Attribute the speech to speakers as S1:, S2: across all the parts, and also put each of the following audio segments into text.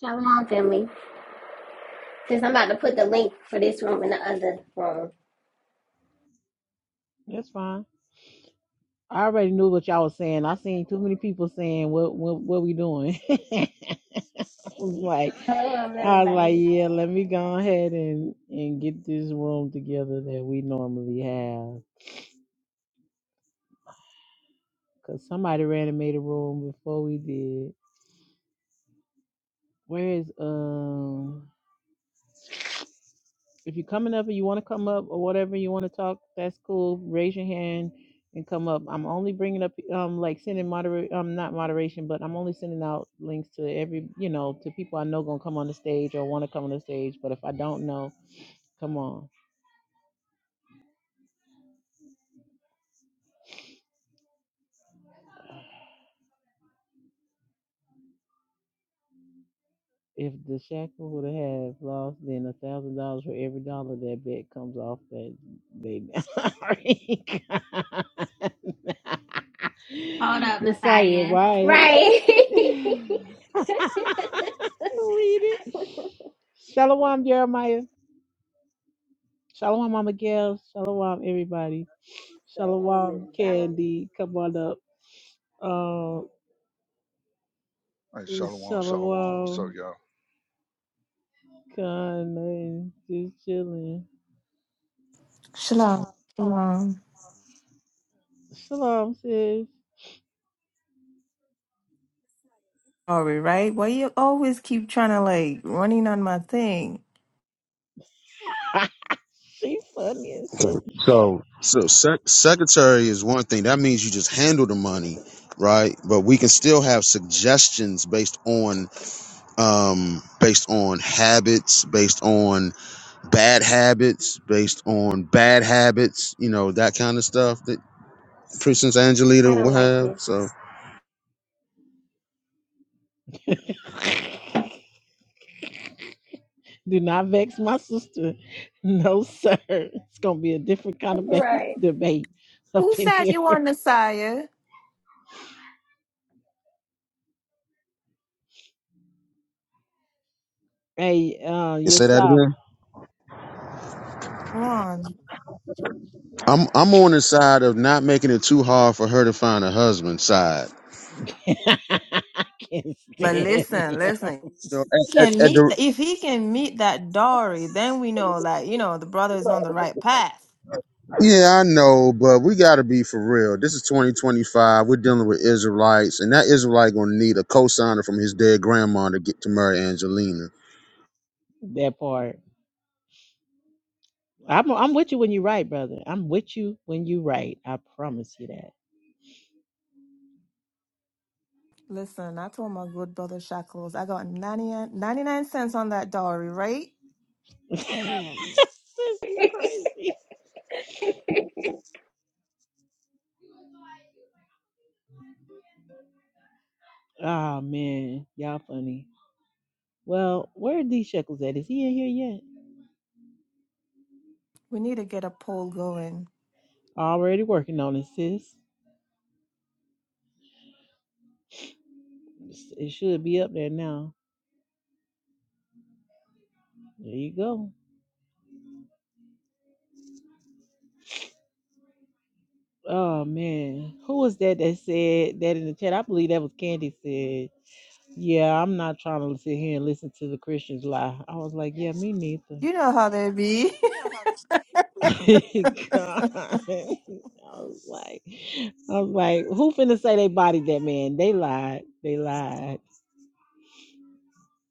S1: Shalom, family. Since I'm about to put the link for this room in the other room.
S2: That's fine. I already knew what y'all was saying. I seen too many people saying what what, what we doing. I was like
S1: Shalom,
S2: I was like,
S1: everybody.
S2: yeah, let me go ahead and and get this room together that we normally have. Cause somebody ran and made a room before we did. Where is um If you're coming up or you want to come up or whatever you want to talk, that's cool. Raise your hand and come up. I'm only bringing up, um, like sending moderate, um, not moderation, but I'm only sending out links to every, you know, to people I know gonna come on the stage or want to come on the stage. But if I don't know, come on. If the shackle would have lost, then a thousand dollars for every dollar that bet comes off that they.
S1: Hold up,
S2: Messiah,
S1: Messiah.
S2: why?
S1: Right.
S2: Read it. Shalom, Jeremiah. Shalom, Mama Gail. Shalom, everybody.
S3: Shalom,
S2: Shalom,
S1: Shalom.
S3: everybody.
S2: Candy. Come on up. Um,
S4: Hey, Shalom, Shalom. What's up,
S2: shalom,
S4: y'all?
S2: Kanye. Just chilling.
S5: Shalom. Shalom.
S2: Shalom, sis.
S5: Sorry, right? Why you always keep trying to like running on my thing?
S2: She funny and shit.
S6: So, so so sec- secretary is one thing. That means you just handle the money, right? But we can still have suggestions based on, um, based on habits, based on bad habits, based on bad habits. You know that kind of stuff that Princess
S1: I
S6: Angelita will
S1: don't like this.
S6: have. So,
S2: Do not vex my sister. No, sir. It's gonna be a different kind of ba-
S1: Right.
S2: debate up
S5: Who
S2: in
S5: said
S2: here.
S5: you want sire?
S2: Hey, uh,
S6: you say
S2: yes,
S6: that
S2: sir.
S6: again.
S5: Come on.
S6: I'm I'm on the side of not making it too hard for her to find a husband side.
S2: I can't
S5: But
S2: stand
S5: listen,
S2: him.
S5: listen.
S6: You know,
S5: He
S6: at,
S5: can
S6: at, at the
S5: meet if he can meet that Dory, then we know that you know the brother is on the right path.
S6: Yeah, I know, but we got to be for real. This is 2025. We're dealing with Israelites, and that Israelite gonna need a cosigner from his dead grandma to get to marry Angelina.
S2: That part. I'm I'm with you when you write, brother. I'm with you when you write. I promise you that.
S5: Listen, I told my good brother Shackles, I got 99, ninety-nine cents on that Dory, right?
S2: Sis, you crazy. Oh man, y'all funny. Well, where are these shekels at? Is he in here yet?
S5: We need to get a poll going.
S2: Already working on it, sis. It's- It should be up there now. There you go. Oh man, who was that that said that in the chat? I believe that was Candy said, "Yeah, I'm not trying to sit here and listen to the Christians lie." I was like, "Yeah, me neither."
S5: You know how they be.
S2: God. I was like, I was like, who finna say they bodied that man? They lied. They lied.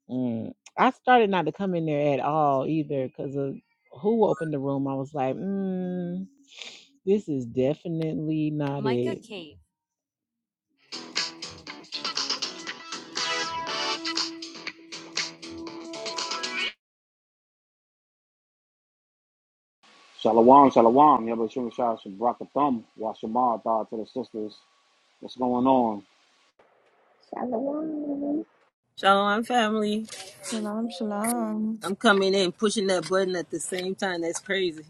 S2: Mm. I started not to come in there at all either because of who opened the room. I was like, mm, this is definitely not it.
S7: Shalom, shalom. Yabashim Shah Shem Brakathum. Washamar thought to the sisters. What's going on?
S1: Shalom.
S8: Shalom, family.
S3: Shalom,
S5: shalom,
S3: shalom, family.
S5: shalom.
S8: I'm coming in, pushing that button at the same time. That's crazy.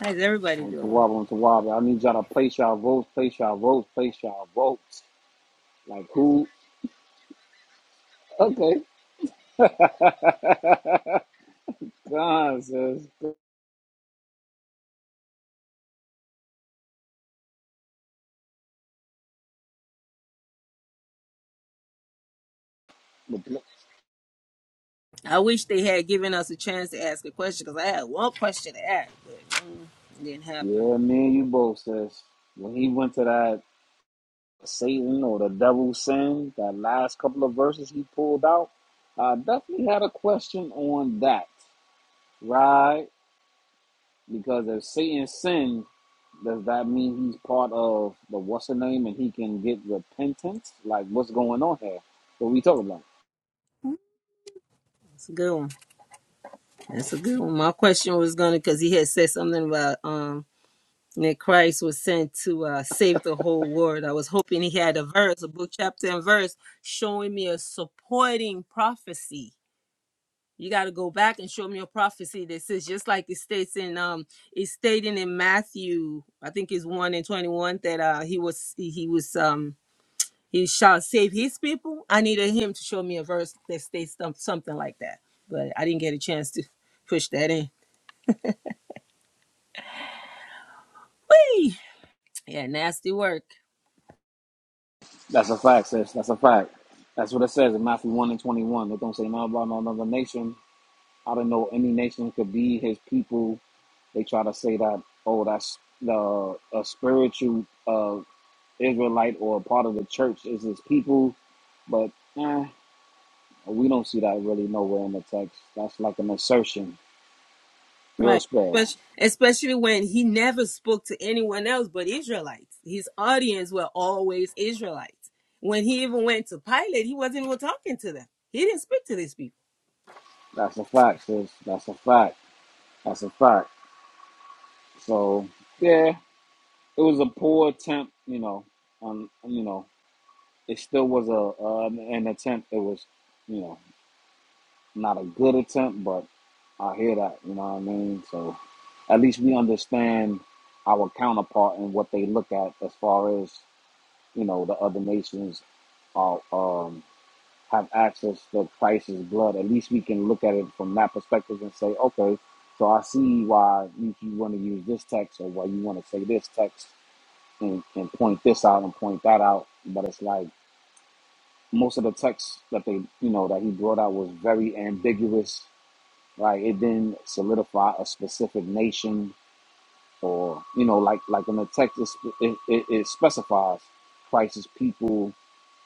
S8: How's everybody
S7: On
S8: doing?
S7: Tawab, on Tawab. I need y'all to place y'all votes, place y'all votes, place y'all votes. Like who? Okay. God says. Yeah,
S8: I wish they had given us a chance to ask a question because I had one question to ask, but mm, it didn't happen.
S7: me and you both says. When he went to that Satan or the devil sin, that last couple of verses he pulled out, I definitely had a question on that. Right? Because if Satan sinned, Does that mean he's part of the what's the name and he can get repentance? Like, what's going on here? What we talking about?
S8: It's a good one. That's a good one. My question was gonna because he had said something about um that Christ was sent to uh, save the whole world. I was hoping he had a verse, a book, chapter, and verse showing me a supporting prophecy You got to go back and show me a prophecy that says just like it states in um it's stating in Matthew, I think it's one and twenty one that uh he was he he was um he shall save his people. I needed him to show me a verse that states some- something like that, but I didn't get a chance to push that in. Hey, Yeah, nasty work.
S7: That's a fact, sis. That's a fact. That's what it says in Matthew 1 and 21. They don't say nothing about no another nation. I don't know any nation could be his people. They try to say that, oh, that's the a spiritual uh, Israelite or part of the church is his people. But eh, we don't see that really nowhere in the text. That's like an assertion, real
S8: Right.
S7: spell.
S8: Especially, especially when he never spoke to anyone else but Israelites. His audience were always Israelites. When he even went to Pilate, he wasn't even talking to them. He didn't speak to these people.
S7: That's a fact, sis. That's a fact. That's a fact. So yeah, it was a poor attempt, you know. Um, you know, it still was a uh, an attempt. It was, you know, not a good attempt, but I hear that. You know what I mean? So at least we understand our counterpart and what they look at as far as you know the other nations are. um have access to Christ's blood, at least we can look at it from that perspective and say, okay, so I see why you, you want to use this text or why you want to say this text and, and point this out and point that out. But it's like most of the texts that they, you know, that he brought out was very ambiguous. Like it didn't solidify a specific nation or, you know, like, like in the text, it, it, it specifies Christ's people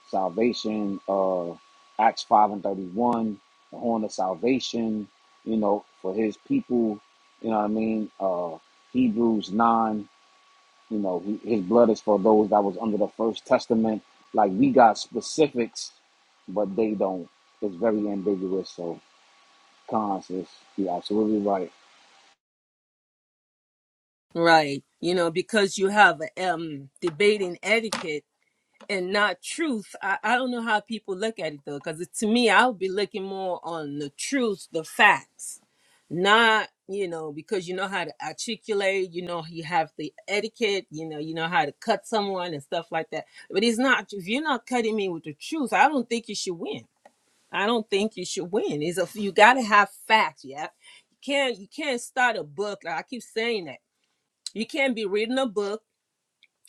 S7: salvation, uh, Acts 5 and 31, the horn of salvation, you know, for his people, you know what I mean? Uh, Hebrews 9, you know, he, his blood is for those that was under the first testament. Like we got specifics, but they don't. It's very ambiguous. So, cons is you're absolutely right.
S8: Right. You know, because you have um debating etiquette and not truth. I, I don't know how people look at it though, because to me, I would be looking more on the truth, the facts, not you know because you know how to articulate, you know you have the etiquette, you know you know how to cut someone and stuff like that. But it's not if you're not cutting me with the truth, I don't think you should win. I don't think you should win. Is if you got to have facts, yeah. You can't you can't start a book. Like I keep saying that you can't be reading a book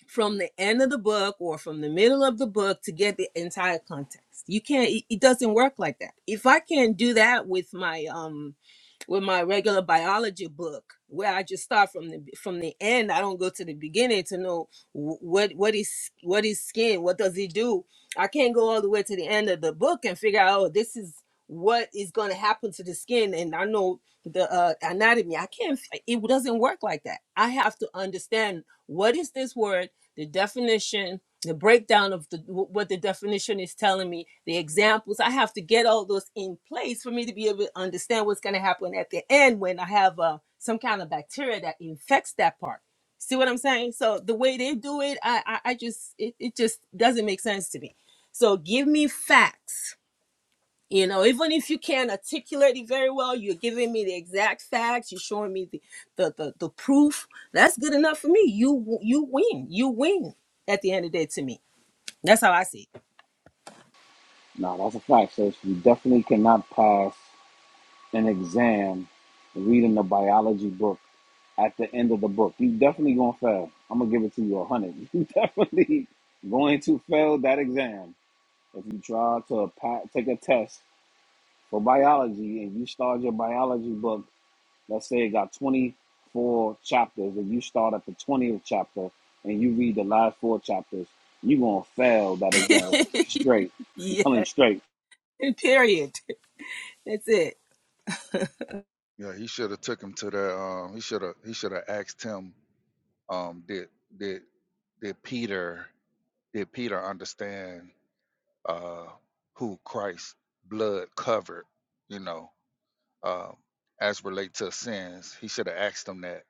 S8: from the end of the book or from the middle of the book to get the entire context. You can't it, it doesn't work like that. If I can't do that with my um with my regular biology book where I just start from the from the end, I don't go to the beginning to know wh- what what is what is skin, what does it do? I can't go all the way to the end of the book and figure out oh this is what is going to happen to the skin and I know the uh, anatomy. I can't it doesn't work like that. I have to understand what is this word? the definition, the breakdown of the, what the definition is telling me, the examples. I have to get all those in place for me to be able to understand what's going to happen at the end when I have uh, some kind of bacteria that infects that part. See what I'm saying? So the way they do it, I, I, I just, it, it just doesn't make sense to me. So give me facts you know, even if you can't articulate it very well, you're giving me the exact facts. You're showing me the the the, the proof. That's good enough for me. You you win. You win at the end of the day to me. That's how I see
S7: No, that's a fact, sis. You definitely cannot pass an exam reading a biology book at the end of the book. You definitely gonna fail. I'm gonna give it to you a hundred. You definitely going to fail that exam if you try to pa take a test for biology and you start your biology book. Let's say it got 24 chapters, and you start at the 20th chapter and you read the last four chapters. You gonna fail that exam
S8: it.
S7: straight. I'm
S8: yeah.
S7: telling you straight.
S8: Period. That's it.
S4: Yeah, he should have took him to the. Um, he should have. He should have asked him. Um, did did did Peter did Peter understand uh, who Christ's blood covered? You know, um, as relate to sins. He should have asked him that.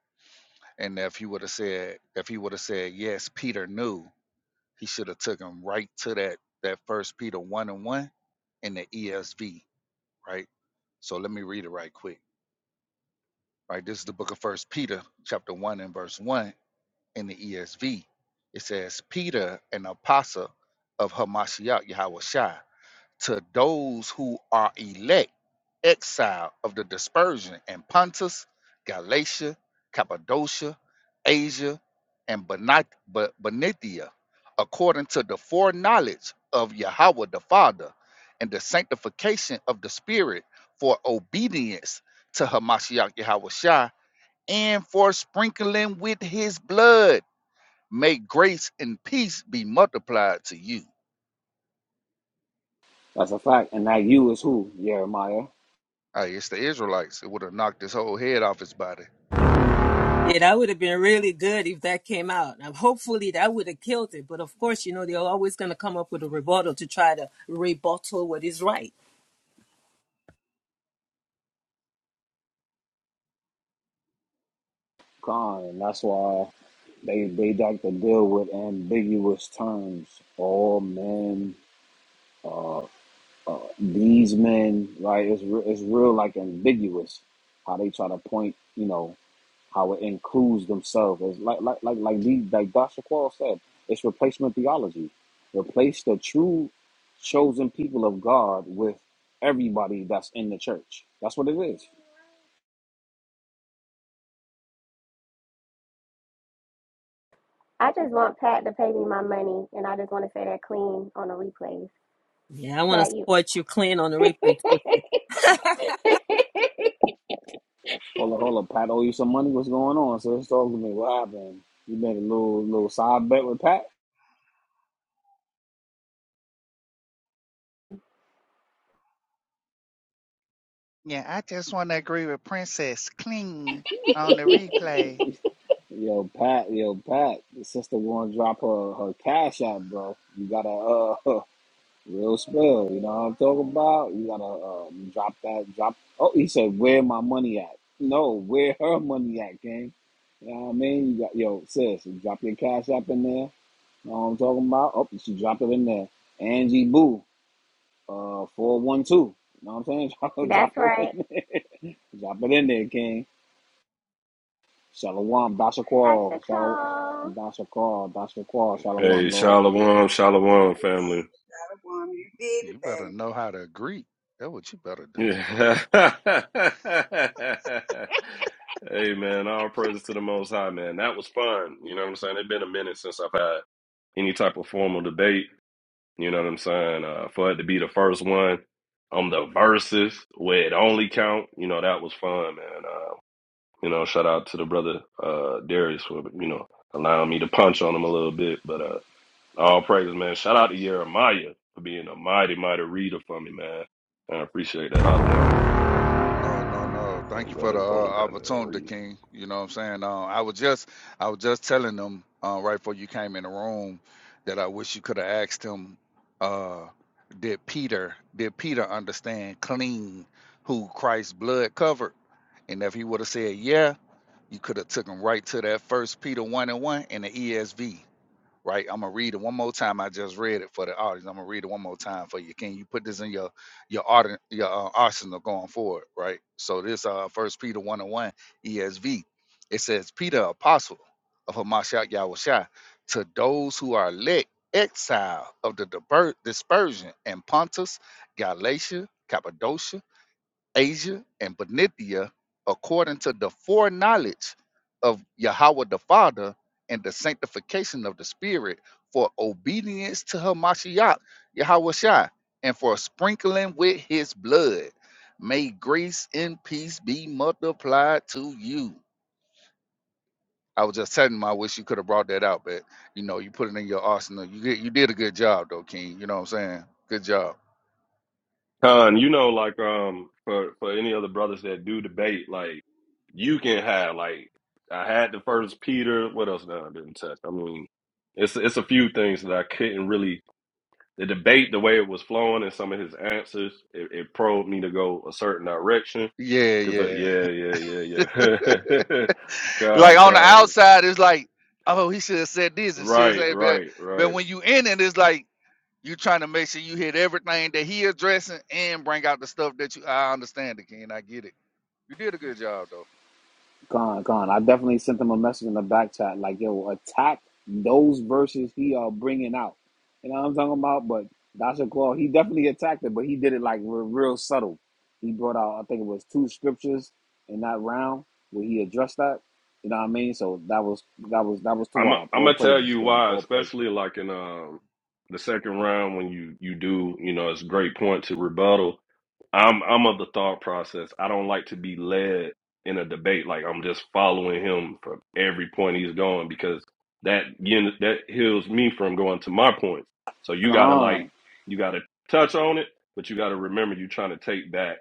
S4: And if he would have said, if he would have said yes, Peter knew. He should have took him right to that that First Peter one and one in the ESV, right? So let me read it right quick. right? This is the book of First Peter, chapter one and verse one in the ESV. It says, Peter, an apostle of Hamashiach Yahweh Shai, to those who are elect, exile of the dispersion in Pontus, Galatia, Cappadocia, Asia, and Benit- Be- Benithia, according to the foreknowledge of Yahweh the Father and the sanctification of the Spirit for obedience to Hamashiach Yahweh and for sprinkling with his blood. May grace and peace be multiplied to you.
S7: That's a fact. And that you is who Jeremiah
S4: Hey, it's the Israelites. It would have knocked his whole head off his body.
S8: Yeah, that would have been really good if that came out. Now, hopefully, that would have killed it. But of course, you know they're always going to come up with a rebuttal to try to rebuttal what is right.
S7: Khan. And that's why. They they like to deal with ambiguous terms. All men, these men, right? It's re- it's real like ambiguous how they try to point. You know how it includes themselves. It's like like like like these like Dr. Quall said. It's replacement theology. Replace the true chosen people of God with everybody that's in the church. That's what it is.
S1: I just want Pat to pay me my money, and I just want to say that clean on the replays.
S8: Yeah, I want to
S1: Pat, you.
S8: support you, clean on the replay too.
S7: Hold up, hold up, Pat. Owe you some money? What's going on? So let's talk to me. What happened? You made a little little side bet with Pat.
S4: Yeah, I just want to agree with Princess Clean on the replay.
S7: Yo, Pat, yo, Pat, the sister won't drop her, her cash out, bro. You gotta, uh, real spill, you know what I'm talking about? You gotta, uh, drop that, drop. Oh, he said, where my money at? No, where her money at, gang? You know what I mean? You got, yo, sis, you drop your cash app in there. You know what I'm talking about? Oh, she dropped it in there. Angie Boo, uh, 412. You know what I'm saying? Drop, drop
S1: That's
S7: it
S1: right.
S7: in there. Drop it in there, King. Shalom,
S1: I should
S7: Bashaqual, Shalom,
S1: call.
S7: Bashaqual, Bashaqual,
S9: Hey,
S7: Shalom, Lord.
S9: Shalom, Shalom, family.
S3: Shalom, you did it,
S4: You better
S3: babe.
S4: know how to agree. That's what you better do.
S9: Yeah. hey, man, all praises to the Most High, man. That was fun. You know what I'm saying? It's been a minute since I've had any type of formal debate. You know what I'm saying? Uh, for it to be the first one on the verses where it only count, you know, that was fun, man. Uh, you know, shout out to the brother uh, Darius for, you know, allowing me to punch on him a little bit. but. uh, All praises, man. Shout out to Jeremiah for being a mighty, mighty reader for me, man. I appreciate that out there.
S4: No, no, no. Thank
S9: That
S4: you for
S9: brother
S4: the uh,
S9: going goddamn
S4: opportunity,
S9: read.
S4: King. You know what I'm saying? Uh, I was just I was just telling them uh, right before you came in the room that I wish you could have asked him uh, did Peter did Peter understand clean who Christ's blood covered? And if he would have said yeah, you could have took him right to that first Peter one and one in the ESV right? I'm gonna read it one more time. I just read it for the audience. I'm gonna read it one more time for you. Can you put this in your your audi- your uh, arsenal going forward, right? So this uh First Peter one and one ESV, it says Peter, apostle of Hamashiach Yahushua, to those who are elect exile of the diver- dispersion in Pontus, Galatia, Cappadocia. Asia and Benithia according to the foreknowledge of Yahweh the Father and the sanctification of the Spirit for obedience to her Mashiach, Yahweh Shai, and for sprinkling with his blood. May grace and peace be multiplied to you. I was just telling him I wish you could have brought that out, but you know, you put it in your arsenal. You did you did a good job though, King. You know what I'm saying? Good job.
S9: Con, you know, like um for for any other brothers that do debate, like you can have like I had the first Peter. What else now I didn't touch? I mean, it's it's a few things that I couldn't really the debate the way it was flowing and some of his answers it, it probed me to go a certain direction
S4: Yeah,
S9: because
S4: yeah.
S9: yeah yeah yeah yeah God
S4: Like on the
S9: God
S4: outside, it's like, oh, he should have said this and should have
S9: Right,
S4: said that.
S9: right,
S4: But
S9: right.
S4: when you in it, it's like you trying to make sure you hit everything that he addressing and bring out the stuff that you. I understand it, Ken. I get it. You did a good job though.
S7: Gone, gone. I definitely sent him a message in the back chat, like, yo, attack those verses he are bringing out. You know what I'm talking about? But Bashaqual, he definitely attacked it, but he did it like real, real subtle. He brought out, I think it was two scriptures in that round where he addressed that. You know what I mean? So that was that was that was
S9: I'm
S7: Tawab.
S9: I'm
S7: All
S9: gonna tell
S7: praises,
S9: you
S7: King.
S9: why,
S7: All praises.
S9: especially like in um the second round when you you do, you know, it's a great point to rebuttal. I'm I'm of the thought process. I don't like to be led in a debate like I'm just following him from every point he's going because that you know, that heals me from going to my points. So you gotta like
S7: Gone,
S9: you gotta touch on it, but you gotta remember you're trying to take back.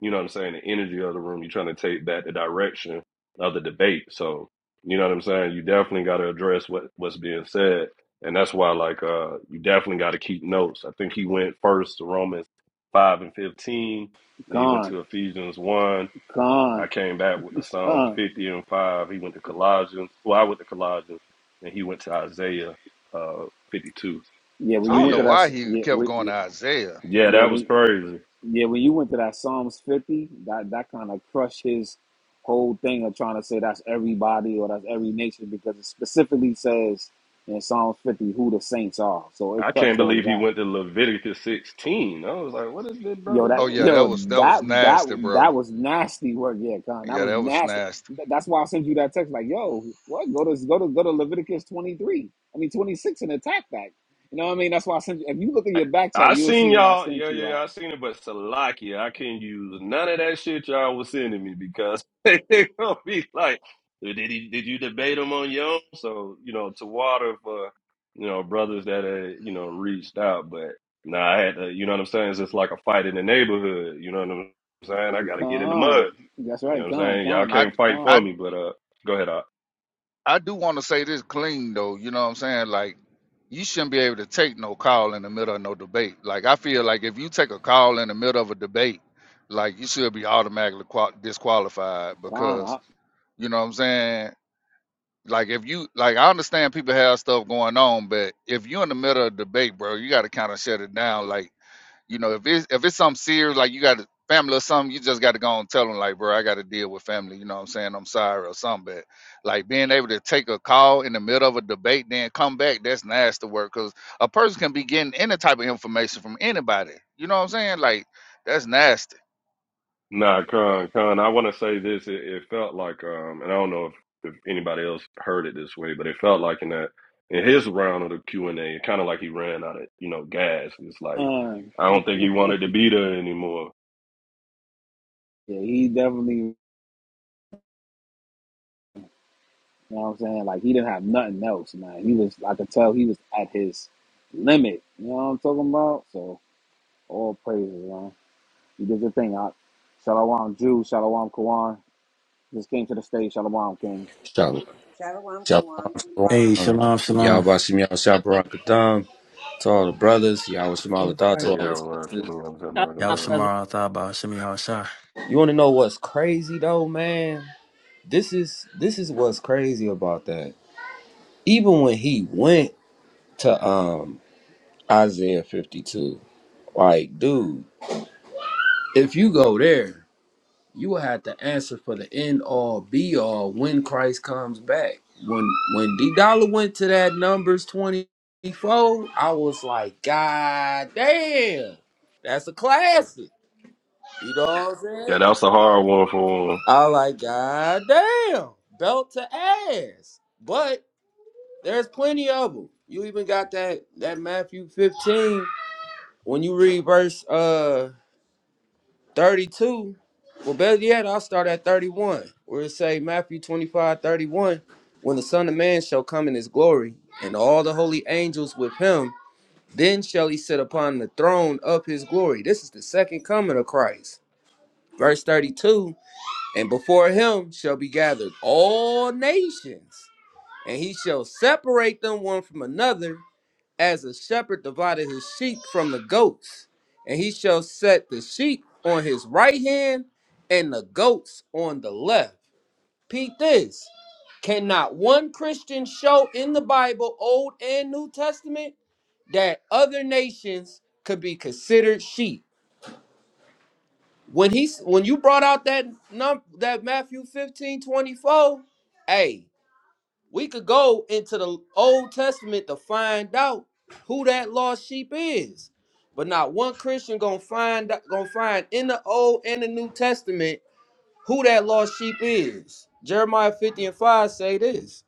S9: you know what I'm saying, the energy of the room. You're trying to take that the direction of the debate. So, you know what I'm saying? You definitely gotta address what, what's being said. And that's why like uh you definitely gotta keep notes. I think he went first to Romans five and fifteen, and then he went
S7: gone,
S9: to Ephesians one. I
S7: gone,
S9: came back with the Psalms
S7: gone.
S9: fifty and five. He went to Colossians. Well, I went to Colossians and he went to Isaiah uh fifty two.
S7: Yeah, when
S9: So
S4: I
S7: you
S4: don't
S7: went
S4: know
S7: to
S9: yeah.
S4: why
S7: that,
S4: he
S7: yeah,
S4: kept
S7: we,
S4: going to Isaiah.
S9: Yeah, that
S7: Yeah,
S9: was
S7: when
S9: crazy.
S7: yeah, when you went to that Psalms fifty, that that kind of crushed his whole thing of trying to say that's everybody or that's every nation because it specifically says in Psalms fifty who the saints are. So it
S9: I can't
S7: crushed all of
S9: believe he
S7: that.
S9: went to Leviticus 16. I was like, what is this
S7: Yo,
S9: brother
S4: Oh
S7: that
S9: doing?
S4: yeah, that
S7: yo
S4: was that was
S7: that
S4: nasty,
S7: that
S4: bro.
S7: that was nasty work, yeah, Con. That
S4: Yeah,
S7: was
S4: that was
S7: nasty.
S4: nasty.
S7: Th- That's why I sent you that text. Like, yo, what? Go to go to go to Leviticus twenty three. I mean twenty six and attack that. You know what I mean? That's why I sent you. If you look at
S9: I,
S7: your back chat,
S9: I
S7: you'll see
S9: seen
S7: what I
S9: y'all,
S7: sent
S9: yeah, yeah,
S7: you.
S9: yeah, I seen it, but Salakia, I can't use none of that shit y'all was sending me because they gonna be like, did he, did you debate him on your own? So, you know, to water for, you know, brothers that had, you know, reached out, but nah, I had to, you know what I'm saying? It's just like a fight in the neighborhood, you know what I'm saying? I gotta get in the mud,
S7: Khan. That's
S9: you know what
S7: right,
S9: I'm
S7: Khan,
S9: saying? Y'all
S7: Khan,
S4: I
S7: Op,
S9: can't fight
S7: Khan,
S9: for
S4: I
S9: me, but uh, go ahead,
S4: I do want to say this clean though. You know what I'm saying? Like, you shouldn't be able to take no call in the middle of no debate. Like, I feel like if you take a call in the middle of a debate, like you should be automatically qua- disqualified
S7: Khan,
S4: because
S7: Op,
S4: you know what I'm saying. Like, if you like, I understand people have stuff going on, but if you're in the middle of a debate, bro, you got to kind of shut it down. Like. You know, if it's if it's something serious, like you got a family or something, you just got to go and tell them, like, bro, I got to deal with family. You know what I'm saying? I'm sorry or something. But like being able to take a call in the middle of a debate, then come back, that's nasty work. Cause a person can be getting any type of information from anybody. You know what I'm saying? Like that's nasty.
S9: Nah, Con, Con, I want to say this. It, it felt like, um, and I don't know if, if anybody else heard it this way, but it felt like in that in his round of the Q and A, it kind of like he ran out of you know gas. It's like
S7: Khan.
S9: I don't think he wanted to be there anymore.
S7: Yeah, he definitely, you know what I'm saying? Like, he didn't have nothing else, man. He was, I could tell he was at his limit. You know what I'm talking about? So, all praises, man. He did the thing, Op. Shalom, Jew, Shalom, Kawan. Just came to the stage, Shalom, Kings.
S10: Shalom,
S3: Shalom,
S10: shalom,
S3: Kawan.
S11: Hey,
S10: shalom.
S11: shalom, shalom.
S10: Yahweh Shem Shabbarakatam. To all the brothers, Yahweh Shem
S8: I'm
S10: Alatha,
S8: sorry,
S9: Hey,
S10: to all
S9: yeah, I
S10: the
S9: was asking
S10: sisters.
S9: him, I was asking him. I
S8: Tell 'em
S9: was
S11: Yahweh
S8: my
S9: asking him.
S8: brother.
S11: Shamar, Athaba, Shemi Hashah.
S10: You want to know what's crazy though, man? This is this is what's crazy about that. Even when he went to um Isaiah 52, like, dude, if you go there. you will have to answer for the end all be all when Christ comes back. When when D Dollar went to that numbers 24, I was like, God damn, that's a classic. You know what I'm
S9: yeah,
S10: saying?
S9: that's a hard one for him.
S10: I was like, God damn, belt to ass. But there's plenty of them. You even got that that Matthew 15 when you read verse uh 32. Well, better yet, I'll start at 31, where it say Matthew 25, 31. when the Son of Man shall come in his glory, and all the holy angels with him, then shall he sit upon the throne of his glory. This is the second coming of Christ. Verse 32, and before him shall be gathered all nations, and he shall separate them one from another as a shepherd divided his sheep from the goats, and he shall set the sheep on his right hand and the goats on the left. Peep this. Cannot one Christian show in the Bible, Old and New Testament, that other nations could be considered sheep? When he when you brought out that num that Matthew fifteen twenty four, 24, hey, we could go into the Old Testament to find out who that lost sheep is. But not one Christian gonna find gonna find in the Old and the New Testament who that lost sheep is. Jeremiah 50 and 5 say this.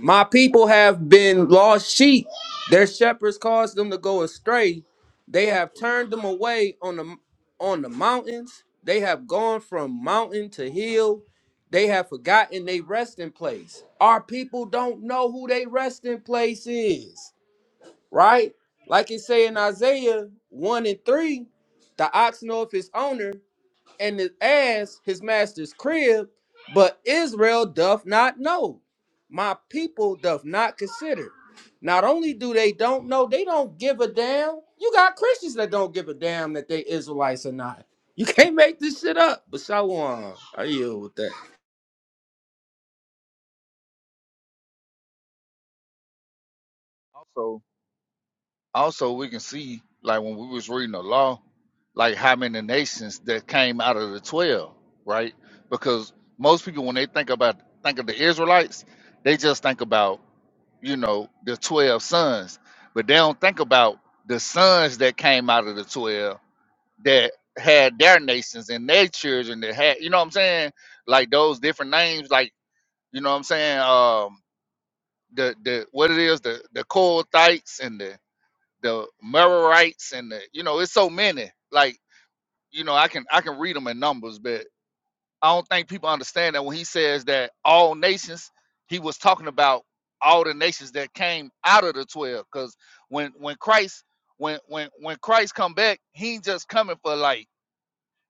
S10: My people have been lost sheep. Their shepherds caused them to go astray. They have turned them away on the on the mountains. They have gone from mountain to hill. They have forgotten their resting place. Our people don't know who their resting place is, right? Like it say in Isaiah 1 and 3, the ox know of his owner and his ass his master's crib, but Israel doth not know. My people doth not consider. Not only do they don't know, they don't give a damn. You got Christians that don't give a damn that they Israelites or not. You can't make this shit up. But Shalom, I yield with that.
S4: Also, also we can see like when we was reading the law, like how many nations that came out of the twelve, right? Because most people when they think about think of the Israelites, they just think about you know, the 12 sons, but they don't think about the sons that came out of the 12 that had their nations and their children that had, you know what I'm saying? Like those different names, like, you know what I'm saying? Um, the, the, what it is, the, the Kohathites and the, the Merarites and the, you know, it's so many, like, you know, I can, I can read them in numbers, but I don't think people understand that when he says that all nations, he was talking about all the nations that came out of the twelve. Because when when Christ when when when Christ come back, he ain't just coming for like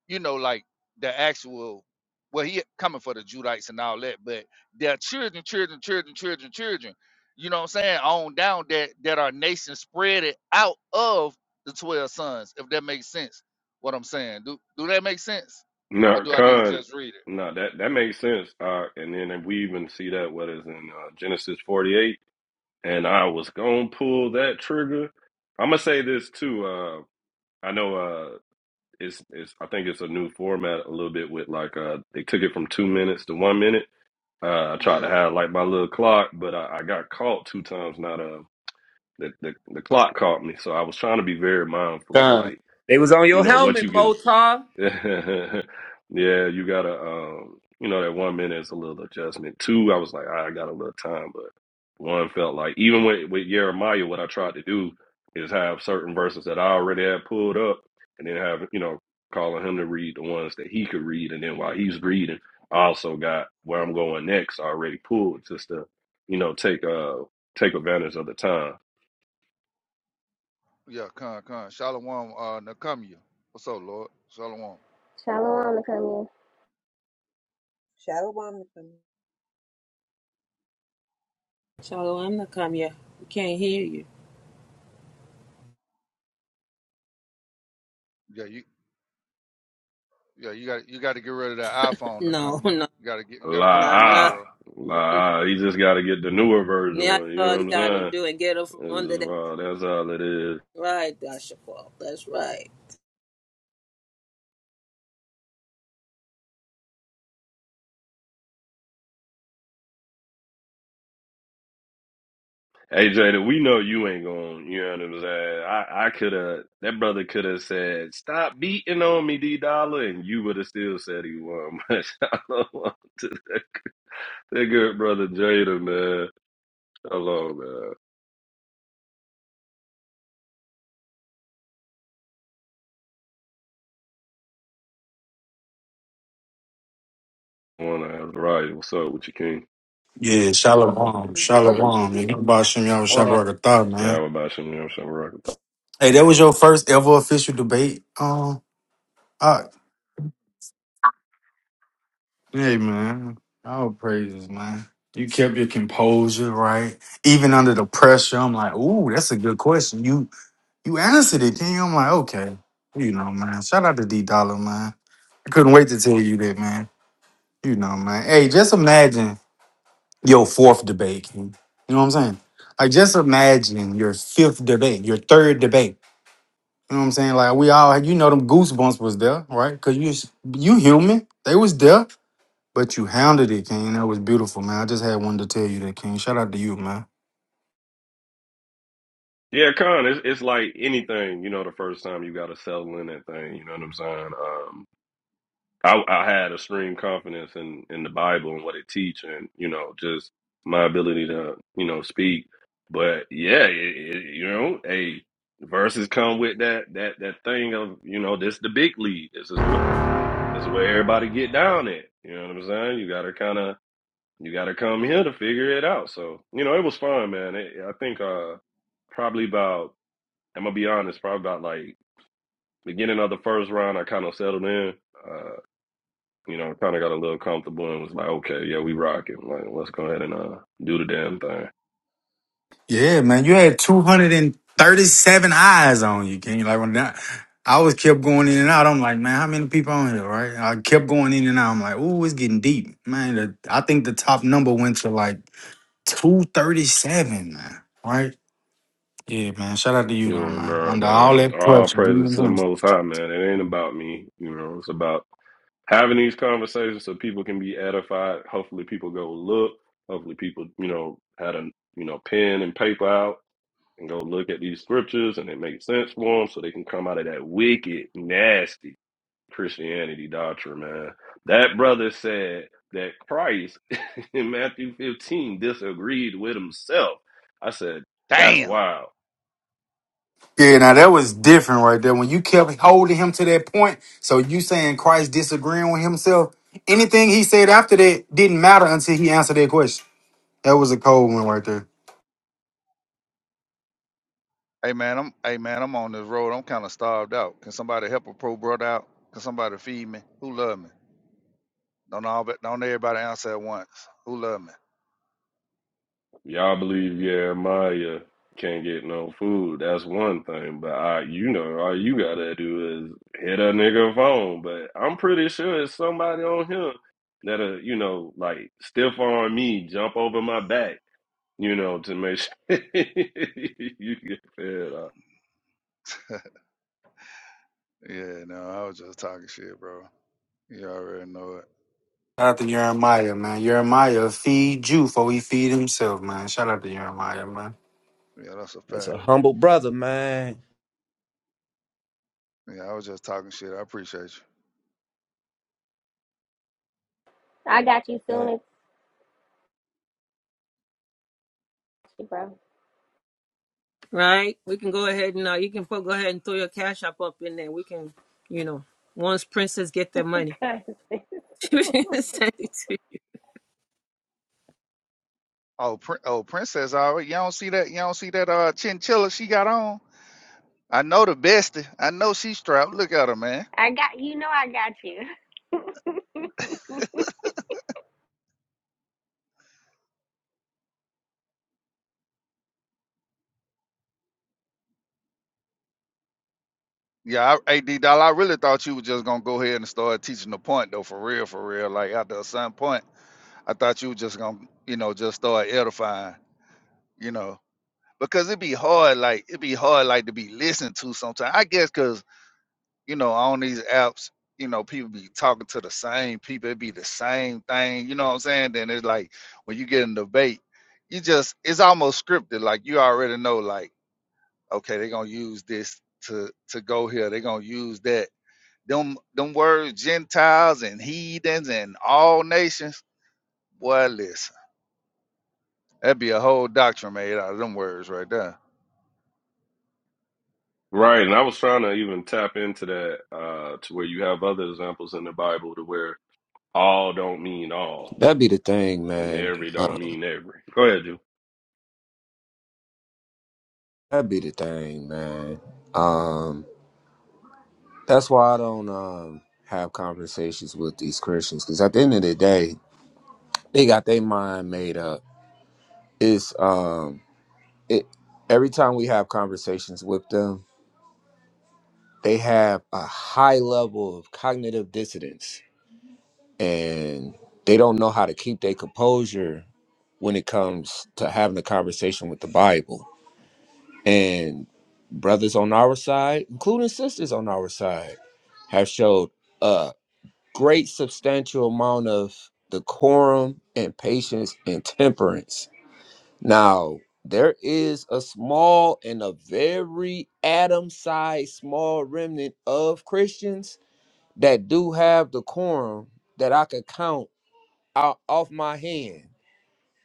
S4: you know like the actual. Well, he coming for the Judites and all that, but their children, children, children, children, children. You know what I'm saying? On down that that our nation spread it out of the twelve sons. If that makes sense, what I'm saying. Do do that make sense, or
S9: Nah,
S4: do I need to
S9: Con,
S4: just read it?
S9: nah, that that makes sense. Uh, and then we even see that what is in uh, Genesis forty eight, and I was gonna pull that trigger. I'm gonna say this too. Uh, I know. uh, It's it's I think it's a new format a little bit with like uh they took it from two minutes to one minute. Uh, I tried to
S4: Yeah,
S9: have like my little clock, but I, I got caught two times. Not uh the, the the clock caught me, so I was trying to be very mindful of
S10: Con.
S9: like
S10: They was on
S9: you
S10: your
S9: know what
S10: helmet,
S9: you can
S10: Motar.
S9: yeah, you gotta um you know that one minute is a little adjustment. Two, I was like, "Ah, I got a little time, but one felt like even with with Jeremiah, what I tried to do is have certain verses that I already had pulled up and then have, you know, calling him to read the ones that he could read and then while he's reading, I also got where I'm going next already pulled just to, you know, take uh take advantage of the time.
S4: yeah, come, come. Shalom uh Nakamia. What's up, Lord? Shalom.
S1: Shalom to come in.
S3: Shalom, family.
S8: Shalom, Nakamiya. We can't hear you.
S4: Yeah, you yeah, you got you gotta get rid of that iPhone
S8: No,
S4: Nakamia.
S8: no,
S4: You gotta get you
S9: La
S4: gotta come
S8: no,
S4: on home,
S8: no.
S9: ah,
S4: bro.
S9: la ah. You just gotta get the newer
S8: Now
S9: version
S8: that's
S9: one, you
S8: all
S9: know what
S8: you
S9: I'm
S8: gotta
S9: saying?
S8: do and get her from under
S9: That's
S8: that.
S9: all, that's all it is.
S8: Right, Dashapal. That's right.
S9: AJ, that we know you ain't going, you know what I'm saying? I, I could have, that brother could have said, stop beating on me, D Dollar, and you would have still said he won. But shout out to that, that good brother Jada, man. Hello, man. Wanna have the right. What's up with you, King?
S12: Yeah, Shalom.
S10: Brother.
S12: Shalom. Yeah, you about Shem Yahweh
S10: Juan.
S12: Shabbat Thought,
S9: Yeah,
S12: man.
S9: I'm about you, you know what I'm saying? Rock
S12: Hey, that was your first ever official debate. Um, I, hey, man. All praises, man. You kept your composure, right? Even under the pressure, I'm like, ooh, that's a good question. You you answered it, then I'm like, okay. You know, man. Shout out to D Dollar, man. I couldn't wait to tell you that, man. You know, man. Hey, just imagine your fourth debate. King. You know what I'm saying? Like, just imagine your fifth debate, your third debate. You know what I'm saying? Like we all, you know, them goosebumps was there, right? Cause you, you human. They was there, but you hounded it, King. That was beautiful, man. I just had one to tell you that, King. Shout out to you, man.
S9: Yeah, Con, it's, it's like anything, you know, the first time you got to settle in that thing, you know what I'm saying? Um, I, I had extreme confidence in, in the Bible and what it teach, and you know, just my ability to you know speak. But yeah, it, it, you know, hey, verses come with that that that thing of you know, this the big lead. This is what this is where everybody get down at. You know what I'm saying? You gotta kind of you gotta come here to figure it out. So you know, it was fun, man. It, I think uh probably about I'm gonna be honest, probably about like beginning of the first round, I kind of settled in. Uh, you know, kind of got a little comfortable and was like, okay, yeah, we rocking. Like, let's go ahead and uh, do the damn thing.
S12: Yeah, man. You had 237 eyes on you, King. Like when that, I was kept going in and out. I'm like, man, how many people on here, right? I kept going in and out. I'm like, ooh, it's getting deep, man. The, I think the top number went to like 237, man. Right? Yeah, man. Shout out to you
S9: You
S12: though,
S9: know,
S12: man.
S9: nah,
S12: Under all
S9: man,
S12: that
S9: all
S12: pressure, you know what
S9: praises
S12: I'm
S9: to the
S12: saying?
S9: Most High, man. It ain't about me. You know, it's about having these conversations so people can be edified. Hopefully, people go look. Hopefully, people, you know, had a you know pen and paper out and go look at these scriptures and it makes sense for them, so they can come out of that wicked, nasty Christianity doctrine, man. That brother said that Christ in Matthew 15 disagreed with himself. I said, that's
S4: Damn.
S9: wild.
S12: Yeah, now that was different right there. When you kept holding him to that point, so you saying Christ disagreeing with himself, anything he said after that didn't matter until he answered that question. That was a cold one right there.
S4: Hey man, I'm hey man, I'm on this road. I'm kinda starved out. Can somebody help a pro brother out? Can somebody feed me? Who love me? Don't all but don't everybody answer at once. Who love me?
S9: Y'all believe Jeremiah can't get no food. That's one thing. But I, you know, all you gotta do is hit a nigga phone. But I'm pretty sure it's somebody on him that'll, you know, like stiff arm me, jump over my back, you know, to make sure you get fed up.
S4: Yeah, no, I was just talking shit, bro. You already know it.
S12: Shout out to Jeremiah, man. Jeremiah feed you before he feed himself, man. Shout out to Jeremiah, man.
S4: Yeah, that's a
S10: That's
S4: fact.
S10: a humble brother, man.
S4: Yeah, I was just talking shit. I appreciate you.
S1: I got you
S10: Uh,
S1: soon as bro.
S8: Right? We can go ahead and uh, you can put, go ahead and throw your cash up up in there. We can, you know, once princess get their money.
S1: 'Cause
S8: Send it
S4: Oh, pr- oh, princess! All right, you don't see that? You don't see that? Uh, chinchilla she got on. I know the bestie. I know she strapped. Look at her, man.
S1: I got you know I got you.
S4: Yeah, I, AD Doll, I really thought you were just gonna go ahead and start teaching the point though, for real, for real. Like after a certain point, I thought you were just gonna, you know, just start edifying, you know, because it'd be hard, like it'd be hard, like to be listened to sometimes. I guess because. you know, on these apps, you know, people be talking to the same people. It be the same thing. You know what I'm saying? Then it's like when you get in debate, you just it's almost scripted. Like you already know, like okay, they're gonna use this to to go here. They're gonna use that. Them them words, Gentiles and heathens and all nations. Boy, listen, that'd be a whole doctrine made out of them words right there.
S9: Right, and I was trying to even tap into that uh, to where you have other examples in the Bible to where all don't mean all,
S10: That be the thing,
S9: and
S10: man.
S9: every
S10: Uh,
S9: don't mean every. Go ahead, Jew.
S10: that be the thing, man. That's why I don't um, have conversations with these Christians because at the end of the day, they got their mind made up. It's um, it every time we have conversations with them, they have a high level of cognitive dissonance, and they don't know how to keep their composure when it comes to having a conversation with the Bible. And brothers on our side, including sisters on our side, have showed up great substantial amount of decorum and patience and temperance. Now, there is a small and a very atom sized small remnant of Christians that do have decorum that I could count out off my hand.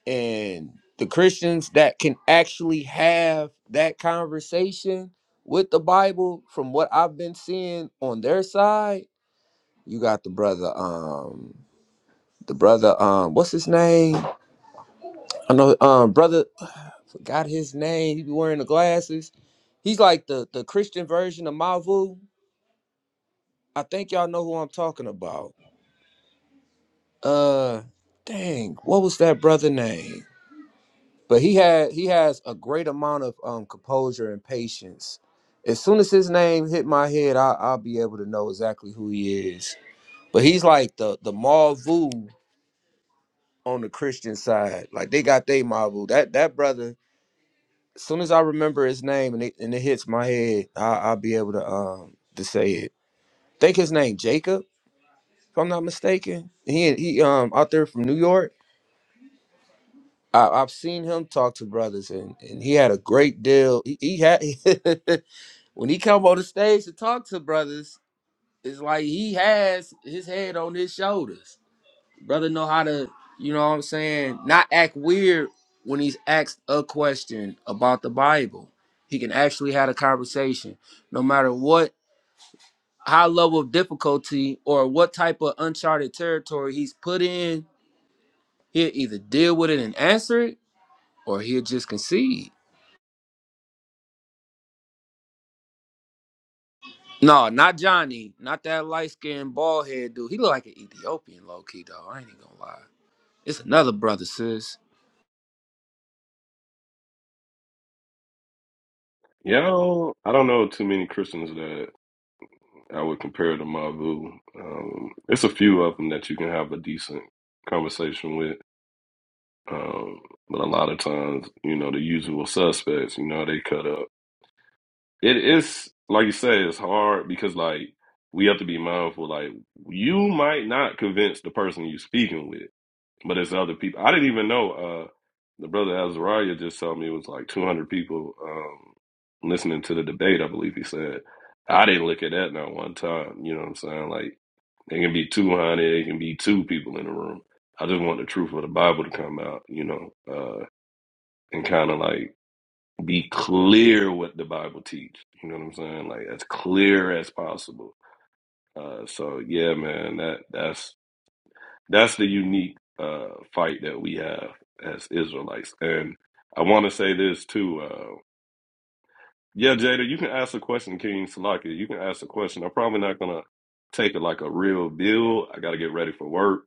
S10: And the Christians that can actually have that conversation with the Bible, from what I've been seeing on their side, you got the brother. Um, the brother, um, what's his name? I know, um, brother, I forgot his name. He be wearing the glasses. He's like the the Christian version of Mavu. I think y'all know who I'm talking about. Uh, dang, what was that brother name? But he had he has a great amount of um composure and patience. As soon as his name hit my head, I, I'll be able to know exactly who he is. But he's like the the Mavu on the Christian side. Like they got they Mavu. That that brother as soon as I remember his name and it, and it hits my head, I, I'll be able to um to say it. I think his name Jacob, if I'm not mistaken. He he um out there from New York. I, I've seen him talk to brothers and, and he had a great deal. He, he had when he come on the stage to talk to brothers, it's like he has his head on his shoulders. brother know how to, you know what I'm saying, not act weird when he's asked a question about the Bible. He can actually have a conversation, no matter what high level of difficulty or what type of uncharted territory he's put in. He'll either deal with it and answer it, or he'll just concede. No, not Johnny, not that light skinned bald head dude. He look like an Ethiopian, low key though. I ain't even gonna lie. It's another brother, sis.
S9: You know, I don't know too many Christians that I would compare to Mavu. Um, it's a few of them that you can have a decent conversation with, um, but a lot of times, you know, the usual suspects, you know, they cut up. It is like you say, it's hard because like we have to be mindful. Like you might not convince the person you're speaking with. But it's other people. I didn't even know. Uh, the brother Azariah just told me it was like 200 people um, listening to the debate. I believe he said. I didn't look at that not one time. You know what I'm saying? Like it can be 200. It can be two people in the room. I just want the truth of the Bible to come out. You know, uh, and kind of like be clear what the Bible teach. You know what I'm saying? Like as clear as possible. Uh, so yeah, man, that that's that's the unique uh, fight that we have as Israelites. And I want to say this too. Uh, yeah, Jada, you can ask a question, King Salaki. You can ask a question. I'm probably not gonna take it like a real bill. I got to get ready for work.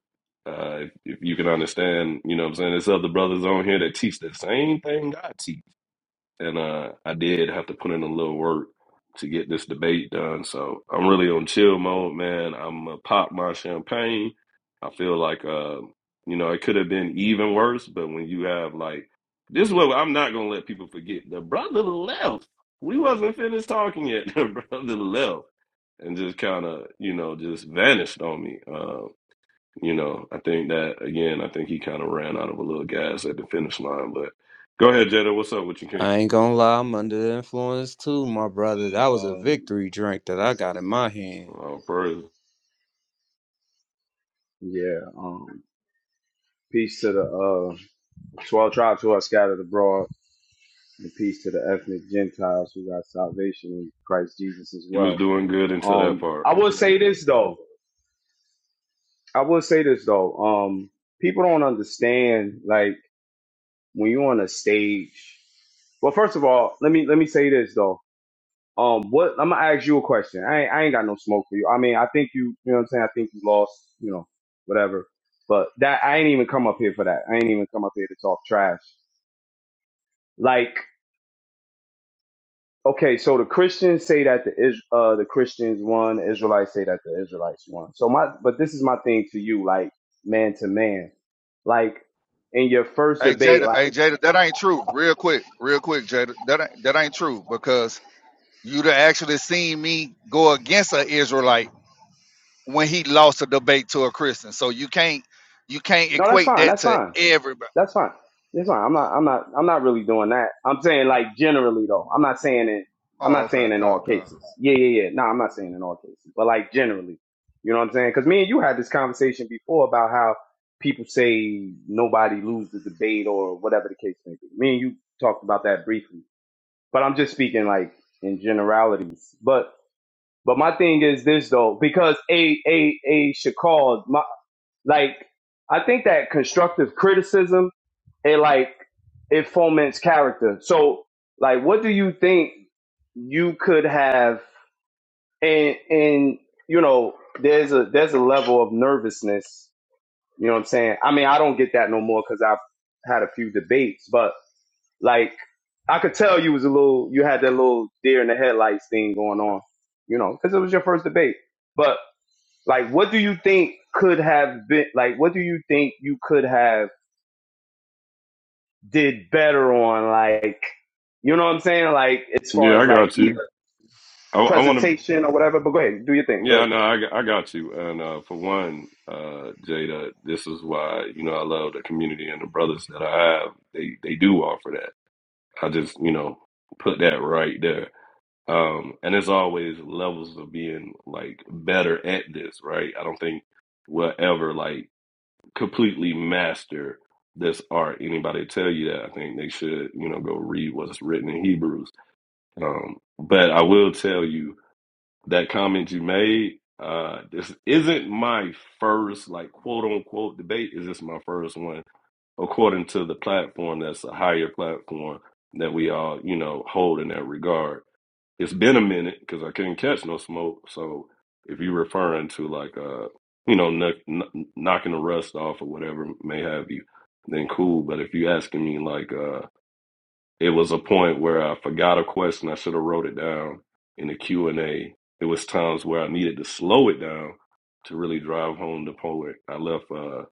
S9: Uh, if, if you can understand, you know what I'm saying. There's other brothers on here that teach the same thing I teach and uh, I did have to put in a little work to get this debate done. So I'm really on chill mode, man. I'm gonna pop my champagne. I feel like, uh, you know, it could have been even worse, but when you have like this, is what I'm not gonna let people forget. The brother left. We wasn't finished talking yet. The brother left and just kind of, you know, just vanished on me. Uh, you know, I think that again. I think he kind of ran out of a little gas at the finish line. But go ahead, Jada. What's up with you, King?
S10: I ain't gonna lie, I'm under the influence too, my brother. That was a
S13: Um,
S10: victory drink that I got in my hand.
S9: Oh, praise.
S13: yeah. Um, peace to the uh, 12 tribes who are scattered abroad, and peace to the ethnic Gentiles who got salvation in Christ Jesus as
S9: You
S13: well.
S9: was doing good until that
S13: Um,
S9: part.
S13: I will say this though. I will say this though. Um, people don't understand like when you're on a stage. Well, first of all, let me let me say this though. Um, what I'm gonna ask you a question. I ain't, I ain't got no smoke for you. I mean, I think you, you know what I'm saying. I think you lost, you know, whatever. But that I ain't even come up here for that. I ain't even come up here to talk trash. Like, okay, so the Christians say that the Is- uh the Christians won, the Israelites say that the Israelites won. So my, but this is my thing to you, like man to man, like in your first
S4: Hey
S13: debate,
S4: Jada,
S13: like
S4: hey Jada, that ain't true. Real quick, real quick, Jada, that ain't, that ain't true because You'd have actually seen me go against an Israelite when he lost a debate to a Christian. So you can't you can't
S13: no, that's
S4: equate
S13: fine,
S4: that
S13: that's
S4: to
S13: fine.
S4: everybody.
S13: That's fine. That's fine. I'm not.
S4: Oh,
S13: I'm not. I'm not really doing that. I'm saying like generally though. I'm not saying it. I'm
S4: oh,
S13: not
S4: okay,
S13: saying in all
S4: come, come.
S13: cases. Yeah, yeah, yeah. No, I'm not saying in all cases, but like generally, you know what I'm saying? Because me and you had this conversation before about how people say nobody lose the debate or whatever the case may be. Me and you talked about that briefly, but I'm just speaking like in generalities. But but my thing is this though, because a a a Shakal, my like I think that constructive criticism it like it foments character. So like, what do you think you could have? And and you know, there's a there's a level of nervousness. You know what I'm saying? I mean, I don't get that no more because I've had a few debates, but like, I could tell you was a little, you had that little deer in the headlights thing going on. You know, because it was your first debate. But like, what do you think could have been? Like, what do you think you could have? did better on like you know what I'm saying? Like as far
S9: Yeah,
S13: as
S9: I
S13: like
S9: got
S13: either
S9: you. I, I want to.
S13: presentation or whatever. But go ahead, do your thing. Go
S9: Yeah,
S13: ahead.
S9: no, I, know, I I got you. And uh, for one, uh, Jada, this is why you know I love the community and the brothers that I have. They they do offer that. I just you know put that right there. Um, and there's always levels of being like better at this, right? I don't think we'll ever like completely master this art. Anybody tell you that? I think they should you know go read what's written in Hebrews Um, but I will tell you that comment you made, uh, this isn't my first like quote unquote debate. Is this my first one according to the platform that's a higher platform that we all, you know, hold in that regard. It's been a minute because I couldn't catch no smoke. So if you're referring to like uh, you know, kn- kn- knocking the rust off or whatever may have you, then cool. But if you're asking me like uh it was a point where I forgot a question. I should have wrote it down in the Q and A. It was times where I needed to slow it down to really drive home the poet. I left uh,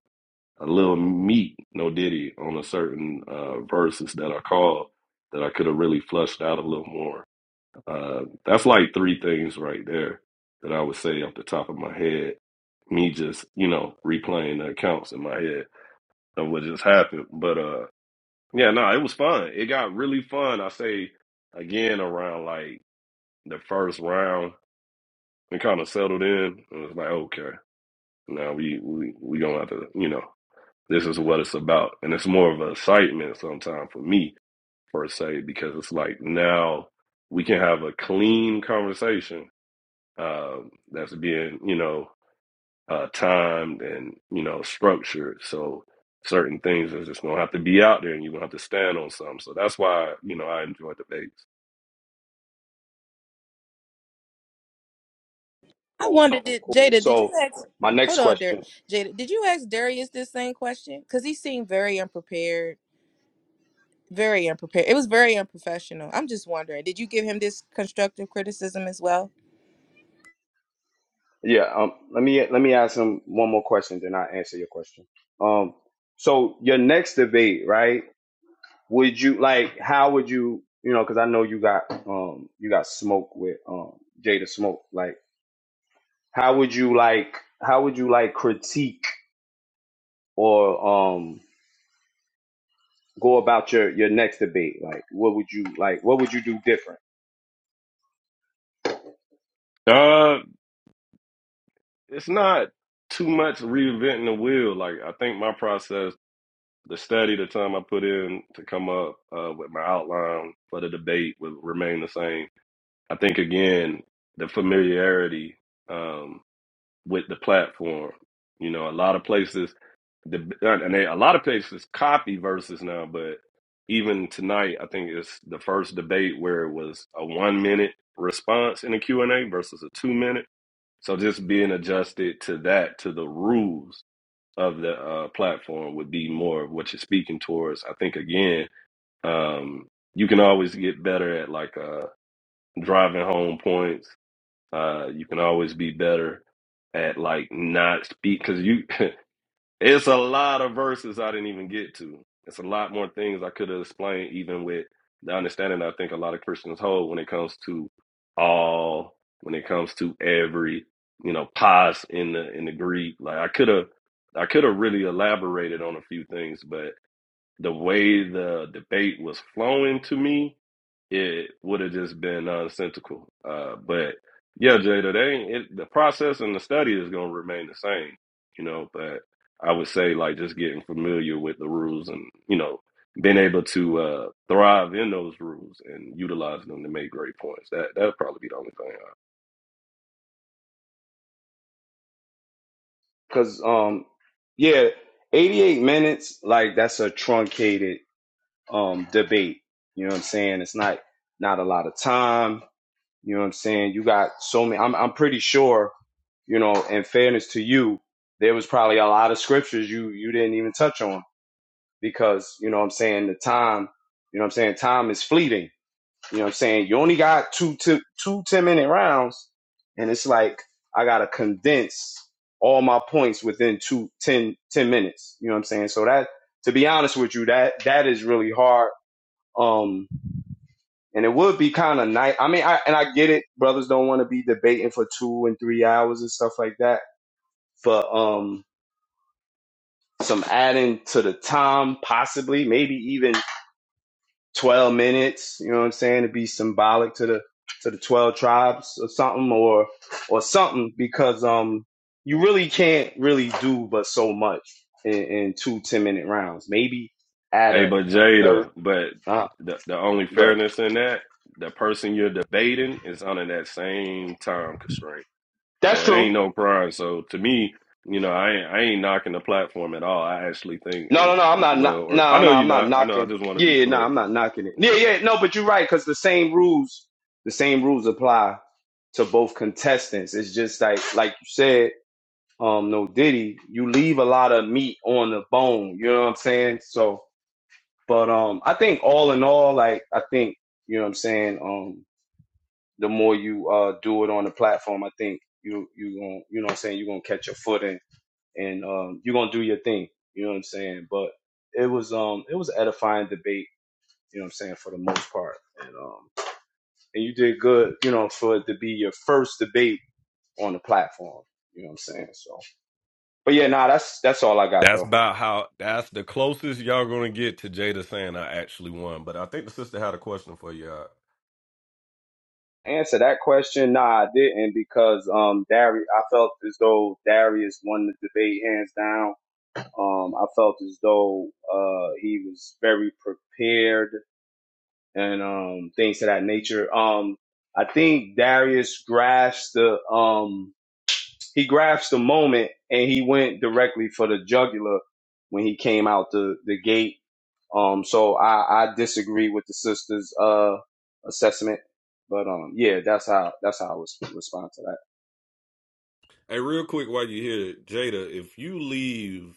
S9: a little meat, no diddy, on a certain uh, verses that I called that I could have really flushed out a little more. Uh, that's like three things right there that I would say off the top of my head. Me just, you know, replaying the accounts in my head of what just happened. But uh yeah, no, it was fun. It got really fun. I say again around like the first round, we kind of settled in. It was like, okay, now we we we gonna have to, you know, this is what it's about, and it's more of an excitement sometimes for me per se because it's like now we can have a clean conversation uh, that's being, you know. uh, timed and you know structured. So certain things are just gonna have to be out there, and you're gonna have to stand on some. So that's why you know I enjoy debates.
S14: I wonder, did
S13: Cool.
S14: Jada, did you
S13: So
S14: ask?
S13: my
S14: Hold
S13: next
S14: on, Dar-
S13: question.
S14: Jada, did you ask Darius this same question? Because he seemed very unprepared. Very unprepared. It was very unprofessional. I'm just wondering, did you give him this constructive criticism as well?
S13: Yeah, um let me let me ask him one more question, then I'll answer your question. Um so your next debate, right? Would you like how would you you know, because I know you got um you got smoke with um Jada Smoke. Like how would you like how would you like critique or um go about your your next debate? Like, what would you like? What would you do different?
S9: Uh, it's not too much reinventing the wheel. Like I think my process, the study, the time I put in to come up uh, with my outline for the debate will remain the same. I think again the familiarity. Um, with the platform. You know, a lot of places, the uh, and they, a lot of places copy verses now, but even tonight, I think it's the first debate where it was a one minute response in a Q and A versus a two minute. So just being adjusted to that, to the rules of the uh, platform, would be more of what you're speaking towards. I think again, um, you can always get better at like uh, driving home points uh, you can always be better at like not speak because you. it's a lot of verses I didn't even get to. It's a lot more things I could have explained, even with the understanding I think a lot of Christians hold when it comes to all, when it comes to every, you know, pause in the in the Greek. Like I could have, I could have really elaborated on a few things, but the way the debate was flowing to me, it would have just been nonsensical. Uh, but yeah, Jada, they ain't, it, the process and the study is going to remain the same, you know. But I would say like just getting familiar with the rules and you know being able to uh, thrive in those rules and utilizing them to make great points. That that'd probably be the only thing. uh,
S13: Because um, yeah, eighty eight minutes like that's a truncated um debate. You know what I'm saying? It's not not a lot of time. You know what I'm saying? You got so many. I'm I'm pretty sure. You know, in fairness to you, there was probably a lot of scriptures you you didn't even touch on because you know what I'm saying the time. You know what I'm saying? Time is fleeting You know what I'm saying? You only got two two two 10 minute rounds, and it's like I gotta condense all my points within two ten ten minutes. You know what I'm saying? So that to be honest with you, that that is really hard. Um and it would be kind of nice. I mean, I and I get it, brothers don't want to be debating for two and three hours and stuff like that. But um some adding to the time, possibly, maybe even 12 minutes, you know what I'm saying, to be symbolic to the to the 12 tribes or something or or something because um you really can't really do but so much in, in two ten minute rounds. Maybe add
S9: Hey,
S13: a,
S9: but
S13: a third.
S9: Jada, but
S13: Uh,
S9: the the only
S13: go ahead.
S9: fairness in that, the person you're debating is under that same time constraint.
S13: That's
S9: So it
S13: true.
S9: ain't no crime. So to me, you know, I ain't, I ain't knocking the platform at all. I actually think
S13: No, no,
S9: as
S13: no, I'm
S9: as
S13: not,
S9: well.
S13: not
S9: Or I
S13: no, no,
S9: know
S13: I'm
S9: you're
S13: not
S9: not. I know. I
S13: knocking.
S9: just want to be
S13: Yeah, no,
S9: clear.
S13: I'm not knocking it. Yeah,
S9: Yeah.
S13: yeah, no, but you're right cuz the same rules the same rules apply to both contestants. It's just like like you said um no Diddy, you leave a lot of meat on the bone. You know what I'm saying? So, but um, I think all in all, like I think you know what I'm saying. Um, the more you uh do it on the platform, I think you you gonna you know what I'm saying you are gonna catch your foot and and um you are gonna do your thing. You know what I'm saying? But it was um it was an edifying debate. You know what I'm saying for the most part, and um and you did good. You know for it to be your first debate on the platform. You know what I'm saying? So, but yeah, nah, that's that's all I got
S9: That's
S13: though.
S9: about how. That's the closest y'all gonna get to Jada saying I actually won. But I think the sister had a question for y'all.
S13: answer that question, nah, I didn't because um Darius, I felt as though Darius won the debate hands down. Um, I felt as though uh he was very prepared and um things of that nature. Um, I think Darius grasped the um he grasped the moment and he went directly for the jugular when he came out the the gate um, so I, I disagree with the sister's uh assessment, but um, yeah, that's how that's how I was respond to that.
S9: Hey, real quick, while you here, Jada, if you leave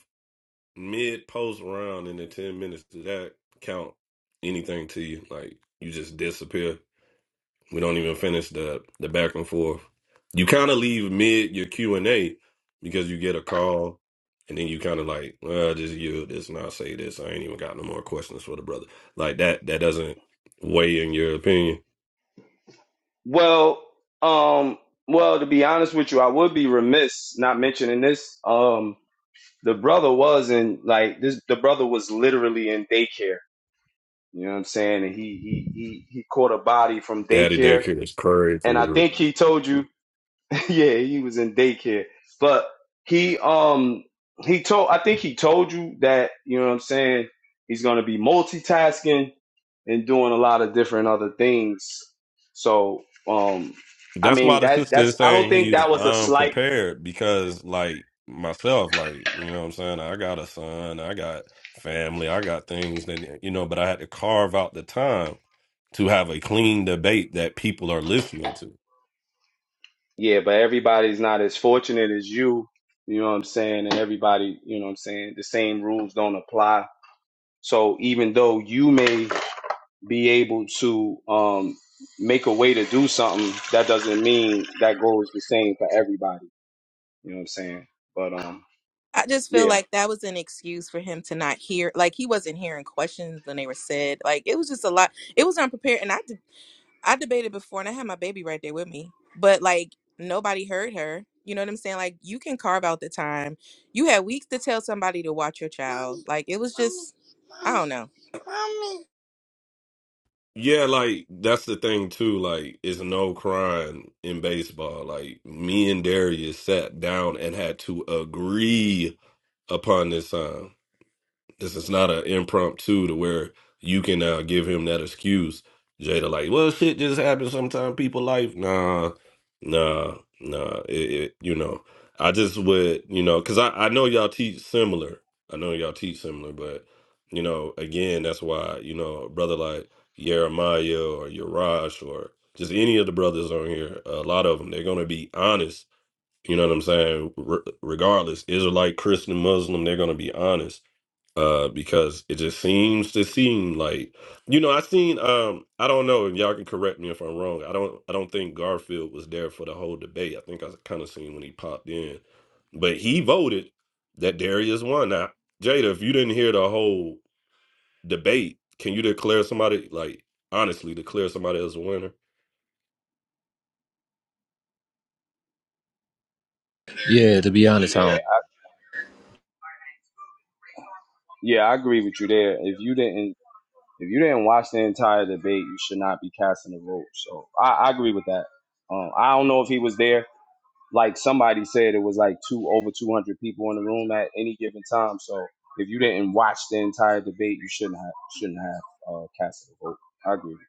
S9: mid post round in the ten minutes, does that count anything to you? Like you just disappear? We don't even finish the the back and forth. You kind of leave mid your Q and A because you get a call, and then you kind of like, well, just yield this, and I'll say this. I ain't even got no more questions for the brother. Like that. That doesn't weigh in your opinion.
S13: Well, um, well, to be honest with you, I would be remiss not mentioning this. Um, the brother was in like this. The brother was literally in daycare. You know what I'm saying? And he he he he caught a body from
S9: Daddy
S13: daycare,
S9: daycare is
S13: and I
S9: crazy.
S13: think he told you yeah, he was in daycare. But he um he told I think he told you that, you know what I'm saying, he's gonna be multitasking and doing a lot of different other things. So um I
S9: That's
S13: mean
S9: why the
S13: that
S9: sister
S13: that's
S9: is
S13: I don't
S9: saying
S13: think
S9: he's
S13: that was a slight
S9: unprepared because, like myself, like you know, what I'm saying I got a son, I got family, I got things that you know, but I had to carve out the time to have a clean debate that people are listening to.
S13: yeah, but everybody's not as fortunate as you. You know what I'm saying? And everybody, you know what I'm saying, the same rules don't apply. So even though you may be able to um, make a way to do something, that doesn't mean that goes the same for everybody. You know what I'm saying? But um,
S14: I just feel
S13: yeah,
S14: like that was an excuse for him to not hear. Like he wasn't hearing questions when they were said. Like it was just a lot. It was unprepared, and I I debated before and I had my baby right there with me, but like nobody heard her. You know what I'm saying? Like you can carve out the time. You had weeks to tell somebody to watch your child. like it was just I don't know. Mommy.
S9: Yeah, like that's the thing too. Like, it's no crime in baseball. Like, me and Darius sat down and had to agree upon this time. This is not an impromptu to where you can uh, give him that excuse. Jada, like, well, shit just happens sometimes. People life, nah, nah, nah. It, it, you know, I just would, you know, because I, I know y'all teach similar. I know y'all teach similar, but you know, again, that's why you know, a brother like Jeremiah or Yarash or just any of the brothers on here, a lot of them, they're gonna be honest. You know what I'm saying? Re- regardless, Israelite, Christian, Muslim, they're gonna be honest uh because it just seems to seem like you know i seen um i don't know and y'all can correct me if i'm wrong i don't i don't think garfield was there for the whole debate i think i kind of seen when he popped in but he voted that darius won now jada if you didn't hear the whole debate can you declare somebody like honestly declare somebody as a winner
S10: Yeah, to be honest, I
S13: yeah,
S10: don't.
S13: yeah, I agree with you there. If you didn't, if you didn't watch the entire debate, you should not be casting a vote. So I, I agree with that. Um, I don't know if he was there. Like somebody said, it was like two over 200 people in the room at any given time. So if you didn't watch the entire debate, you shouldn't have shouldn't have uh, casted a vote. I agree with that.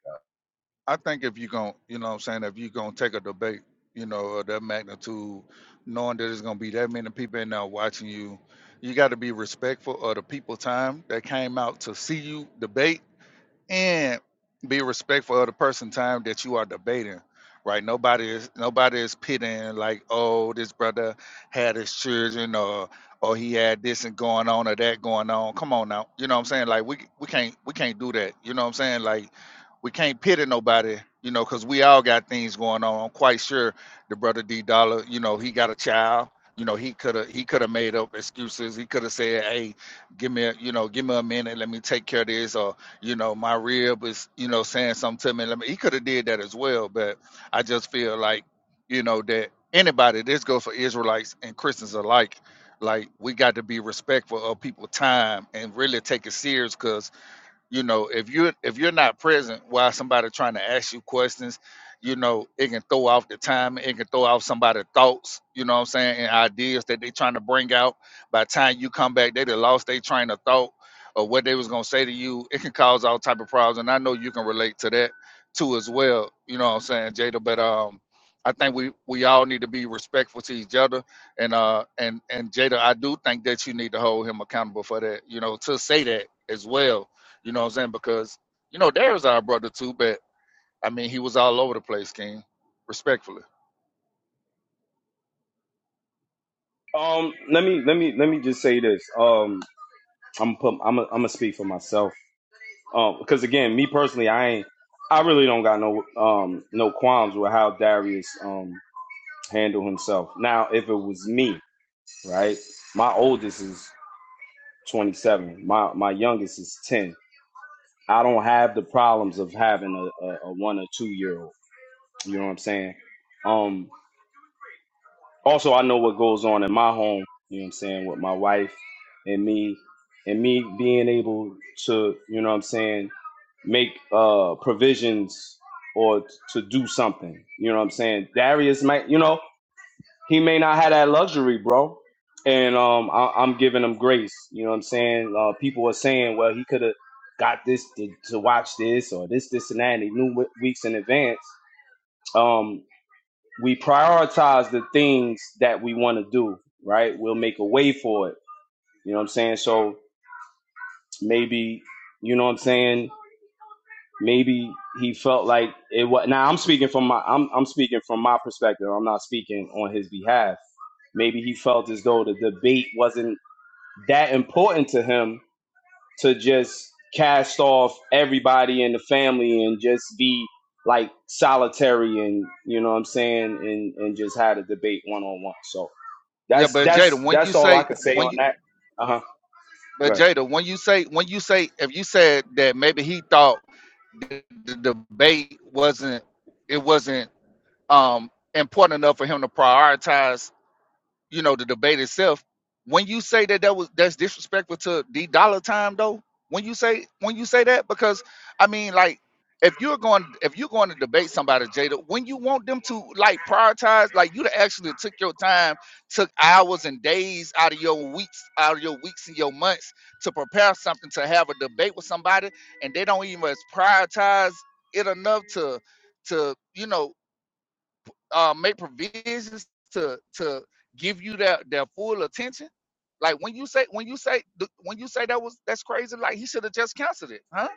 S4: I think if you are gon' you know what I'm saying, if you are gonna take a debate, you know, of that magnitude, knowing that there's gonna be that many people in there watching you, you gotta be respectful of the people time that came out to see you debate and be respectful of the person time that you are debating right nobody is nobody is pitting like oh this brother had his children or or he had this and going on or that going on come on now you know what i'm saying like we we can't we can't do that you know what i'm saying like we can't pity nobody you know because we all got things going on i'm quite sure the brother d dollar you know he got a child you know he could have he could have made up excuses he could have said hey give me a, you know give me a minute let me take care of this or you know, my rib is, you know, saying something to me. Let me he could have did that as well, but I just feel like, you know, that anybody, this goes for Israelites and Christians alike, like we got to be respectful of people's time and really take it serious because you know if you're if you're not present while somebody trying to ask you questions you know it can throw off the time it can throw off somebody's thoughts you know what i'm saying and ideas that they trying to bring out by the time you come back they done lost their train of thought or what they was going to say to you it can cause all type of problems and i know you can relate to that too as well you know what i'm saying jada but um i think we we all need to be respectful to each other and uh and and jada i do think that you need to hold him accountable for that you know to say that as well you know what I'm saying? Because you know Darius our brother too, but I mean he was all over the place, King. Respectfully.
S13: Um, let me let me let me just say this. Um, I'm put I'm i am put i am a am going to speak for myself. Um, because again, me personally, I ain't I really don't got no um no qualms with how Darius um handled himself. Now, if it was me, right? My oldest is 27. My my youngest is 10. I don't have the problems of having a a, a one or two year old. You know what I'm saying? Um, also I know what goes on in my home, you know what I'm saying, with my wife and me and me being able to, you know what I'm saying, make uh provisions or t- to do something. You know what I'm saying? Darius might, you know, he may not have that luxury, bro. And um I, I'm giving him grace. You know what I'm saying? Uh people are saying, well, he could have got this to, to watch this or this, this and that, and he knew what weeks in advance. Um, we prioritize the things that we want to do, right? We'll make a way for it. You know what I'm saying? So maybe, you know what I'm saying? Maybe he felt like it was. Now I'm speaking from my I'm I'm speaking from my perspective. I'm not speaking on his behalf. Maybe he felt as though the debate wasn't that important to him to just cast off everybody in the family and just be like solitary and you know what I'm saying and and just had a debate one on one. So
S4: Yeah,
S13: That's
S4: but
S13: that's
S4: Jada, when you
S13: that's all I
S4: say
S13: could say
S4: when
S13: on
S4: you
S13: that. Uh huh. Go
S4: but
S13: ahead.
S4: Jada, when you say when you say if you said that maybe he thought the, the debate wasn't it wasn't um important enough for him to prioritize you know the debate itself when you say that that was that's disrespectful to the dollar time though when you say when you say that because i mean like if you're going if you're going to debate somebody jada when you want them to like prioritize like you actually took your time took hours and days out of your weeks out of your weeks and your months to prepare something to have a debate with somebody and they don't even as prioritize it enough to to you know uh, make provisions to to give you that their full attention? Like when you say when you say when you say that was that's crazy, like he should have just canceled it, huh?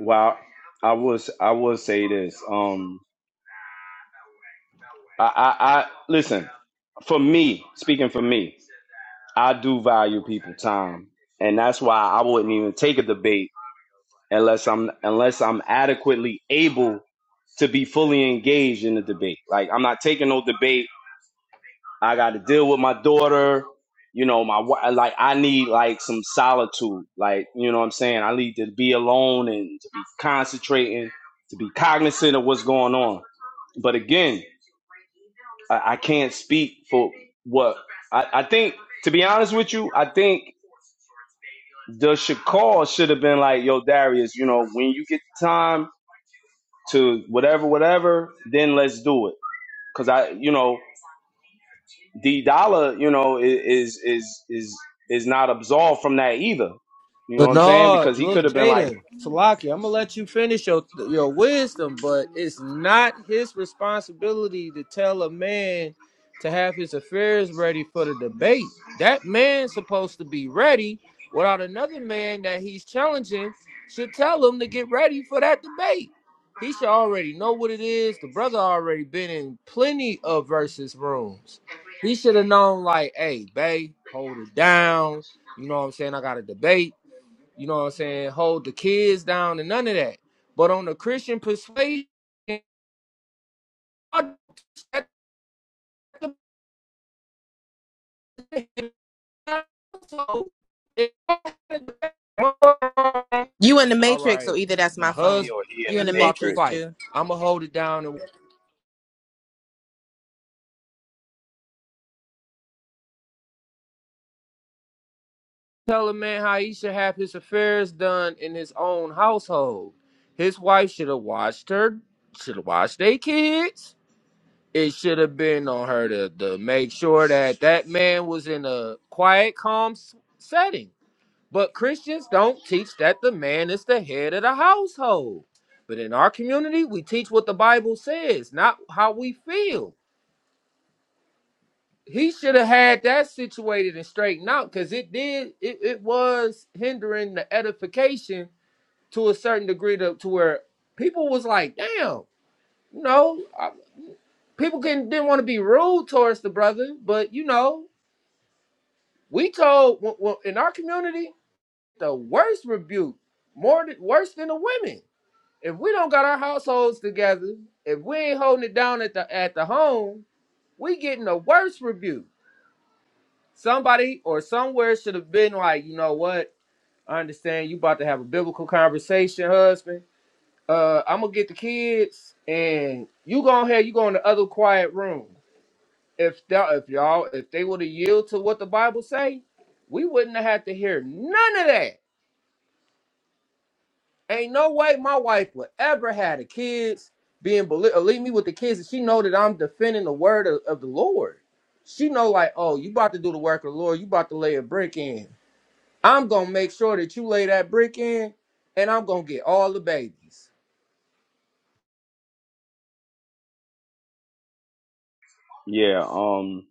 S13: Well, I was I will say this. Um, I, I I listen. For me, speaking for me, I do value people time, and that's why I wouldn't even take a debate unless I'm unless I'm adequately able to be fully engaged in the debate. Like I'm not taking no debate I got to deal with my daughter. You know, my wi- like I need like some solitude. Like you know what I'm saying. I need to be alone and to be concentrating, to be cognizant of what's going on. But again, I, I can't speak for what I, I think. To be honest with you, I think the Shakur should have been like, "Yo, Darius, you know, when you get the time to whatever, whatever, then let's do it." because I, you know, D Dollar, you know, i- is is is is not absolved from that either. You know
S10: But
S13: what I'm saying?
S10: no,
S13: Because he
S10: look,
S13: could have been like
S10: Jada, Salaki, I'm gonna let you finish your your wisdom, but it's not his responsibility to tell a man to have his affairs ready for the debate. That man's supposed to be ready without another man that he's challenging should tell him to get ready for that debate. He should already know what it is. The brother already been in plenty of versus rooms. He should have known, like, hey, Bay, hold it down. You know what I'm saying? I got a debate you know what I'm saying, hold the kids down and none of that. But on the Christian persuasion,
S14: You in the
S10: all
S14: matrix, so
S10: right,
S14: either that's
S10: my
S14: my
S13: he
S10: husband,
S14: phone.
S13: or he in
S14: You in
S13: the
S10: he
S14: the
S10: about to
S13: Matrix.
S14: matrix,
S10: fight. I'ma hold it down and tell a man how he should have his affairs done in his own household. His wife should have watched her, should have watched their kids. It should have been on her to, to make sure that that man was in a quiet, calm s- setting But Christians don't teach that the man is the head of the household. But in our community, we teach what the Bible says, not how we feel. He should have had that situated and straightened out because it did, it, it was hindering the edification to a certain degree to, to where people was like, damn, you know, I- people can, didn't want to be rude towards the brother, but you know, we told, well, in our community, the worst rebuke, more than, worse than the women if we don't got our households together, if we ain't holding it down at the at the home, we getting a worse rebuke. Somebody or somewhere should have been like, you know what? I understand you about to have a biblical conversation, husband. Uh, I'm gonna get the kids, and you go ahead. You go in the other quiet room. If that, if y'all, if they would have yield to what the Bible say, we wouldn't have had to hear none of that. Ain't no way my wife would ever had the kids being believe, leave me with the kids. And she know that I'm defending the word of, of the Lord. She know like, oh, you about to do the work of the Lord. You about to lay a brick in. I'm gonna make sure that you lay that brick in, and I'm gonna get all the babies.
S13: Yeah. Um.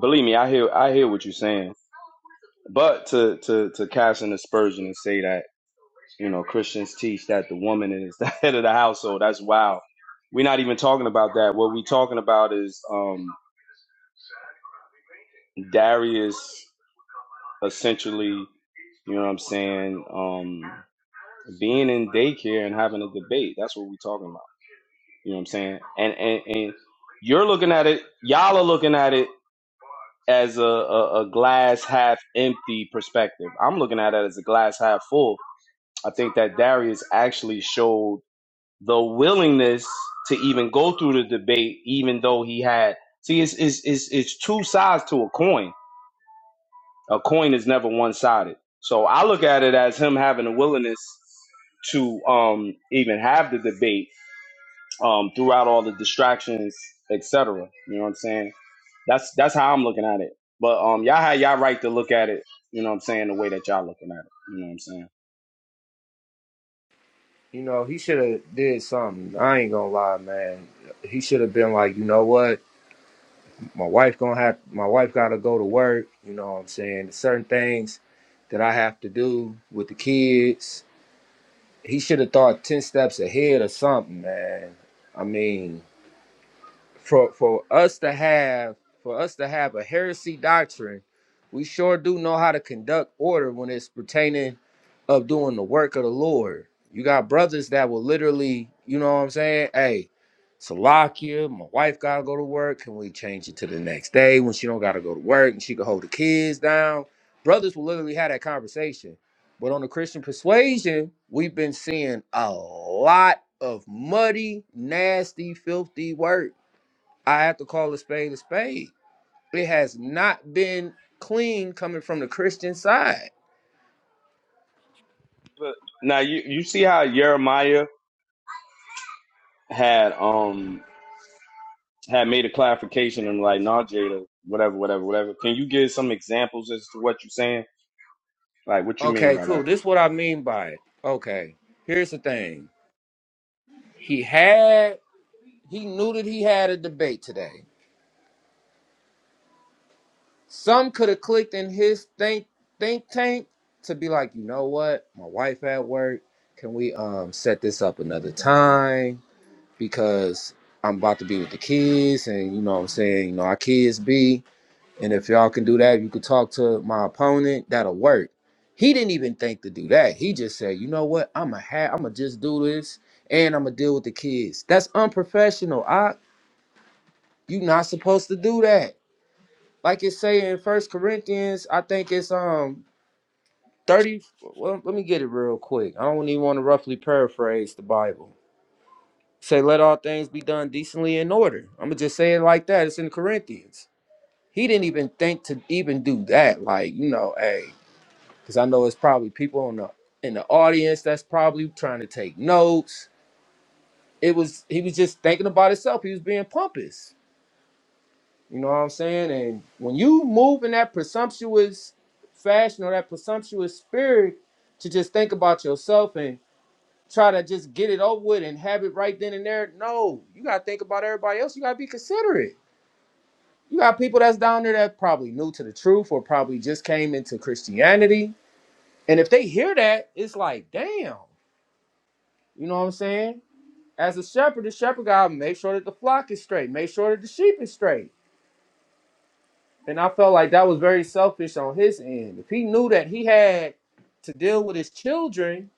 S13: Believe me, I hear I hear what you're saying. But to to to cast an aspersion and say that you know Christians teach that the woman is the head of the household. That's wow. We're not even talking about that. What we're talking about is um Darius. essentially, you know what I'm saying, um, being in daycare and having a debate. That's what we're talking about. You know what I'm saying? And and, and you're looking at it, y'all are looking at it as a, a, a glass half empty perspective. I'm looking at it as a glass half full. I think that Darius actually showed the willingness to even go through the debate, even though he had see it's it's it's, it's two sides to a coin A coin is never one sided. So I look at it as him having a willingness to um, even have the debate um, throughout all the distractions, etc. You know what I'm saying? That's that's how I'm looking at it. But um, y'all had y'all right to look at it. You know what I'm saying? The way that y'all looking at it. You know what I'm saying?
S10: You know, he should have did something. I ain't gonna lie, man. He should have been like, you know what, my wife gonna have my wife gotta go to work. You know what I'm saying? Certain things that I have to do with the kids he should have thought ten steps ahead or something, man. I mean, for for us to have for us to have a heresy doctrine, we sure do know how to conduct order when it's pertaining of doing the work of the Lord. You got brothers that will literally, you know what I'm saying? Hey, Salakia, my wife gotta go to work. Can we change it to the next day when she don't gotta go to work and she can hold the kids down? Brothers will literally have that conversation. But on the Christian persuasion, we've been seeing a lot of muddy, nasty, filthy work I have to call a spade a spade. It has not been clean coming from the Christian side.
S13: But now you you see how Jeremiah had um had made a clarification and like, nah, Jada, whatever, whatever, whatever. Can you give some examples as to what you're saying? Like, what you mean
S10: Okay,
S13: by that?
S10: cool. This is what I mean by it. Okay, here's the thing. He had, he knew that he had a debate today. Some could have clicked in his think think tank to be like, you know what, my wife at work. Can we um set this up another time? Because I'm about to be with the kids, and you know what I'm saying. You know, our kids be. And if y'all can do that, you could talk to my opponent. That'll work. He didn't even think to do that. He just said, you know what? I'm a ha- I'm gonna just do this, and I'm gonna deal with the kids. That's unprofessional. I you not supposed to do that. Like it's saying in First Corinthians, I think it's um thirty. Well, let me get it real quick. I don't even want to roughly paraphrase the Bible. Say, let all things be done decently in order. I'm gonna just say it like that. It's in Corinthians. He didn't even think to even do that. Like you know, hey. because I know it's probably people in the in the audience that's probably trying to take notes. It was he was just thinking about himself. He was being pompous. You know what I'm saying? And when you move in that presumptuous fashion or that presumptuous spirit to just think about yourself and try to just get it over with and have it right then and there, no, you gotta think about everybody else. You gotta be considerate. You got people that's down there that probably new to the truth or probably just came into Christianity. And if they hear that, it's like, damn. You know what I'm saying? As a shepherd, the shepherd gotta make sure that the flock is straight, make sure that the sheep is straight. And I felt like that was very selfish on his end. If he knew that he had to deal with his children,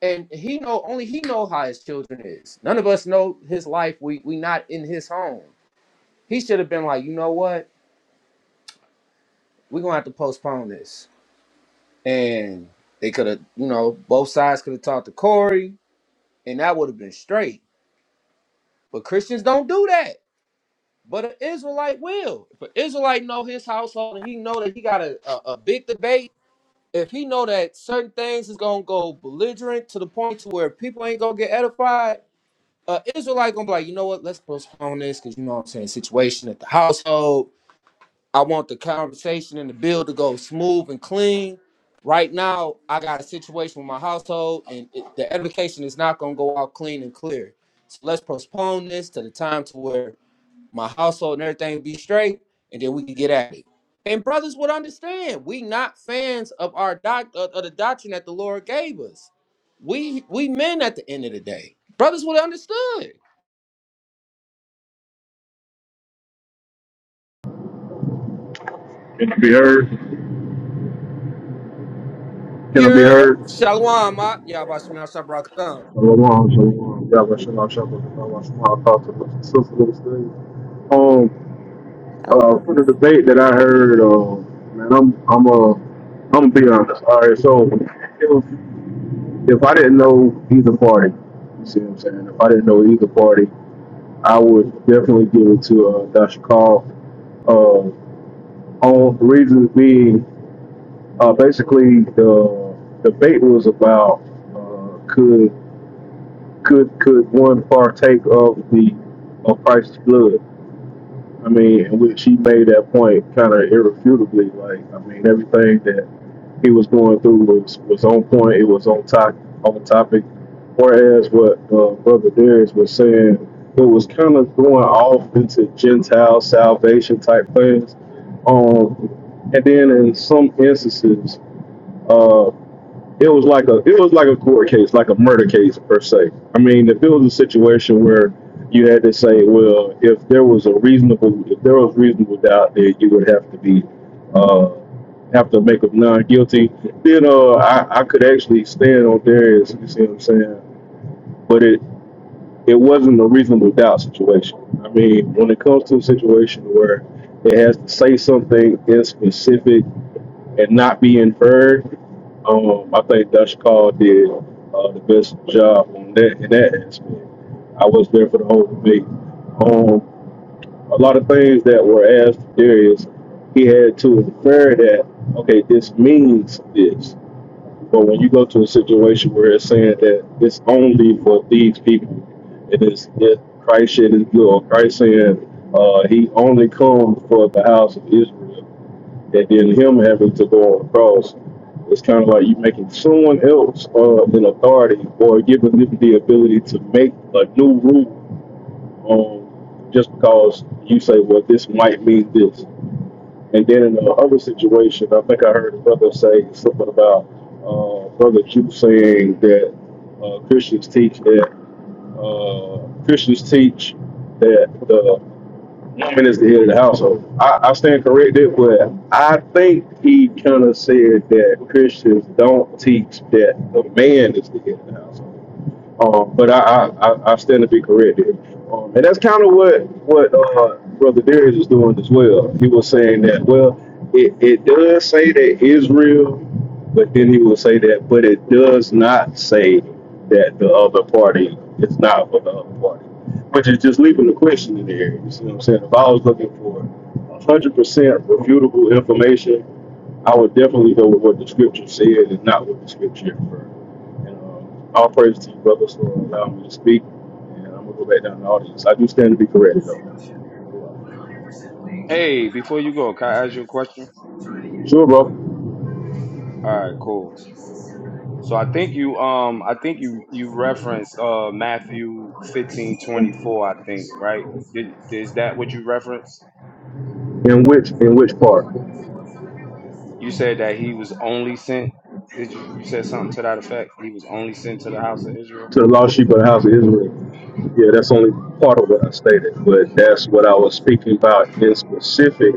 S10: and he know only he know how his children is. None of us know his life. We we not in his home. He should have been like, you know what? We're gonna have to postpone this. And they could have, you know, both sides could have talked to Corey, and that would have been straight. But Christians don't do that. But an Israelite will. If an Israelite know his household and he know that he got a, a, a big debate, if he know that certain things is gonna go belligerent to the point to where people ain't gonna get edified, uh Israelite gonna be like, you know what, let's postpone this because you know what I'm saying, situation at the household. I want the conversation and the bill to go smooth and clean. Right now, I got a situation with my household, and it, the edification is not gonna go out clean and clear. So let's postpone this to the time to where my household and everything be straight, and then we can get at it. And brothers would understand. We not fans of our doc of, of the doctrine that the Lord gave us. We we men at the end of the day. Brothers would have understood.
S15: It can be heard. Can it be
S10: You're
S15: heard?
S10: Shalom, Ma. Yabashim Shabrakatan.
S15: Shalom, shalom. Yahweh shalom, shalom, shalom, shalom. I thought to the sister was there. Um,
S1: Oh,
S15: uh,
S1: wow.
S15: for the debate that I heard, uh, man, I'm, I'm, uh, I'm gonna be honest. All right, so if if I didn't know either party, you see what I'm saying? If I didn't know either party, I would definitely give it to uh, Dasha Call. Uh, on the reason being, uh, basically the debate was about uh, could could could one partake of the of Christ's blood? I mean, and which she made that point kind of irrefutably. Like, I mean, everything that he was going through was was on point. It was on top on topic. Whereas what uh, Brother Darius was saying, it was kind of going off into Gentile salvation type things. Um, and then in some instances, uh it was like a it was like a court case, like a murder case per se. I mean, if it was a situation where you had to say, well, if there was a reasonable if there was reasonable doubt, then you would have to be uh, have to make a non guilty. Then uh, I I could actually stand on there. Is you see what I'm saying? But it it wasn't a reasonable doubt situation. I mean, when it comes to a situation where it has to say something in specific and not be inferred. Um, I think Dutch Call did uh, the best job on that in that aspect. I was there for the whole debate. Um, a lot of things that were asked Darius, he had to infer that okay, this means this. But when you go to a situation where it's saying that it's only for these people, it is that Christ shed his blood. or Christ saying uh, he only comes for the house of Israel that then him having to go on the cross. It's kind of like you making someone else uh, an authority or giving them the ability to make a new rule on just because you say, well, this might mean this. And then in the other situation, I think I heard a brother say something about uh, Brother Jew saying that uh, Christians teach that uh, Christians teach that the woman is the head of the household. I, I stand corrected, but I think he kind of said that Christians don't teach that the man is the head of the household. Um, but I, I, I, I stand to be corrected. Um, and that's kind of what what uh, Brother Darius is doing as well. He was saying that, well, it, it does say that Israel, but then he will say that, but it does not say that the other party is not for the other party. But you're just leaving the question in the air. You see what I'm saying? If I was looking for 100% refutable information I would definitely go with what the scripture said and not what the scripture inferred. And um, all praise to you, brothers, for allowing me to speak. And I'm gonna go back down to the audience. I do stand to be corrected, though.
S13: Hey, before you go, can I ask you a question?
S15: Sure, bro.
S13: All right, cool. So I think you um I think you you referenced uh Matthew fifteen twenty four I think right Did- is that what you referenced?
S15: In which in which part? To
S13: You said that he was only sent. Did you you said something to that effect? He was only sent to the house of Israel.
S15: the lost sheep of the house of Israel. Yeah, that's only part of what I stated, but that's what I was speaking about in specific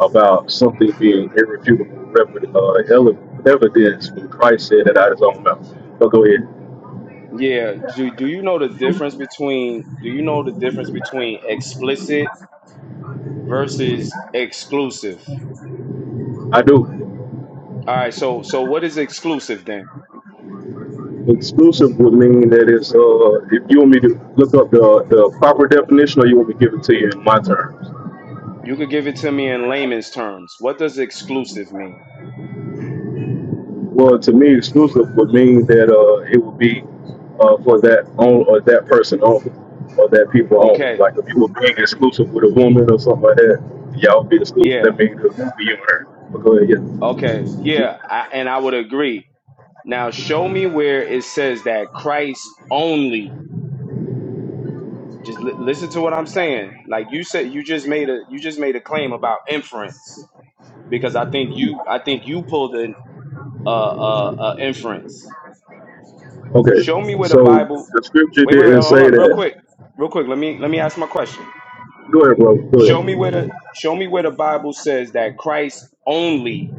S15: about something being irrefutable rev- uh, ele- evidence when Christ said it out of his own mouth. But go ahead.
S13: Yeah. Do do you know the difference between do you know the difference between explicit versus exclusive?
S15: I do.
S13: All right, so so what is exclusive then?
S15: Exclusive would mean that it's uh if you want me to look up the the proper definition or you want me to give it to you in my terms.
S13: You could give it to me in layman's terms. What does exclusive mean?
S15: Well to me exclusive would mean that uh it would be uh for that on or that person only or that people only.
S13: Okay,
S15: Like if you were being exclusive with a woman or something like that, y'all would be exclusive. That
S13: yeah,
S15: means it's just be you and her. But go ahead, yeah.
S13: okay, yeah, I, and I would agree. Now show me where it says that Christ only. Just li- listen to what I'm saying. Like you said, you just made a you just made a claim about inference because I think you I think you pulled an uh, uh, uh, inference.
S15: Okay.
S13: Show me where the
S15: So
S13: Bible.
S15: the scripture
S13: Wait, wait, wait.
S15: didn't
S13: Hold
S15: say
S13: up, real
S15: that.
S13: quick, real quick. Let me let me ask my question.
S15: Go ahead, bro. Go
S13: Show me
S15: ahead.
S13: where the show me where the Bible says that Christ only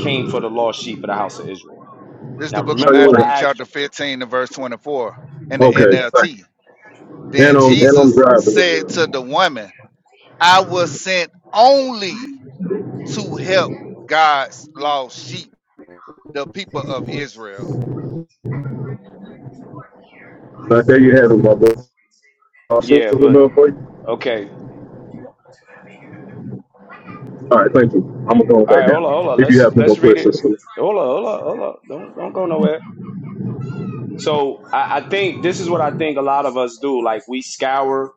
S13: came for the lost sheep of the house of Israel.
S4: This is
S13: Now
S4: the book of
S15: Show
S13: remember
S15: your
S13: what
S4: Matthew,
S15: work.
S13: I asked
S4: chapter
S13: you.
S4: 15, and verse 24 in the
S15: Okay. Thank
S4: NLT.
S15: you.
S4: Then
S15: And um and I'm
S4: Jesus
S15: driving as
S4: said to
S15: well.
S4: the woman, I was sent only to help God's lost sheep, the people of Israel.
S15: But there you have it, my brother. I'll
S13: Yeah,
S15: settle it
S13: but
S15: up for you.
S13: okay.
S15: All right, thank you. I'm gonna go
S13: All
S15: back
S13: right, hold on, hold
S15: down.
S13: on.
S15: If you
S13: Let's
S15: have no
S13: let's
S15: more
S13: read it.
S15: questions for me.
S13: Hold on, hold on, hold on. Don't don't go nowhere. So I, I think this is what I think a lot of us do. Like we scour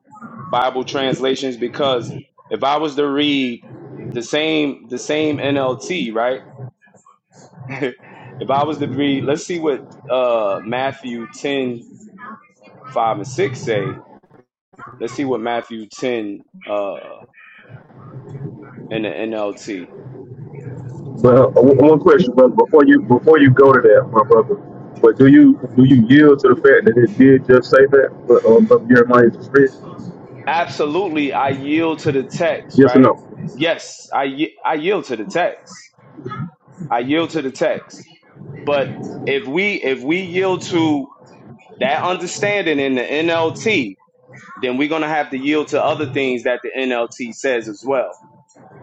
S13: Bible translations because if I was to read the same the same NLT, right? if I was to read, let's see what uh, Matthew 10 5 and 6 say. Let's see what Matthew 10 uh, in the NLT.
S15: But uh, one one question, brother, before you before you go to that, my brother. But do you do you yield to the fact that it did just say that? But um, brother Jeremiah just read?
S13: Absolutely, I yield to the text,
S15: Yes or
S13: right?
S15: no?
S13: Yes, I, y- I yield to the text. I yield to the text. But if we if we yield to that understanding in the NLT, then we're gonna have to yield to other things that the NLT says as well.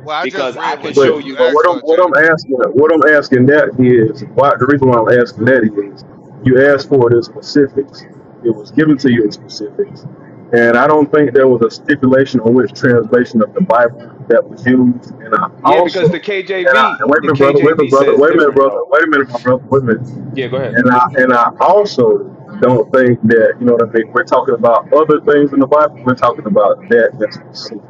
S4: Well, I just
S13: Because
S4: read
S13: I can
S4: what you,
S13: show
S15: But
S13: you
S4: you
S15: but
S4: asked
S15: what I'm
S4: for,
S15: what I'm
S4: Jada.
S15: asking what I'm asking that is why the reason why I'm asking that is you asked for it in specifics. It was given to you in specifics. And I don't think there was a stipulation on which translation of the Bible that was used. And I
S13: Yeah, because the
S15: also and I
S13: KJV,
S15: and wait a
S13: the
S15: minute, brother, wait a minute,
S13: KJV
S15: brother,
S13: says
S15: wait a minute,
S13: different
S15: brother,
S13: though.
S15: wait a minute, my brother, wait a minute.
S13: Yeah, go ahead.
S15: And I and I also don't think that, you know what I mean, we're talking about other things in the Bible, we're talking about that that's specific.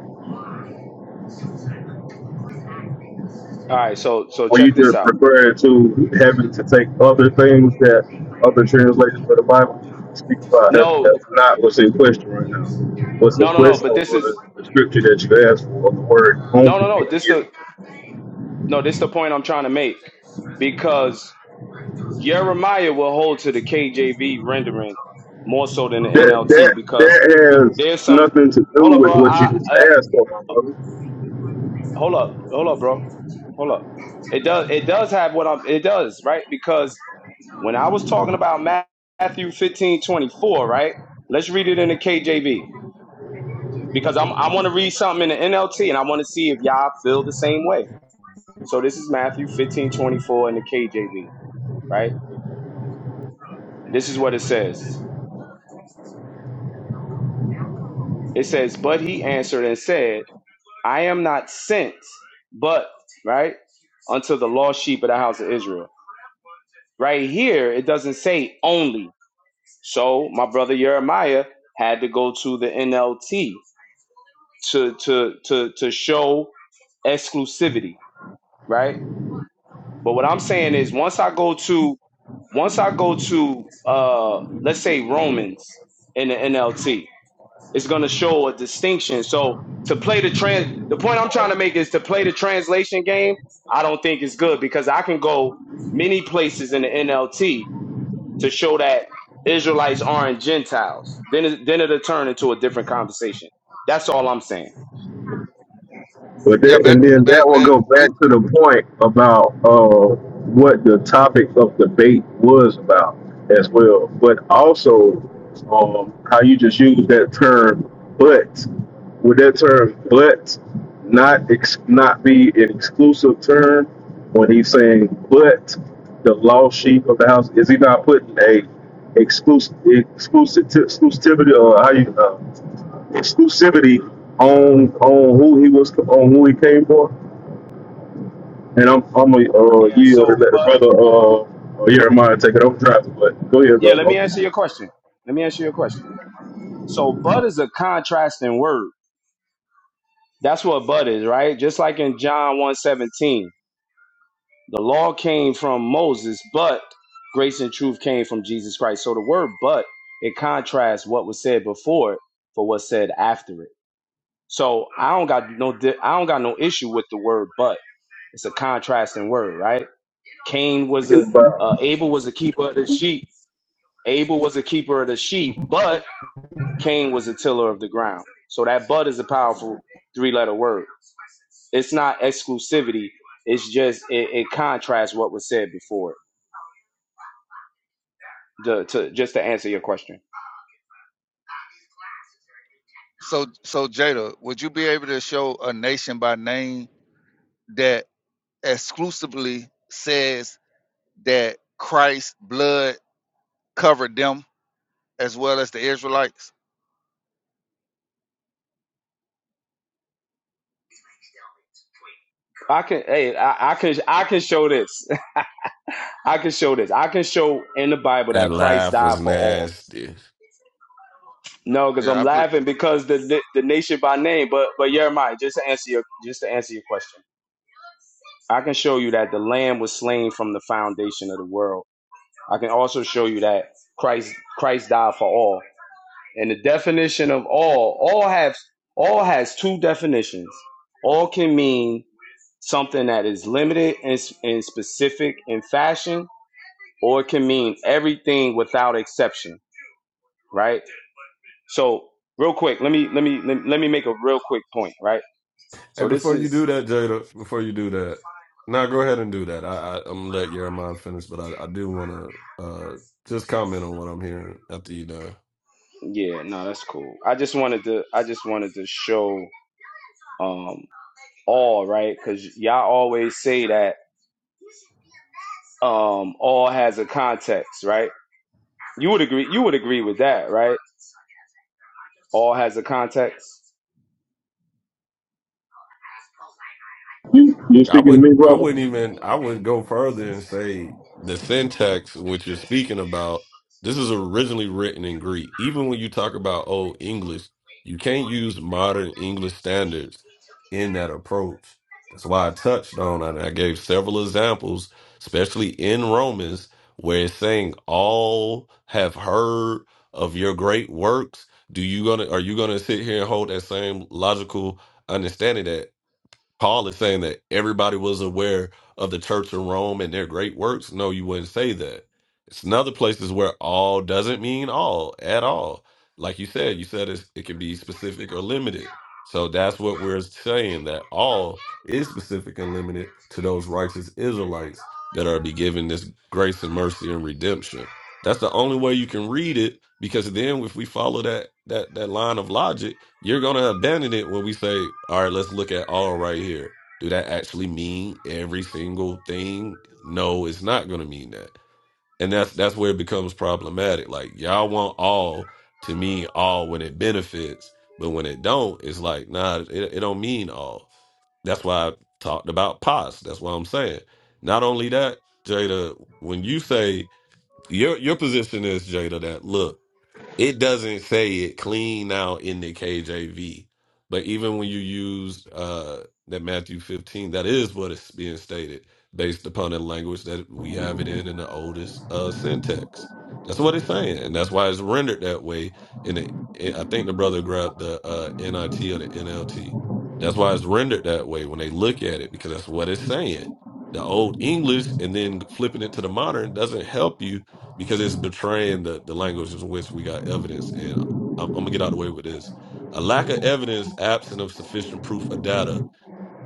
S13: All right, so so
S15: Where you
S13: check this
S15: just
S13: out.
S15: referring to having to take other things that other translations of the Bible speak about? That's,
S13: No,
S15: that's not what's in question right now. What's in
S13: no, no, no.
S15: question
S13: But this is
S15: was the scripture that you asked for, the word only
S13: no, no,
S15: being
S13: no. This
S15: used.
S13: the no. This the point I'm trying to make because Jeremiah will hold to the KJV rendering more so than the
S15: That
S13: NLT
S15: that
S13: because
S15: that has
S13: there's some.
S15: nothing to do
S13: Hold up,
S15: with
S13: bro.
S15: what you
S13: I,
S15: just
S13: I
S15: asked for, my brother.
S13: hold up, hold up, bro. Hold up. It does. It does have what I'm. It does right because When I was talking about Matthew 15 24, right? Let's read it in the KJV because I'm, I want to read something in the NLT and I want to see if y'all feel the same way. So this is Matthew 15 24 in the KJV, right? This is what it says. It says, But he answered and said, I am not sent, but, right, unto the lost sheep of the house of Israel. Right here, it doesn't say only. So my brother Jeremiah had to go to the NLT to to to to show exclusivity, right? But what I'm saying is once I go to once I go to uh let's say Romans in the NLT, it's gonna show a distinction. So to play the trans the point I'm trying to make is to play the translation game, I don't think it's good because I can go many places in the NLT to show that Israelites aren't Gentiles. Then it, then it'll turn into a different conversation. That's all I'm saying.
S15: But
S4: Yeah,
S15: that, and
S4: but,
S15: then that
S4: but,
S15: will
S4: but
S15: go
S4: we
S15: back to the point about uh, what the topic of debate was about as well. But also, um, how you just use that term, but would that term, but not ex- not be an exclusive term when he's saying, but the lost sheep of the house? Is he not putting a exclusive exclusive exclusivity or how you? uh, exclusivity on on who he was on who he came for. And I'm I'm a uh,
S13: Yeah,
S15: yield and
S13: so
S15: let the
S13: but
S15: brother uh uh, Jeremiah take it. I'm driving, but go ahead,
S13: Yeah, let
S15: brother.
S13: me
S15: I'm-
S13: answer your question. Let me answer your question. So but is a contrasting word. That's what but is, right? Just like in John one seventeen, the law came from Moses, but grace and truth came from Jesus Christ. So the word but it contrasts what was said before it for what's said after it. So I don't got no di- I don't got no issue with the word but. It's a contrasting word, right? Cain was a uh, Abel was a keeper of the sheep. Abel was a keeper of the sheep, but Cain was a tiller of the ground. So that bud is a powerful three letter word. It's not exclusivity. It's just it, it contrasts what was said before. To, to just to answer your question,
S4: So so Jada, would you be able to show a nation by name that exclusively says that Christ's blood covered them as well as the Israelites?
S13: I can hey I, I can I can show this. I can show this. I can show in the Bible
S9: That
S13: that Christ
S9: laugh
S13: died
S9: was
S13: for all.
S9: nasty.
S13: No, because
S4: Yeah,
S13: I'm
S4: I pre-
S13: laughing because the, the the nation by name, but but Jeremiah, just to answer your just to answer your question, I can show you that the Lamb was slain from the foundation of the world I can also show you that Christ Christ died for all. And the definition of all, all has all has two definitions. All can mean something that is limited and, and specific in fashion, or it can mean everything without exception, right? So, real quick, let me let me let me make a real quick point, right?
S9: Hey,
S13: So this
S9: before you
S13: is
S9: do that, Jada, before you do that, now go ahead and do that. I, I I'm gonna let Jeremiah finish, but I, I do want to uh just comment on what I'm hearing after you done.
S13: yeah, no, that's cool. I just wanted to I just wanted to show um all, right? Because y'all always say that. Um, all has a context, right? You would agree. You would agree with that, right? All has a context.
S15: You you
S9: I
S15: speaking to
S9: wouldn't
S15: me,
S9: I wouldn't
S15: brother?
S9: even I would go further and say the syntax which you're speaking about, this is originally written in Greek. Even when you talk about old English, you can't use modern English standards in that approach. That's why I touched on it. I gave several examples, especially in Romans, where it's saying all have heard of your great works. Do you gonna are you gonna sit here and hold that same logical understanding that? Paul is saying that everybody was aware of the church in Rome and their great works. No, you wouldn't say that. It's another places where all doesn't mean all at all. Like you said, you said it's, it can be specific or limited. So that's what we're saying that all is specific and limited to those righteous Israelites that are be given this grace and mercy and redemption. That's the only way you can read it because then if we follow that that that line of logic, you're going to abandon it when we say, "All right, let's look at all right here." Do that actually mean every single thing? No, it's not going to mean that. And that's that's where it becomes problematic. Like y'all want all to mean all when it benefits, but when it don't, it's like, "Nah, it, it don't mean all." That's why I talked about pos. That's what I'm saying. Not only that, Jada, when you say your your position is Jada that look, it doesn't say it clean out in the KJV, but even when you use uh that Matthew 15, that is what is being stated based upon the language that we have it in in the oldest uh syntax. That's what it's saying, and that's why it's rendered that way. In the I think the brother grabbed the uh NIT or the NLT. That's why it's rendered that way when they look at it because that's what it's saying. The old English and then flipping it to the modern doesn't help you because it's betraying the, the language in which we got evidence. And I'm, I'm gonna get out of the way with this. A lack of evidence, absent of sufficient proof or data,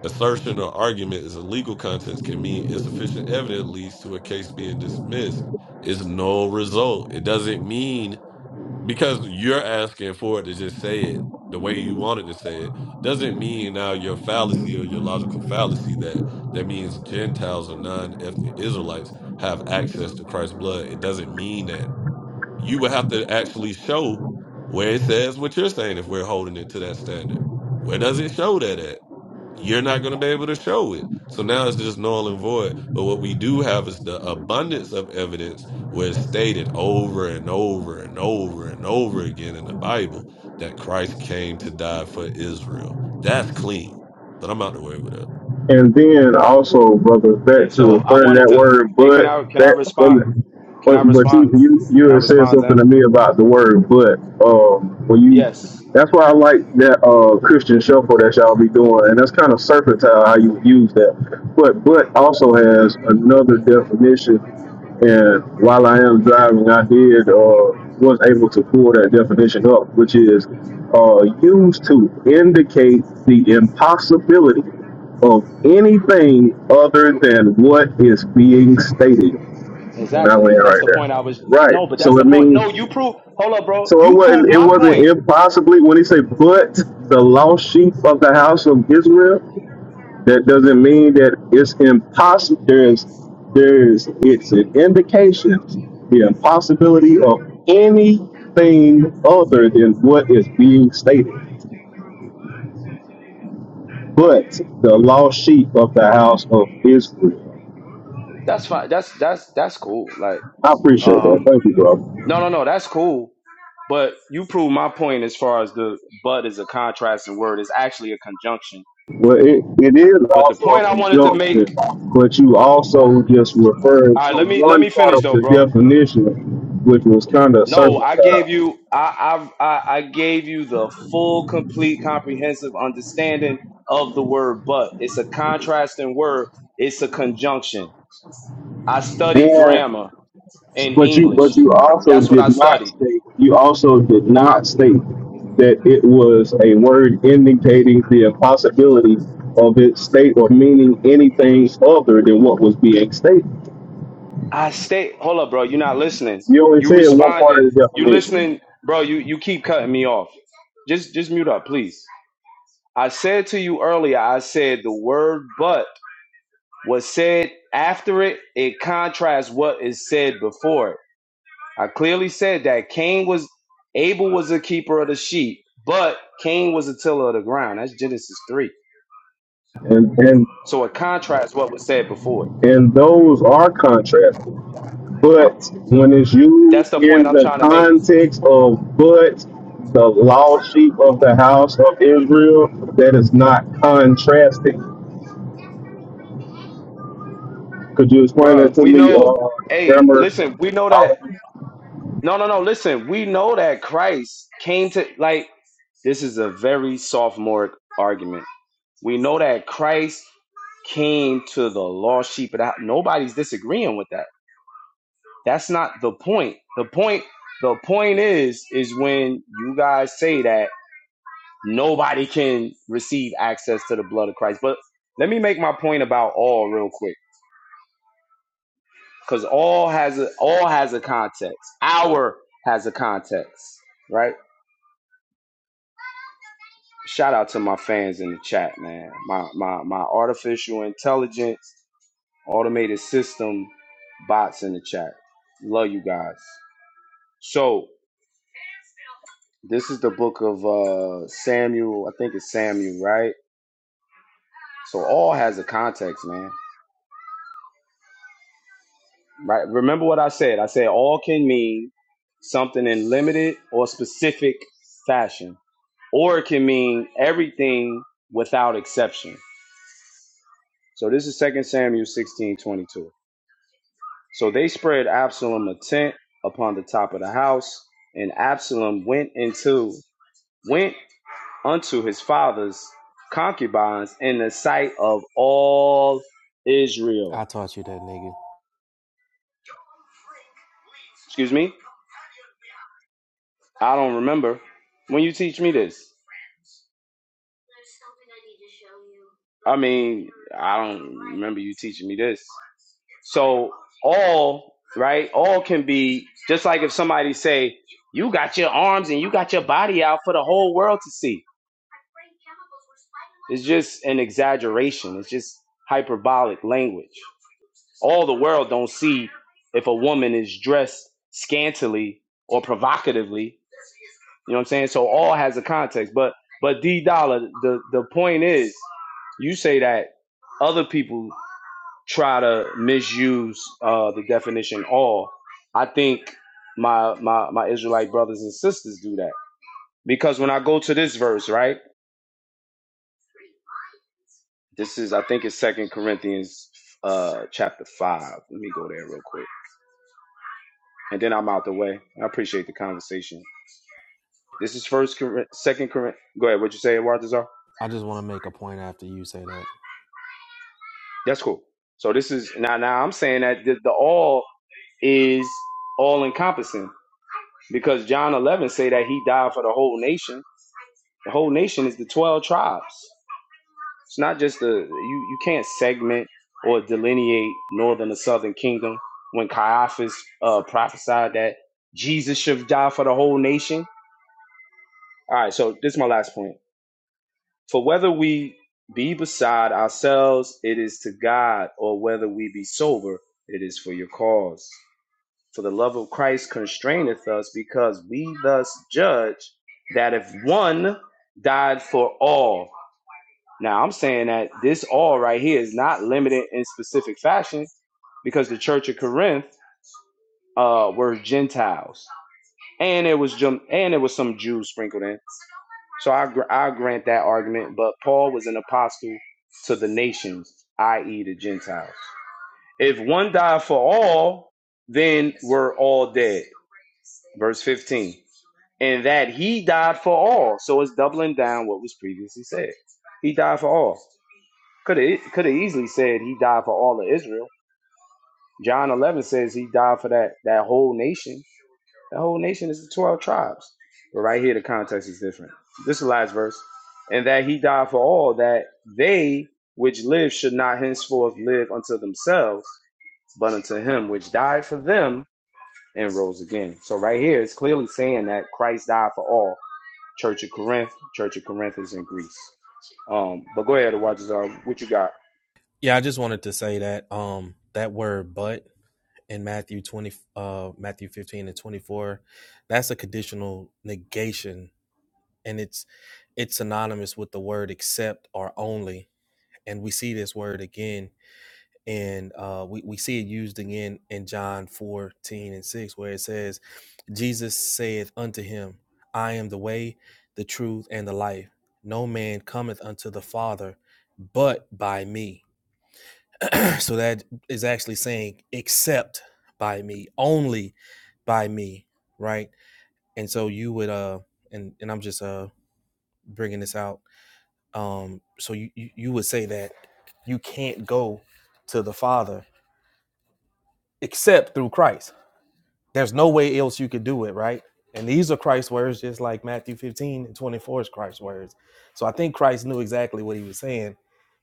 S9: assertion or argument is a legal context can mean insufficient evidence leads to a case being dismissed. It's no result. It doesn't mean because you're asking for it to just say it the way you wanted to say it doesn't mean now your fallacy or your logical fallacy that that means Gentiles or non-ethnic Israelites have access to Christ's blood. It doesn't mean that you would have to actually show where it says what you're saying if we're holding it to that standard. Where does it show that at? You're not going to be able to show it. So now it's just null and void. But what we do have is the abundance of evidence where it's stated over and over and over and over again in the Bible that Christ came to die for Israel. That's clean. But I'm out the way with that.
S15: And then also, brother,
S13: Yeah.
S15: back to
S13: So
S15: the
S13: I
S15: first
S13: wanted
S15: that
S13: to.
S15: word,
S13: Hey, can
S15: but
S13: I can I
S15: that wait a
S13: respond?
S15: minute.
S13: Can
S15: But,
S13: I
S15: but
S13: respond?
S15: you you
S13: Can
S15: you
S13: I
S15: had said
S13: respond to
S15: something
S13: him?
S15: to me about the word but. Um, when
S13: Yes.
S15: you that's why I like that uh Christian shuffle that y'all be doing, and that's kind of serpentine how you use that. But but also has another definition. And while I am driving, I did uh was able to pull that definition up, which is uh used to indicate the impossibility of anything other than what is being stated. And I
S13: Exactly.
S15: land
S13: That's
S15: right
S13: the
S15: there.
S13: point I was.
S15: Right.
S13: No, but that's
S15: So
S13: the
S15: it
S13: point.
S15: means
S13: No, you prove. Hold up, bro.
S15: so it
S13: You prove
S15: wasn't it
S13: my
S15: wasn't
S13: point.
S15: impossibly when he said but the lost sheep of the house of Israel, that doesn't mean that it's impossible there's there's it's an indication the impossibility of anything other than what is being stated. But the lost sheep of the house of Israel.
S13: That's fine. That's that's that's cool. Like
S15: I appreciate that.
S13: Um,
S15: Thank you, brother.
S13: no, no, no. That's cool. But you prove my point as far as the but is a contrasting word. It's actually a conjunction.
S15: Well, it, it is
S13: But the
S15: also
S13: point
S15: a
S13: I wanted to make.
S15: conjunction, but you also just referred
S13: All
S15: to
S13: right, let me let
S15: one
S13: me
S15: part
S13: finish
S15: of
S13: though,
S15: the
S13: bro.
S15: definition, which was kind of
S13: No, I gave
S15: circumcised.
S13: you I I I I gave you the full, complete, comprehensive understanding of the word but. It's a contrasting word. It's a conjunction. I studied
S15: And
S13: grammar and
S15: but you
S13: English.
S15: but you also
S13: That's what I
S15: did not
S13: studied.
S15: state you also did not state that it was a word indicating the impossibility of its state or meaning anything other than what was being stated.
S13: I stay. Hold up, bro. You're not listening.
S15: You only
S13: You
S15: said one part
S13: responding.
S15: of the
S13: You
S15: definition,
S13: listening, bro. You you keep cutting me off. Just just mute up, please. I said to you earlier. I said the word "but" was said after it. It contrasts what is said before it. I clearly said that Cain was Abel was a keeper of the sheep, but Cain was a tiller of the ground. That's Genesis three.
S15: and and
S13: So it contrasts what was said before it.
S15: and those are contrasting. but when it's
S13: That's
S15: used
S13: the point
S15: in
S13: I'm
S15: the
S13: trying to make,
S15: context of but the lost sheep of the house of Israel, that is not contrasting. Could you explain
S13: bro.
S15: that to
S13: We
S15: me,
S13: know.
S15: uh,
S13: Hey,
S15: grammar?
S13: listen. We know that No, no, no. Listen, we know that Christ came to like this is a very sophomoric argument. We know that Christ came to the lost sheep of the house. Nobody's disagreeing with that. That's not the point. The point the point is is when you guys say that nobody can receive access to the blood of Christ. But let me make my point about all real quick cuz all has a all has a context. Our has a context, right? shout out to my fans in the chat, man. My my my artificial intelligence, automated system, bots in the chat. Love you guys. So this is the book of uh Samuel. I think it's Samuel, right? So all has a context, man. Right? Remember what I said. I said all can mean something in limited or specific fashion, or it can mean everything without exception. So this is Second Samuel 16 22. So they spread Absalom a tent upon the top of the house, and Absalom went into went unto his father's concubines in the sight of all
S16: I
S13: Israel.
S16: taught you that, nigga.
S13: Excuse me? I don't remember. When you teach me this? I mean, I don't remember you teaching me this. So all, right? All can be just like if somebody say You got your arms and you got your body out for the whole world to see. It's just an exaggeration. It's just hyperbolic language. All the world don't see if a woman is dressed scantily or provocatively. You know what I'm saying? So all has a context. But but D Dollar, the the point is, you say that other people try to misuse uh, the definition all. I think my, my my Israelite brothers and sisters do that because when I go to this verse, right? This is I think it's Second Corinthians uh, chapter five. Let me go there real quick, and then I'm out the way. I appreciate the conversation. This is First Cor- Second Corinthians. Go ahead. What you say, Walter?
S16: I just want to make a point after you say that.
S13: That's cool. So this is now. Now I'm saying that the, the all is all encompassing because John 11 say that he died for the whole nation The whole nation is the 12 tribes. It's not just the, you, you can't segment or delineate northern or southern kingdom. When Caiaphas uh, prophesied that Jesus should die for the whole nation. All right, so this is my last point. For whether we be beside ourselves, it is to God, or whether we be sober, it is for your cause. For the love of Christ constraineth us, because we thus judge that if one died for all, Now I'm saying that this all right here is not limited in specific fashion, because the Church of Corinth uh, were Gentiles, and it was Jum- and there was some Jews sprinkled in. So I gr- I grant that argument, but Paul was an apostle to the nations, i.e., the Gentiles. If one died for all, then we're all dead. Verse 15. And that he died for all. So it's doubling down what was previously said. He died for all. Could have could have easily said he died for all of Israel. John eleven says he died for that that whole nation. That whole nation is the twelve tribes. But right here, the context is different. This is the last verse, and that he died for all that they which live should not henceforth live unto themselves, but unto him which died for them and rose again. So right here, it's clearly saying that Christ died for all. Church of Corinth, Church of Corinth is in Greece. Um, but go ahead, Watchers. What you got?
S16: Yeah, I just wanted to say that um that word but in Matthew 20 uh Matthew 15 and 24, that's a conditional negation and it's it's synonymous with the word except or only. And we see this word again and uh, we, we see it used again in John 14 and 6, where it says, Jesus saith unto him, I am the way, the truth, and the life. No man cometh unto the Father but by me. so that is actually saying, except by me, only by me, right? And so you would, uh, and, and I'm just uh, bringing this out. Um, so you, you, you would say that you can't go to the Father except through Christ There's no way else you could do it, right? And these are Christ's words, just like Matthew 15 and 24 is Christ's words. So I think Christ knew exactly what he was saying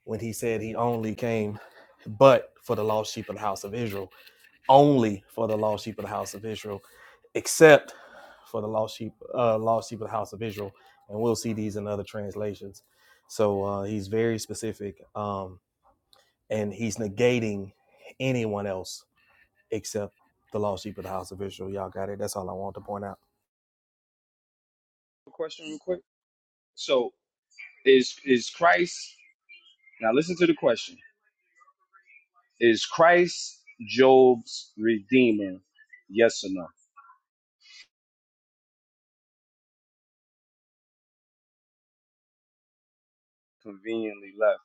S16: when he said he only came but for the lost sheep of the house of Israel, only for the lost sheep of the house of Israel, except for the lost sheep, uh, lost sheep of the house of Israel. And we'll see these in other translations. So uh, he's very specific, um, and he's negating anyone else except the lost sheep of the house of Israel. Y'all got it. That's all I want to point out.
S13: Question, real quick. So Is is Christ now listen to the question. Is Christ Job's redeemer? Yes or no? Conveniently left.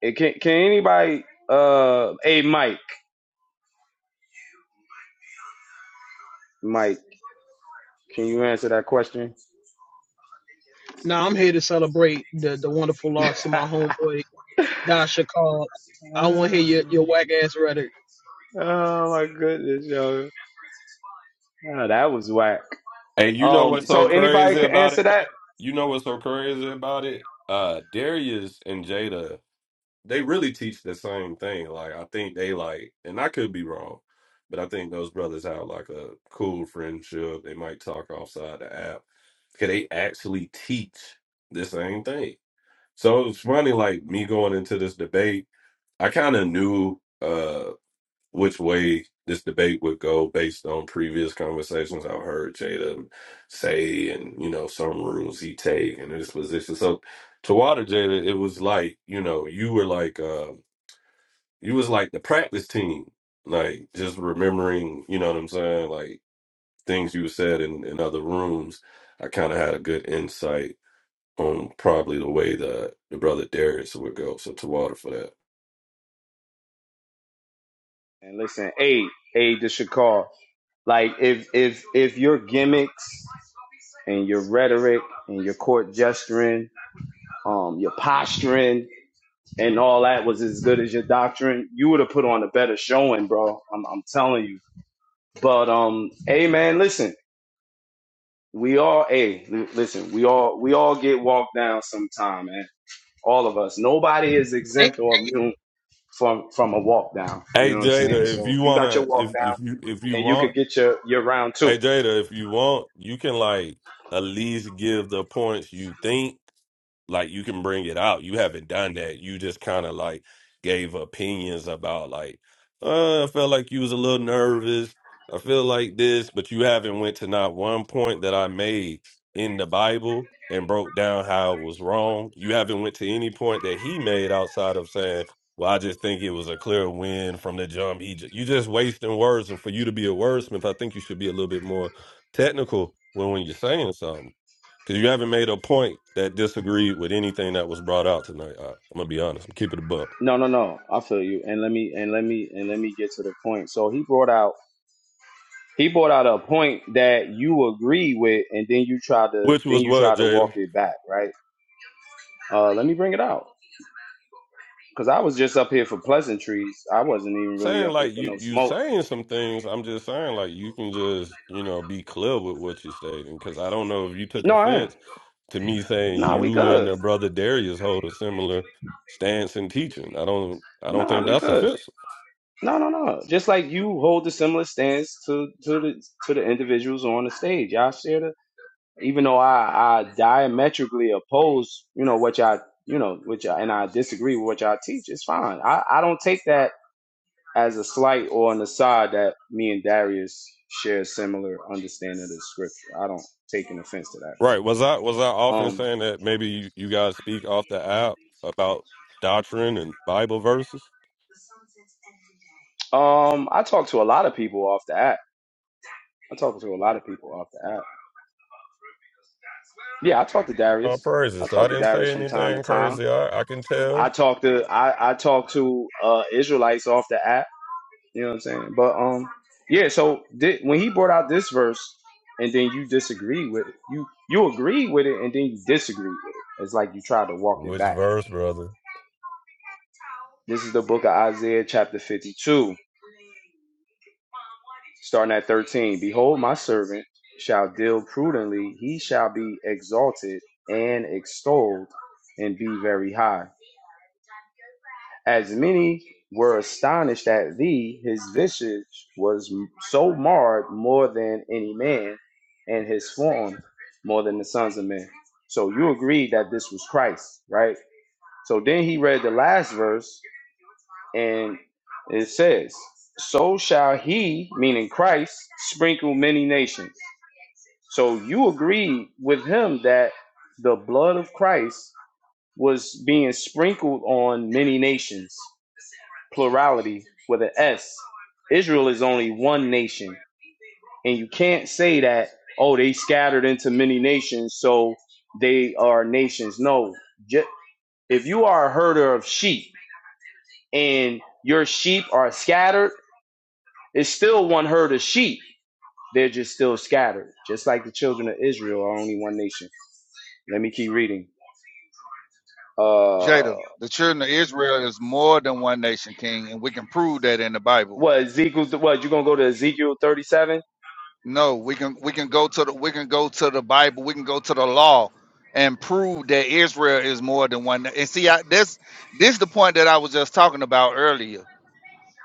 S13: It can can anybody uh hey Mike. Mike, can you answer that question?
S17: Now I'm here to celebrate the, the wonderful loss of my homeboy Dasha Call. I want to
S13: oh,
S17: hear your, your whack ass rhetoric.
S13: oh my goodness, yo. Oh, that was whack.
S9: And you know
S13: Um
S9: what's so
S13: so anybody
S9: crazy
S13: can
S9: about
S13: answer
S9: it,
S13: that?
S9: Mike? You know what's so crazy about it? Uh Darius and Jada they really teach the same thing. Like I think they like, and I could be wrong, but I think those brothers have like a cool friendship. They might talk outside the app because they actually teach the same thing. So it's funny, like me going into this debate, I kind of knew uh which way this debate would go based on previous conversations I've heard Jada say, and you know some rules he take and his position. So to water Jada, it was like you know you were like. uh you was like the practice team, like just remembering, you know what I'm saying, like things you said in, in other rooms. I kind of had a good insight on probably the way that the brother Darius would go. So to water for that.
S13: And listen, a a the Shakar. Like if if if your gimmicks and your rhetoric and your court gesturing, um, your posturing and all that was as good as your doctrine, you would have put on a better showing, bro. I'm, I'm telling you. But um, hey man, listen, we all hey, l- listen, we all we all get walked down sometime, man. All of us. Nobody is
S17: Hey,
S13: exempt or immune from from a walk down. You know
S9: Hey
S13: what I'm saying?
S9: Jada, if
S13: So
S9: you
S13: you got your
S9: wanna,
S13: walk
S9: if
S13: down
S9: if you if you
S13: and you could
S9: want,
S13: get your your round two.
S9: hey Jada, if you want, you can like at least give the points you think, like you can bring it out. You haven't done that. You just kind of like gave opinions about like, uh, I felt like you was a little nervous. I feel like this, but you haven't went to not one point that I made in the Bible and broke down how it was wrong. You haven't went to any point that he made outside of saying, "Well, I just think it was a clear win from the jump." He, ju- you just wasting words, and for you to be a wordsmith, I think you should be a little bit more technical when when you're saying something. Because you haven't made a point that disagreed with anything that was brought out tonight. I, I'm gonna be honest. I'm keeping it a buck.
S13: No, no, no. I feel you. And let me and let me and let me get to the point. So he brought out He brought out a point that you agree with, and then you try to
S9: Which
S13: then
S9: was
S13: you
S9: what,
S13: try to walk
S9: Jada?
S13: it back, right? Uh, let me bring it out because I was just up here for pleasantries. I wasn't even really
S9: Saying
S13: up here
S9: like
S13: for
S9: you
S13: no
S9: you
S13: smoke.
S9: saying some things. I'm just saying like you can just you know be clear with what you stating. Because I don't know if you took
S13: No, I am.
S9: offense to me saying
S13: Nah, we
S9: you and
S13: good.
S9: the brother Darius hold a similar stance in teaching. I don't I don't
S13: Nah,
S9: think
S13: we
S9: that's
S13: good.
S9: offensive.
S13: No, no, no. Just like you hold a similar stance to to the to the individuals on the stage. Y'all share the even though I, I diametrically oppose, you know, what y'all, you know, which and I disagree with what y'all teach, it's fine. I, I don't take that as a slight or an aside that me and Darius share a similar understanding of the scripture. I don't take an offense to that,
S9: Right? Was I was I
S13: bro.
S9: often
S13: Um,
S9: saying that maybe you, you guys speak off the app about doctrine and Bible verses?
S13: um, I talk to a lot of people off the app. I talk to a lot of people off the app. Yeah, I talk to
S9: Oh,
S13: Darius. I
S9: praises. So
S13: talk
S9: I
S13: to
S9: didn't
S13: Darius
S9: say
S13: from time to
S9: anything
S13: time.
S9: crazy. I, I can
S13: I
S9: tell.
S13: talk to I I talk to uh Israelites off the app. You know what I'm saying? But um, yeah. So thi- when he brought out this verse, and then you disagree with it. you you agree with it and then you disagree with it. It's like you try to walk it
S9: Which
S13: back.
S9: verse, brother?
S13: This is the book of Isaiah chapter 52, starting at 13. Behold, my servant shall deal prudently, he shall be exalted and extolled and be very high. As many were astonished at thee, his visage was so marred more than any man and his form more than the sons of men. So you agree that this was Christ, right? So then he read the last verse, and it says, So shall he, meaning Christ, sprinkle many nations. So you agree with him that the blood of Christ was being sprinkled on many nations, plurality with an S. Israel is only one nation And you can't say that, oh, they scattered into many nations, so they are nations. No. Ju- If you are a herder of sheep and your sheep are scattered, it's still one herd of sheep. They're just still scattered, just like the children of Israel are only one nation. Let me keep reading. Uh,
S4: Jada, the children of Israel is more than one nation, King, and we can prove that in the Bible.
S13: what Ezekiel? What you gonna go to Ezekiel thirty-seven?
S4: No, we can we can go to the we can go to the Bible, we can go to the law and prove that Israel is more than one. na- And see, I, this this the point that I was just talking about earlier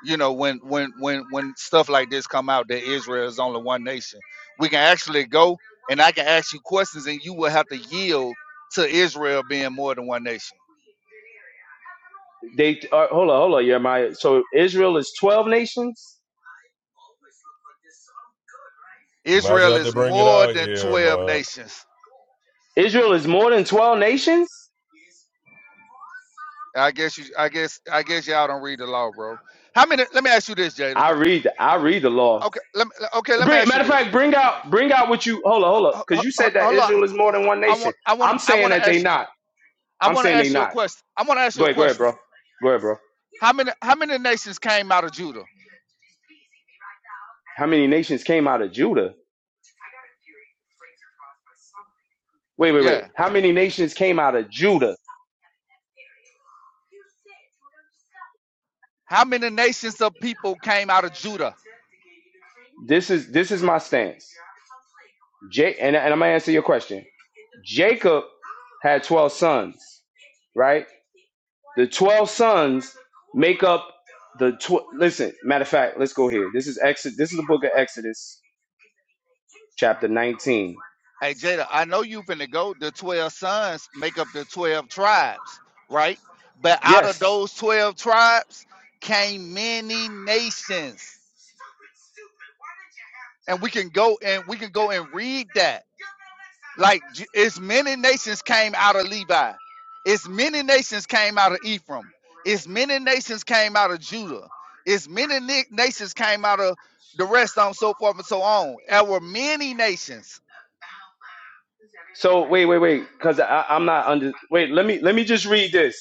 S4: you know when when when when stuff like this come out that israel is only one nation we can actually go and i can ask you questions and you will have to yield to israel being more than one nation
S13: They uh, hold on, hold on, Jeremiah. So Israel is twelve nations.
S9: You might just
S4: israel
S9: have to
S4: is
S9: bring it
S4: more
S9: out,
S4: than 12
S9: Jeremiah.
S4: nations
S13: Israel is more than twelve nations.
S4: i guess you i guess i guess y'all don't read the law bro how many let me ask you this jada
S13: I read the, I read the law.
S4: okay let me okay let me
S13: Bring,
S4: ask
S13: matter
S4: you
S13: of
S4: this
S13: fact, bring out bring out what you hold up,
S4: uh,
S13: hold up,
S4: uh, uh,
S13: because you
S4: uh,
S13: said that
S4: hold on
S13: Israel is more than one
S4: i
S13: nation.
S4: want i want
S13: I'm
S4: i
S13: saying
S4: want to
S13: that they
S4: ask you
S13: not.
S4: i
S13: I'm
S4: want to
S13: saying they
S4: ask you a
S13: not.
S4: question i want to ask you
S13: Go
S4: a
S13: ahead, go ahead,
S4: question
S13: bro. Go ahead, bro.
S4: how many how many nations came out of judah
S13: How many nations came out of Judah? Wait, wait, wait.
S4: Yeah.
S13: How many nations came out of Judah?
S4: How many nations of people came out of Judah?
S13: This is this is my stance. Jake, and, and I'm gonna answer your question. Jacob had twelve sons, right? The twelve sons make up the tw- listen. Matter of fact, let's go here. This is Exodus. This is the book of Exodus, chapter 19.
S4: Hey, Jada, I know you finna go. The 12 sons make up the 12 tribes, right? But out of
S13: Yes,
S4: those 12 tribes came many nations. And we can go and we can go and read that. Like J- it's many nations came out of Levi. It's many nations came out of Ephraim. It's many nations came out of Judah. It's many ni- nations came out of the rest so on so forth and so on. There were many nations
S13: So wait, wait, wait, because I'm not under. Wait, let me let me just read this,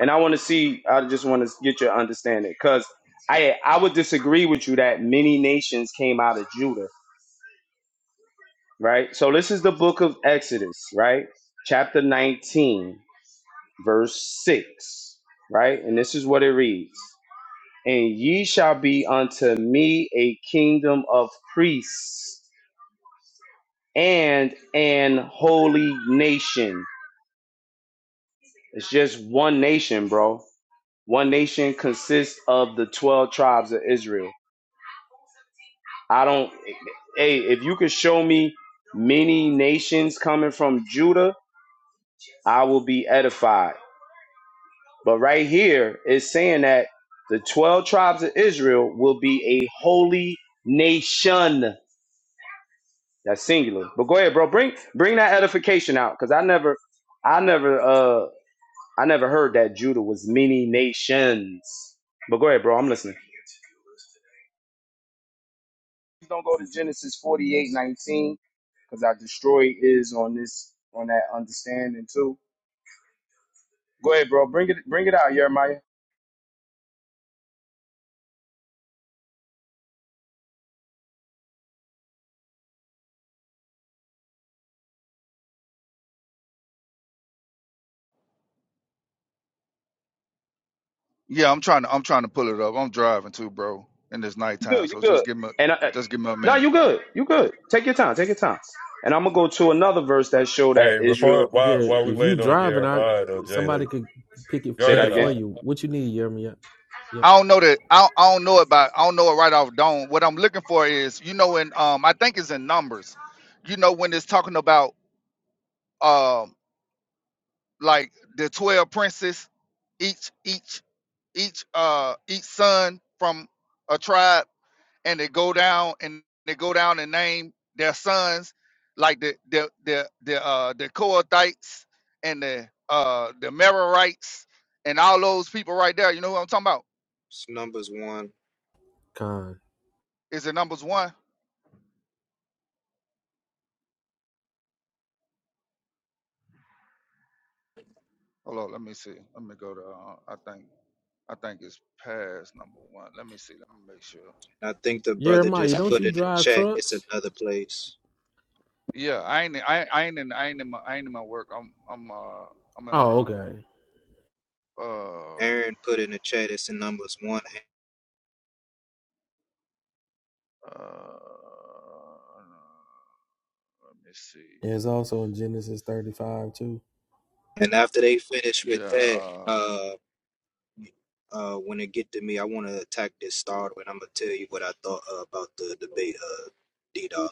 S13: and I want to see. I just want to get your understanding, because I I would disagree with you that many nations came out of Judah, right? So this is the book of Exodus, right? Chapter 19, verse six, right? And this is what it reads: "And ye shall be unto me a kingdom of priests and an holy nation." It's just one nation, bro. One nation consists of the 12 tribes of Israel. I don't, hey, if you could show me many nations coming from Judah, I will be edified. But right here, it's saying that the 12 tribes of Israel will be a holy nation. That's singular. But go ahead, bro. Bring bring that edification out. Cause I never I never uh I never heard that Judah was many nations. But go ahead, bro. I'm listening. Please don't go to Genesis forty eight nineteen because I destroy is on this on that understanding too. Go ahead, bro. Bring it bring it out, Jeremiah.
S4: Yeah, I'm trying to I'm trying to pull it up. I'm driving too, bro, and it's
S13: You
S4: nighttime,
S13: good? You
S4: so
S13: good?
S4: just give me
S13: And I, I-
S4: just give me a
S13: no,
S4: minute.
S13: you good? You good? Take your time. Take your time. And I'm gonna go to another verse that show that
S9: Hey,
S13: Israel.
S9: before while
S16: Yeah,
S9: while we
S16: if you
S9: wait on
S16: drive and I
S9: Jeremiah though, Jada,
S16: somebody could pick
S9: go
S16: it,
S13: Say
S16: get
S13: that
S16: it
S9: ahead.
S16: for
S13: again.
S9: I,
S16: you. What you need, Jeremy? Yep, yep.
S4: I don't know that I
S16: yep.
S4: don't, I don't know it by I don't know it right off dome. What I'm looking for is you know in um I think it's in numbers. You know when it's talking about um like the twelve princes, each each each uh each son from a tribe. and they go down and they go down and name their sons like the the the the uh the Kohathites and the uh the Merarites and all those people right there. You know what I'm talking about?
S18: It's numbers one.
S16: Con.
S4: Is it numbers one? Hold on, let me see. Let me go to uh, I think I think it's past number one. Let me see. Let me make sure.
S18: I think the brother just put in the chat. It's another place.
S4: Yeah, I ain't I, ain't- I ain't in I ain't in my I ain't in my work. I'm I'm uh I'm in
S16: Oh,
S4: around
S16: okay.
S4: uh
S18: Aaron put in the chat. It's in numbers one.
S4: uh let me see.
S16: Yeah, it's also in Genesis thirty-five too.
S18: And after they finish
S4: Yeah,
S18: with that,
S4: uh,
S18: uh, uh, when it get to me, I want to attack this star. And I'm gonna tell you what I thought uh, about the debate, uh, D Dog.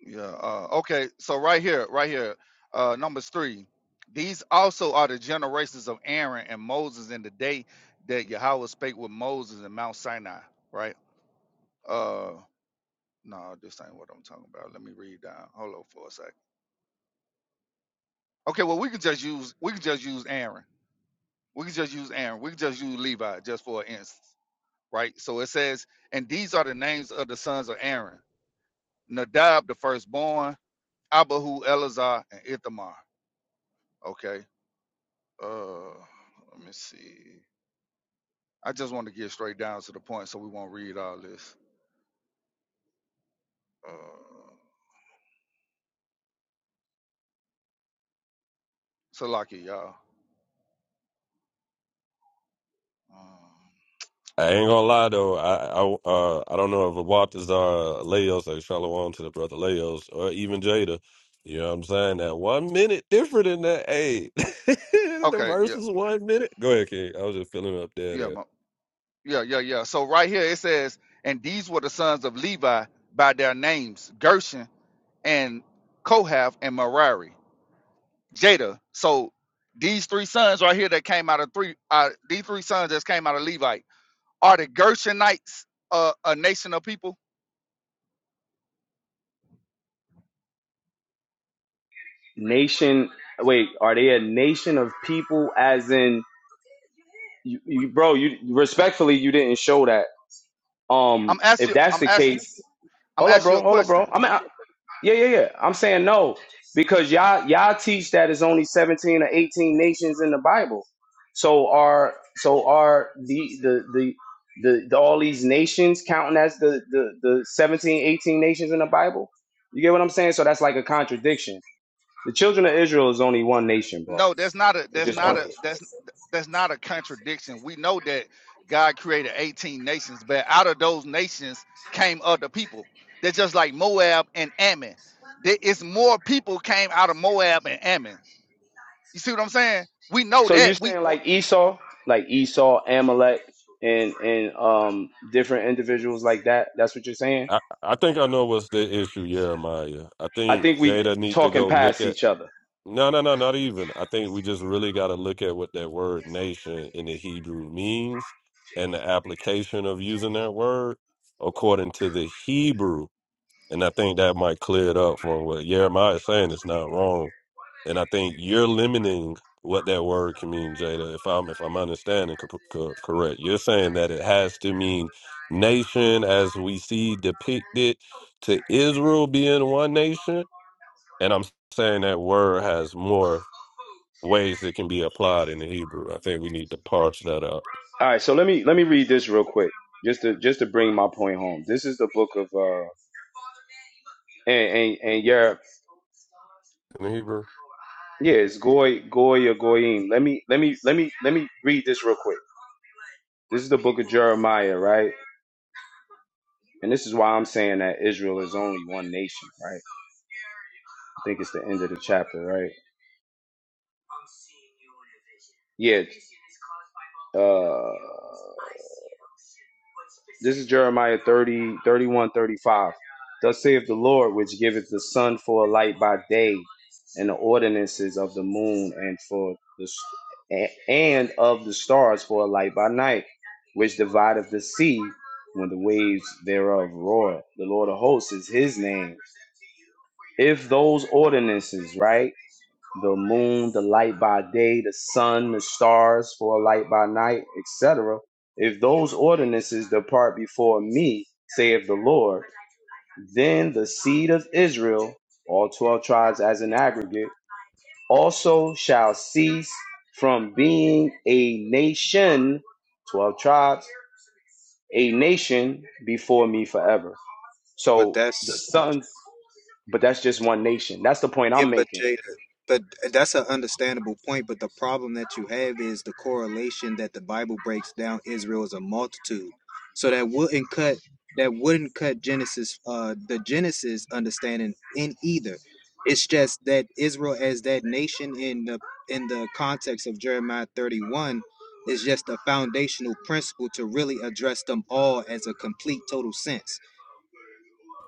S4: yeah. Uh, okay, so right here, right here, uh, numbers three. These also are the generations of Aaron and Moses in the day that Yahweh spake with Moses in Mount Sinai. Right? Uh, no, this ain't what I'm talking about. Let me read down. Hold on for a second. Okay, well we can just use we can just use Aaron. We can just use Aaron. We can just use Levi just for an instance. Right? So it says, and these are the names of the sons of Aaron: Nadab, the firstborn, Abihu, Eleazar, and Ithamar Okay. Uh, let me see. I just want to get straight down to the point, so we won't read all this. Uh, so lucky y'all. Um,
S9: I ain't gonna lie though. I I uh I don't know if Waltazar Leos or Shalom to the brother Leos or even Jada. You know what I'm saying? That one minute different in that eight. the
S4: okay.
S9: verse
S4: Yeah.
S9: is one minute. Go ahead, King. I was just filling up
S4: Yeah.
S9: there.
S4: mo- Yeah. Yeah. Yeah. So right here it says, and these were the sons of Levi by their names: Gershon and Kohath and Merari. Jada. So these three sons right here that came out of three, uh, these three sons that came out of Levite are the Gershonites, uh, a nation of people.
S13: Nation. Wait, are they a nation of people? As in, you, you bro. You respectfully, you didn't show that.
S4: I'm
S13: Um, if
S4: asking.
S13: that's
S4: I'm
S13: the
S4: asking
S13: case,
S4: I'm
S13: hold up,
S4: asking you
S13: bro.
S4: a
S13: Hold up,
S4: question.
S13: bro. I'm Yeah, yeah, yeah. I'm saying no because y'all y'all teach that it's only 17 or 18 nations in the Bible. So are so are the the the the, the all these nations counting as the, the the 17, 18 nations in the Bible? You get what I'm saying? So that's like a contradiction. The children of Israel is only one nation, bro.
S4: No, that's not a
S13: It's
S4: that's
S13: just
S4: not
S13: one
S4: a
S13: nation.
S4: that's that's not a contradiction. We know that God created 18 nations, but out of those nations came other people. They're just like Moab and Ammon. There is more people came out of Moab and Ammon. You see what I'm saying? We know
S13: So tell me. you're
S4: that. We,
S13: saying like
S4: we-
S13: Esau, like um different that. That's what
S9: I, I think I know what's the issue, yeah, Maya. I
S13: I
S9: think
S13: think we
S9: Jada need to
S13: talking
S9: go look
S13: past
S9: at
S13: each other.
S9: no, no, no, not even. I think we just really got to look at what that word nation in the Hebrew means and the application of using that word according to the Hebrew. And I think that might clear it up for what Jeremiah is saying. It's not wrong and I think you're limiting what that word can mean, Jada. If I'm if I'm understanding co- co- correct, you're saying that it has to mean nation as we see depicted to Israel being one nation. And I'm saying that word has more ways it can be applied in the Hebrew. I think we need to parse that out
S13: All right, so let me let me read this real quick, just to just to bring my point home. This is the book of uh, and and and yeah,
S9: in the Hebrew.
S13: yeah, it's Goy Goy or Goyim. Let me let me let me let me read this real quick. This is the book of Jeremiah, right? And this is why I'm saying that Israel is only one nation, right? I think it's the end of the chapter, right? Yeah. Uh, this is Jeremiah 30, 31, 35. Thus saith the Lord, which giveth the sun for a light by day, and the ordinances of the moon, and for the s- a- and of the stars for a light by night, which divideth the sea when the waves thereof roar. The Lord of hosts is his name. If those ordinances, right? the moon, the light by day, the sun, the stars for a light by night, etc. If those ordinances depart before me, saith the Lord, then the seed of Israel, all 12 tribes as an aggregate, also shall cease from being a nation, 12 tribes, a nation before me forever.
S18: But
S13: So the
S18: that's
S13: sons, but that's just one nation. That's the point
S18: Yeah,
S13: I'm
S18: but
S13: making
S18: Jada, but that's an understandable point. But the problem that you have is the correlation that the Bible breaks down Israel as a multitude. So that wouldn't cut that wouldn't cut Genesis, uh, the Genesis understanding in either. It's just that Israel as that nation in the in the context of Jeremiah 31 is just a foundational principle to really address them all as a complete total sense.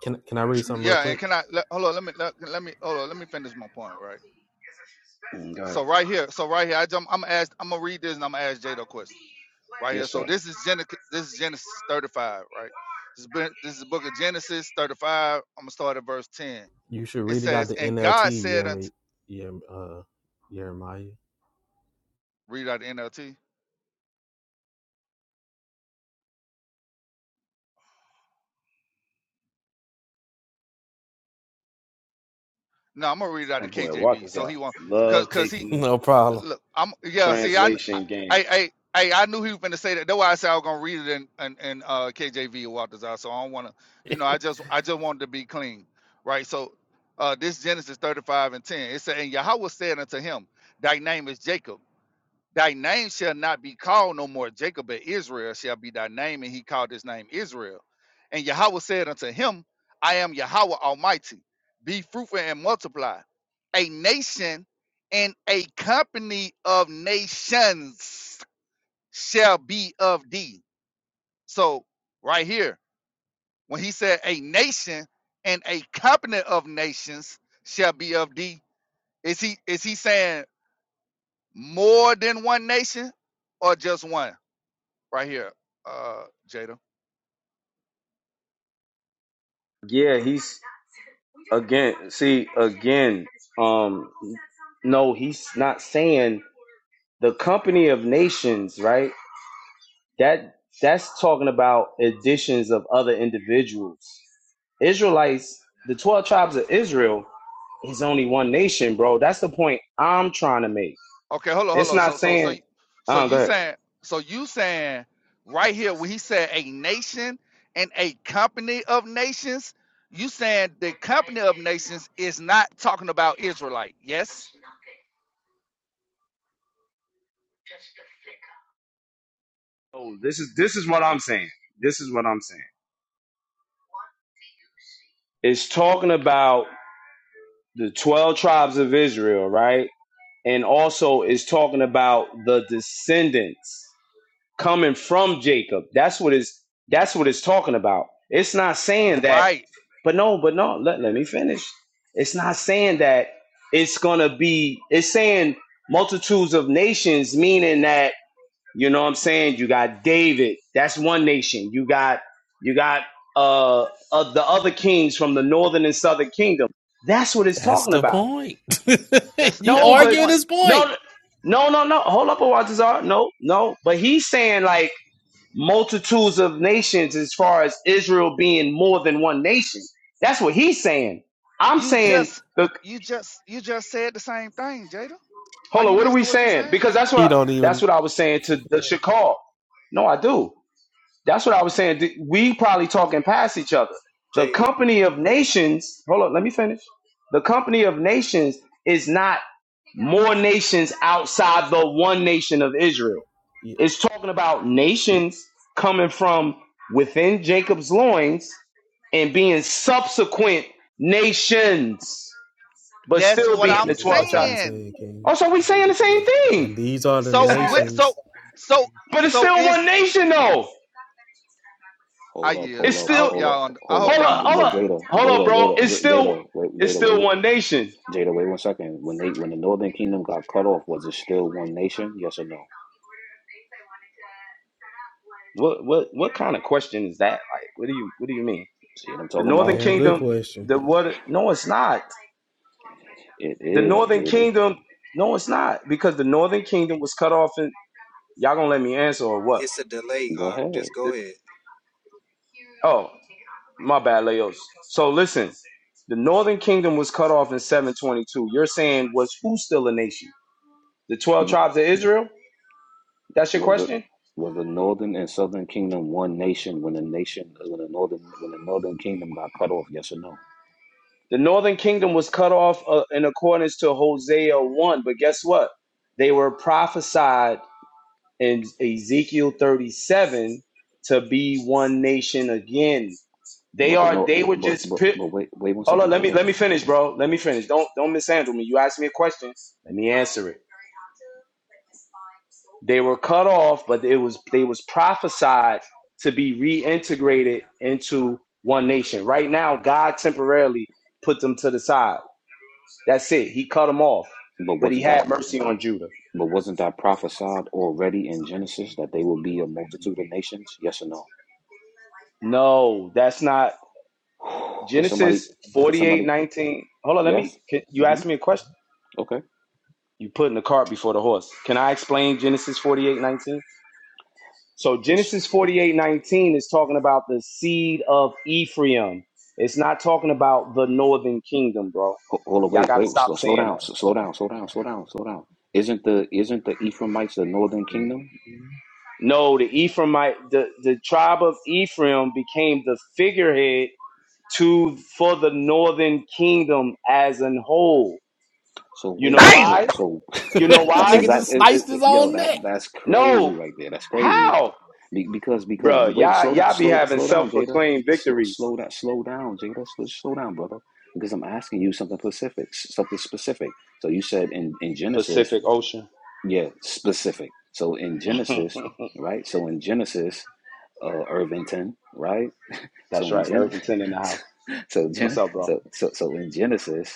S16: Can Can I read something real
S4: yeah. And
S16: quick?
S4: can I let, hold on? Let me let, let me hold on. Let me finish my point, right?
S13: Mm, Go ahead.
S4: So right here, so right here, I jump, I'm gonna ask, I'm gonna read this, and I'm gonna ask Jada a question. right here.
S13: Yes,
S4: So
S13: sir.
S4: this is Gen- this is Genesis 35, right? This is, been, this is the book of Genesis 35. I'm gonna start at verse 10.
S16: You should
S4: It
S16: read it out
S4: says,
S16: the
S4: "And God
S16: NLT,
S4: said unto
S16: Yeremi, Yerem, uh, Jeremiah.
S4: read out the NLT. No, I'm gonna read it out the
S13: That boy
S4: KJV.
S13: Walker's
S4: So he won't, cause
S13: love
S4: cause he
S13: taking the
S16: No problem.
S4: look. I'm yeah. See, I I
S13: translation game.
S4: I I, I knew he was gonna say that. That's why I said I was gonna read it in in, in uh, KJV or Walter's out. So I don't wanna, you know, I just I just wanted to be clean, right? So. Uh, this Genesis 35 and 10. It said, And Yahweh said unto him, Thy name is Jacob, Thy name shall not be called no more Jacob, but Israel shall be thy name. And he called his name Israel. And Yahweh said unto him, I am Yahweh Almighty. Be fruitful and multiply. A nation and a company of nations shall be of thee. So, right here, when he said a nation and a company of nations shall be of thee, is he is he saying more than one nation or just one? right here, uh, Jada.
S13: Yeah, he's again. See again. Um, no, he's not saying the company of nations, right? That that's talking about additions of other individuals. Israelites, the 12 tribes of Israel is only one nation, bro. That's the point I'm trying to make.
S4: Okay, hold on, hold
S13: It's
S4: on.
S13: not
S4: So, so, so,
S13: saying,
S4: you- so
S13: oh, go
S4: you
S13: ahead.
S4: saying, so you saying right here when he said a nation and a company of nations, you saying the company of nations is not talking about Israelite? Yes,
S13: Oh, this is this is what I'm saying. This is what I'm saying. It's talking about the 12 tribes of Israel, right? And also it's talking about the descendants. coming from Jacob. That's what is that's what it's talking about. It's not saying that,
S4: right.
S13: but no, but no, let, let me finish. It's not saying that it's gonna be it's saying multitudes of nations, meaning that, you know what I'm saying, you got David, that's one nation. You got you got uh, uh the other kings from the northern and southern kingdom. That's what it's
S16: That's
S13: talking
S16: the
S13: about.
S16: point.
S4: That's
S16: you
S4: that's
S13: No,
S4: my
S13: but
S16: arguing
S4: point.
S16: his point.
S13: no no no no hold up a while, Tazar. No, no. But he's saying like multitudes of nations as far as Israel being more than one nation. That's what he's saying. I'm
S4: You
S13: saying
S4: just,
S13: the
S4: you just, you just said the same thing, Jada. Are
S13: hold on,
S4: you
S13: what are
S4: listening
S13: we
S4: to what you're
S13: saying?
S4: saying?
S13: Because that's what
S16: He
S13: I,
S16: don't
S13: that's
S16: even.
S13: what I was saying to the Shakal. No, I do. That's what I was saying. Th- We probably talking past each other. The
S18: Jada,
S13: company of nations, hold on, let me finish. The company of nations is not more nations outside the one nation of Israel.
S16: Yeah,
S13: It's talking about nations coming from within Jacob's loins and being subsequent nations, but
S4: That's
S13: still
S4: what
S13: being
S4: I'm
S13: the 12
S16: that's what
S13: tribes.
S16: he's
S4: saying.
S16: saying, King.
S13: Also, we saying the same thing,
S16: And these are the
S4: So,
S18: this
S4: wi-
S18: nigga,
S4: so,
S16: nations.
S4: so,
S13: but it's
S4: so
S13: still
S4: is
S13: one nation though.
S4: I
S7: Hold up,
S4: yeah.
S7: hold
S13: It's
S7: up,
S4: I
S13: still
S4: hope
S7: hold
S4: y'all.
S7: up,
S4: Und- I
S7: hold
S4: hope
S13: hold
S7: up.
S4: y'all
S13: up, hold
S7: But
S13: up,
S4: understand.
S7: Jada,
S13: hold up,
S7: Jada,
S13: bro.
S7: Jada,
S13: It's
S7: J-
S13: still
S7: Jada,
S13: it's
S7: Jada,
S13: still
S7: wait,
S13: one nation.
S7: Jada, wait one second. When they, when the Northern Kingdom got cut off, was it still one nation? Yes or no?
S13: What what of question is what do you um,
S7: Oh,
S16: Damn good question.
S7: it.
S13: because the Kingdom was cut off. And
S18: it's a delay, Hawk. Just go ahead.
S13: the northern kingdom was cut off in 722. You're saying was who still a nation? The 12
S7: w-
S13: tribes of Israel? That's your
S7: was the
S13: question?
S7: was the northern and southern kingdom one nation when the nation when the northern when the northern kingdom got cut off? Yes or no?
S13: The northern kingdom was cut off uh, in accordance to Hosea 1, but guess what? They were prophesied in Ezekiel 37 to be one nation again. They
S7: But the
S13: are
S7: north,
S13: they were
S7: but
S13: just
S7: but
S13: pi-
S7: but wait wait one
S13: Hold on,
S7: second,
S13: let me
S7: Jada.
S13: let me finish, bro. Let me finish. Don't don't mishandle me. You asked me a question. Let me answer it. They were cut off, but it was they was prophesied to be reintegrated into one nation. Right now, God temporarily put them to the side. That's it. He cut them off,
S7: But
S13: but he
S7: wasn't that
S13: had mercy on Judah.
S7: but wasn't that prophesied already in Genesis that they will be a multitude of nations? Yes or no?
S13: No, that's not
S7: Could somebody
S13: Genesis
S7: could
S13: forty eight
S7: somebody
S13: nineteen. Hold on, let
S7: yes?
S13: me. Can, you
S7: hmm
S13: asked me a question.
S7: Okay.
S13: You putting the cart before the horse. Can I explain Genesis forty eight nineteen? So
S7: It's
S13: Genesis forty eight nineteen is talking about the seed of Ephraim. It's not talking about the northern kingdom, bro.
S7: ho- hold on.
S13: Y'all
S7: Wait
S13: got to
S7: wait
S13: stop
S7: slow, slow
S13: saying
S7: down
S13: that.
S7: s- slow down slow down slow down slow down. Isn't the isn't the Ephraimites the northern kingdom?
S13: No, the Ephraimite, the, the tribe of Ephraim became the figurehead to for the northern kingdom as an whole.
S7: So
S13: You know
S7: wait,
S4: Damn.
S7: so
S13: why?
S7: so
S13: You know
S7: that's
S13: why?
S16: Nigga just
S7: exactly it, it,
S16: sliced his
S7: it- yo
S16: own
S7: that
S16: neck.
S7: that's crazy
S13: No,
S7: right there. That's crazy
S13: how,
S7: Be- because because
S13: bro?
S7: but wait,
S13: Y'all,
S7: slow down,
S13: y'all be
S7: slow
S13: having
S7: slow down, Jada.
S13: self-proclaimed
S7: Slow
S13: victories.
S7: slow that, slow down, Jada. Slow, slow down, brother. Because I'm asking you something specific, s- something specific. So you said in in Genesis,
S13: Pacific Ocean.
S7: yeah, specific. So in Genesis, right? So in Genesis, uh, Irvington, right?
S13: That's
S7: So in
S13: right.
S7: Genesis,
S13: Irvington in the house.
S7: so
S13: What's
S7: Gen,
S13: up, bro?
S7: so so so in Genesis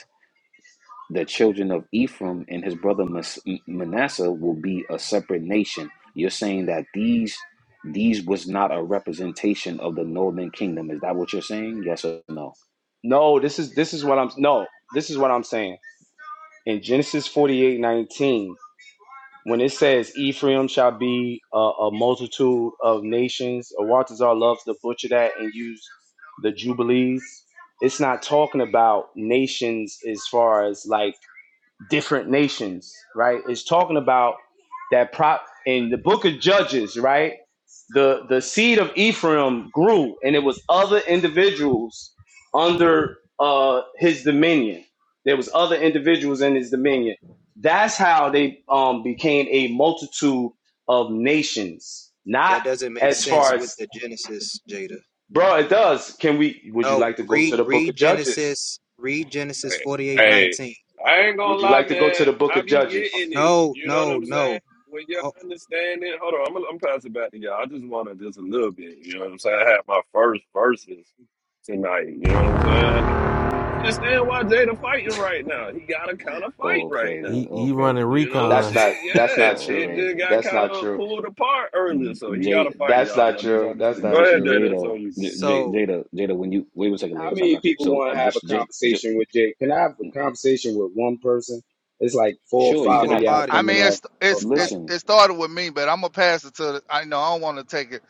S7: the children of Ephraim and his brother Mas- Manasseh will be a separate nation. You're saying that these these was not a representation of the northern kingdom. Is that what you're saying? Yes or no?
S13: No, this is this is what I'm no, this is what I'm saying. In Genesis forty eight nineteen, when it says Ephraim shall be a, a multitude of nations, or Waltazar loves to butcher that and use the jubilees. It's not talking about nations as far as like different nations, right? It's talking about that prop in the book of Judges, right? The the seed of Ephraim grew, and it was other individuals under uh his dominion. There was other individuals in his dominion. That's how they um became a multitude of nations. Not
S18: That doesn't make
S13: as far
S18: sense with
S13: as
S18: the Genesis, Jada.
S13: bro, it does. Can we would you
S18: No,
S13: like to go to
S18: read
S13: the book
S18: read
S13: of Judges?
S18: Genesis, read Genesis
S9: Hey,
S18: forty eight
S9: hey,
S18: nineteen.
S9: I ain't gonna
S13: Would you
S9: lie,
S13: like to go to
S9: man.
S13: the book
S9: I
S13: of
S9: be
S18: Oh,
S13: Judges?
S9: getting it.
S18: No,
S9: You know what
S18: no,
S9: I'm saying?
S18: no.
S9: When you're
S18: Oh,
S9: understanding, hold on, I'm gonna. You know, it's light
S7: Oh
S9: right now.
S7: praises!
S16: He
S7: Oh
S16: he running
S7: praises!
S13: That's
S16: recon.
S13: not that's not
S7: Oh
S13: true.
S7: praises!
S13: That's not true.
S9: pulled apart. Or out
S7: J
S9: of
S13: That's not true.
S9: Mr.
S13: That's not
S7: J
S13: true.
S7: Jada, J-
S9: D.
S7: J-
S18: so
S7: Jada, Jada. When you wait one second,
S13: How
S7: Leos, I
S13: many
S7: got you.
S13: people
S7: So
S13: want
S7: uh,
S13: to have a
S7: just, just, just,
S13: conversation with Jay? Can I have a conversation with one person? It's like four or
S7: sure, you
S18: we
S13: five
S7: can
S13: of
S18: one
S7: have.
S13: y'all
S18: body.
S4: I
S13: coming
S4: mean,
S13: off
S4: it's
S13: off
S4: it's
S13: mic.
S4: it's
S7: Listen,
S4: it started with me, but I'm gonna pass it to. The, I know I don't want to take it.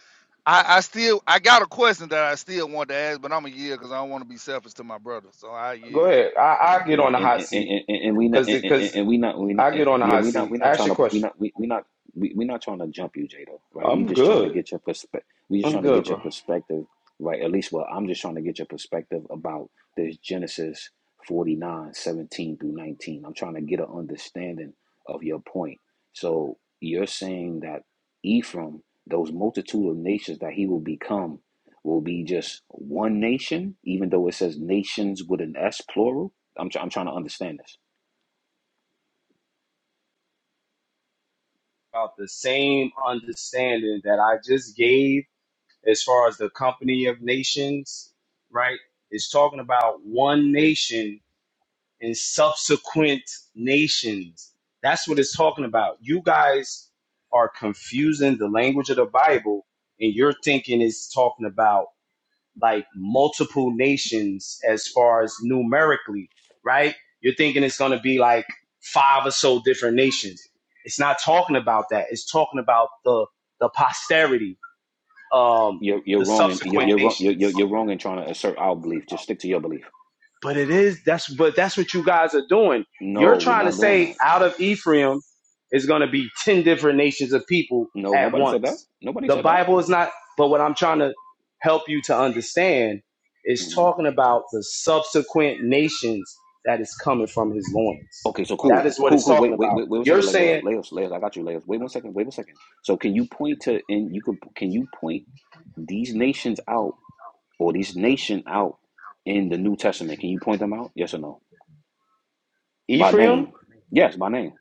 S4: I I still I got a question that I still want to ask, but I'm a year because I don't want to be selfish to my brother. So I
S13: Go
S4: yeah.
S13: ahead. I I get
S7: and
S13: on the
S7: and
S13: hot
S7: and,
S13: seat
S7: and and we not
S13: because
S7: and, and
S13: because
S7: and we not we not
S13: I get on the
S7: yeah
S13: hot
S7: we not
S13: seat.
S7: we not
S13: Ask
S7: trying
S13: your
S7: to we
S13: question.
S7: not we, we not we, we not trying to jump you Jada right we
S13: I'm
S7: just trying to
S13: good.
S7: get your perspective we just
S13: I'm
S7: trying to
S13: good,
S7: get your
S13: bro.
S7: perspective right at least well I'm just trying to get your perspective about this Genesis 49 17 through 19 I'm trying to get an understanding of your point so you're saying that Ephraim those multitude of nations that he will become will be just one nation even though it says nations with an s plural I'm try- I'm trying to understand this.
S13: About the same understanding that I just gave as far as the company of nations, right? It's talking about one nation and subsequent nations. That's what it's talking about. You guys are confusing the language of the Bible, and you're thinking it's talking about like multiple nations as far as numerically, right? You're thinking it's going to be like five or so different nations. It's not talking about that. It's talking about the the posterity, um,
S7: You're you're
S13: the
S7: wrong and you're
S13: subsequent
S7: you're wrong you're, you're
S13: nations.
S7: you're wrong in trying to assert our belief. Just stick to your belief.
S13: But it is that's but that's what you guys are doing. You're
S7: No, we're
S13: trying to
S7: not doing
S13: say
S7: that.
S13: out of Ephraim is going to be 10 different nations of people
S7: No,
S13: at
S7: nobody said that.
S13: once.
S7: Nobody
S13: The
S7: said that.
S13: Bible is not but what I'm trying to help you to understand is
S7: hmm
S13: talking about the subsequent nations that is coming from his loins.
S7: Okay, so
S13: That
S18: Okay.
S7: cool,
S18: so,
S13: is what
S7: cool,
S13: it's
S7: cool. Wait,
S13: talking
S7: wait,
S13: about.
S7: wait, wait one
S13: You're
S7: second, Legos,
S13: saying
S7: Legos, Legos. I got you, Legos. Wait one second. Wait one second. So can you point to and you could can you point these nations out or these nation out in the New Testament? Can you point them out? Yes or no? By name?
S13: Ephraim
S7: Yes, by name.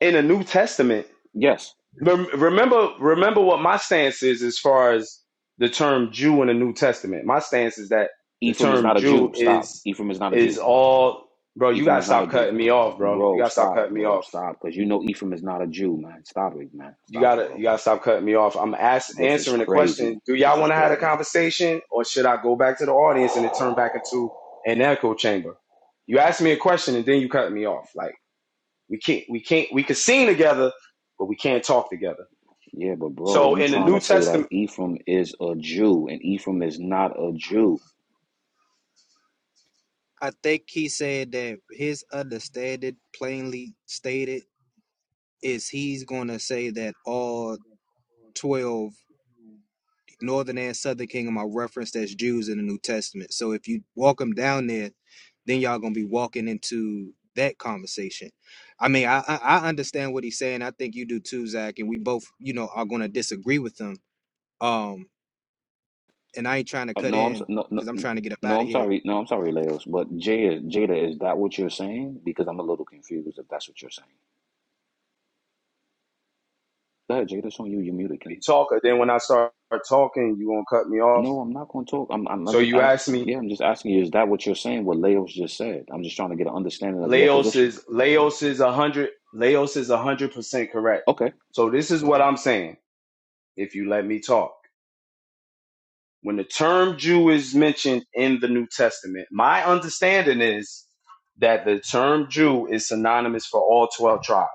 S13: in the New Testament
S7: Yes.
S13: Rem- Remember, remember what my stance is as far as the term Jew in the New Testament. My stance is that the
S7: Ephraim is
S13: term
S7: not a
S13: Jew
S7: Jew. Stop.
S13: is
S7: Ephraim is not a
S13: is
S7: Jew.
S13: all, bro. You
S7: Ephraim
S13: gotta
S7: is not a
S13: stop
S7: Jew.
S13: cutting me off, bro. You
S7: Bro,
S13: gotta stop
S7: stop,
S13: cutting me
S7: bro,
S13: off.
S7: stop. Because you know Ephraim is not a Jew, man. Stop it, man.
S13: You
S7: Stop it,
S13: gotta you
S7: bro.
S13: gotta stop cutting me off. I'm ask,
S7: This is
S13: answering the
S7: crazy.
S13: question. Do y'all
S7: This is
S13: want to have a
S7: crazy.
S13: conversation, or should I go back to the audience and it turn back into an echo chamber? You ask me a question and then you cut me off. Like we can't we can't we could sing together, but we can't talk together.
S7: Yeah, but bro,
S13: So
S7: you
S13: in the
S7: trying to
S13: New
S7: say
S13: Testament.
S7: that Ephraim is a Jew and Ephraim is not a Jew.
S18: I think he said that his understanding plainly stated is he's gonna say that all 12 northern and southern kingdom are referenced as Jews in the New Testament. So if you walk them down there, then y'all gonna be walking into that conversation. I mean, I I I understand what he's saying. I think you do too, Zach. And we both, you know, are gonna disagree with him. Um, and I ain't trying to
S7: Uh,
S18: cut
S7: no, I'm so-
S18: in
S7: no, no,
S18: because I'm
S7: no,
S18: trying to get up
S7: no,
S18: out of
S7: I'm
S18: here.
S7: sorry. No, I'm sorry, Leos. But Jada, Jada, is that what you're saying? Because I'm a little confused if that's what you're saying. Go ahead, Jada, it's on you. You muted, King.
S13: talk. Then when I start talking, you gonna cut me off.
S7: No, I'm not going to talk. I'm, I'm, I'm
S13: So
S7: just
S13: you
S7: asking.
S13: asked me,
S7: Yeah, I'm just asking you, is that what you're saying? What Leos just said? I'm just trying to get an understanding of your
S13: Laos
S7: position.
S13: is Laos is a hundred. Laos is a hundred percent correct.
S7: Okay.
S13: So this is what I'm saying. If you let me talk, when the term Jew is mentioned in the New Testament, my understanding is that the term Jew is synonymous for all twelve tribes.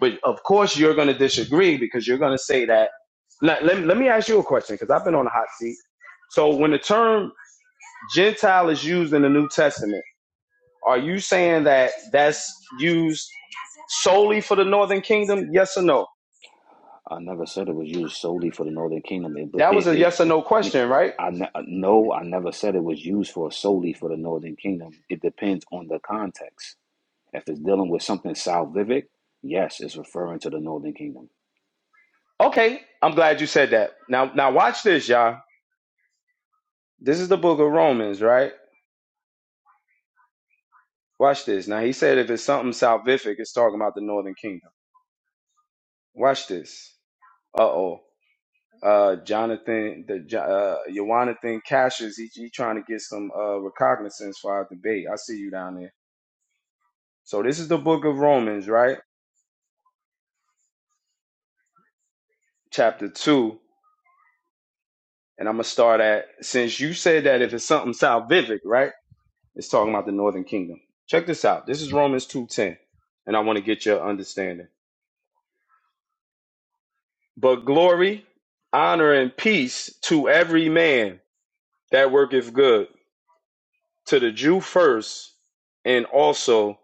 S13: But of course, you're gonna disagree because you're gonna say that. Let, let, let me ask you a question because I've been on a hot seat. So when the term Gentile is used in the New Testament. Are you saying that that's used solely for the Northern Kingdom? Yes or no?
S7: I never said it was used solely for the Northern Kingdom. It, but
S13: That was
S7: it,
S13: a
S7: it
S13: yes or no question, right?
S7: I ne- uh, no, I never said it was used for solely for the Northern Kingdom. It depends on the context. If it's dealing with something salvific, yes, it's referring to the Northern Kingdom.
S13: Okay, I'm glad you said that. Now, now watch this, y'all. This is the Book of Romans, right? Watch this. Now he said if it's something salvific, it's talking about the Northern Kingdom. Watch this. Uh oh. Uh, Jonathan, the Jo- uh, Jonathan Cassius, he, he trying to get some uh recognizance for our debate. I see you down there. So this is the Book of Romans, right? chapter 2, and I'm going to start at since you said that if it's something salvific, right? It's talking about the northern kingdom. Check this out. This is Romans 2:10, and I want to get your understanding. But glory, honor and peace to every man that worketh good, to the Jew first, and also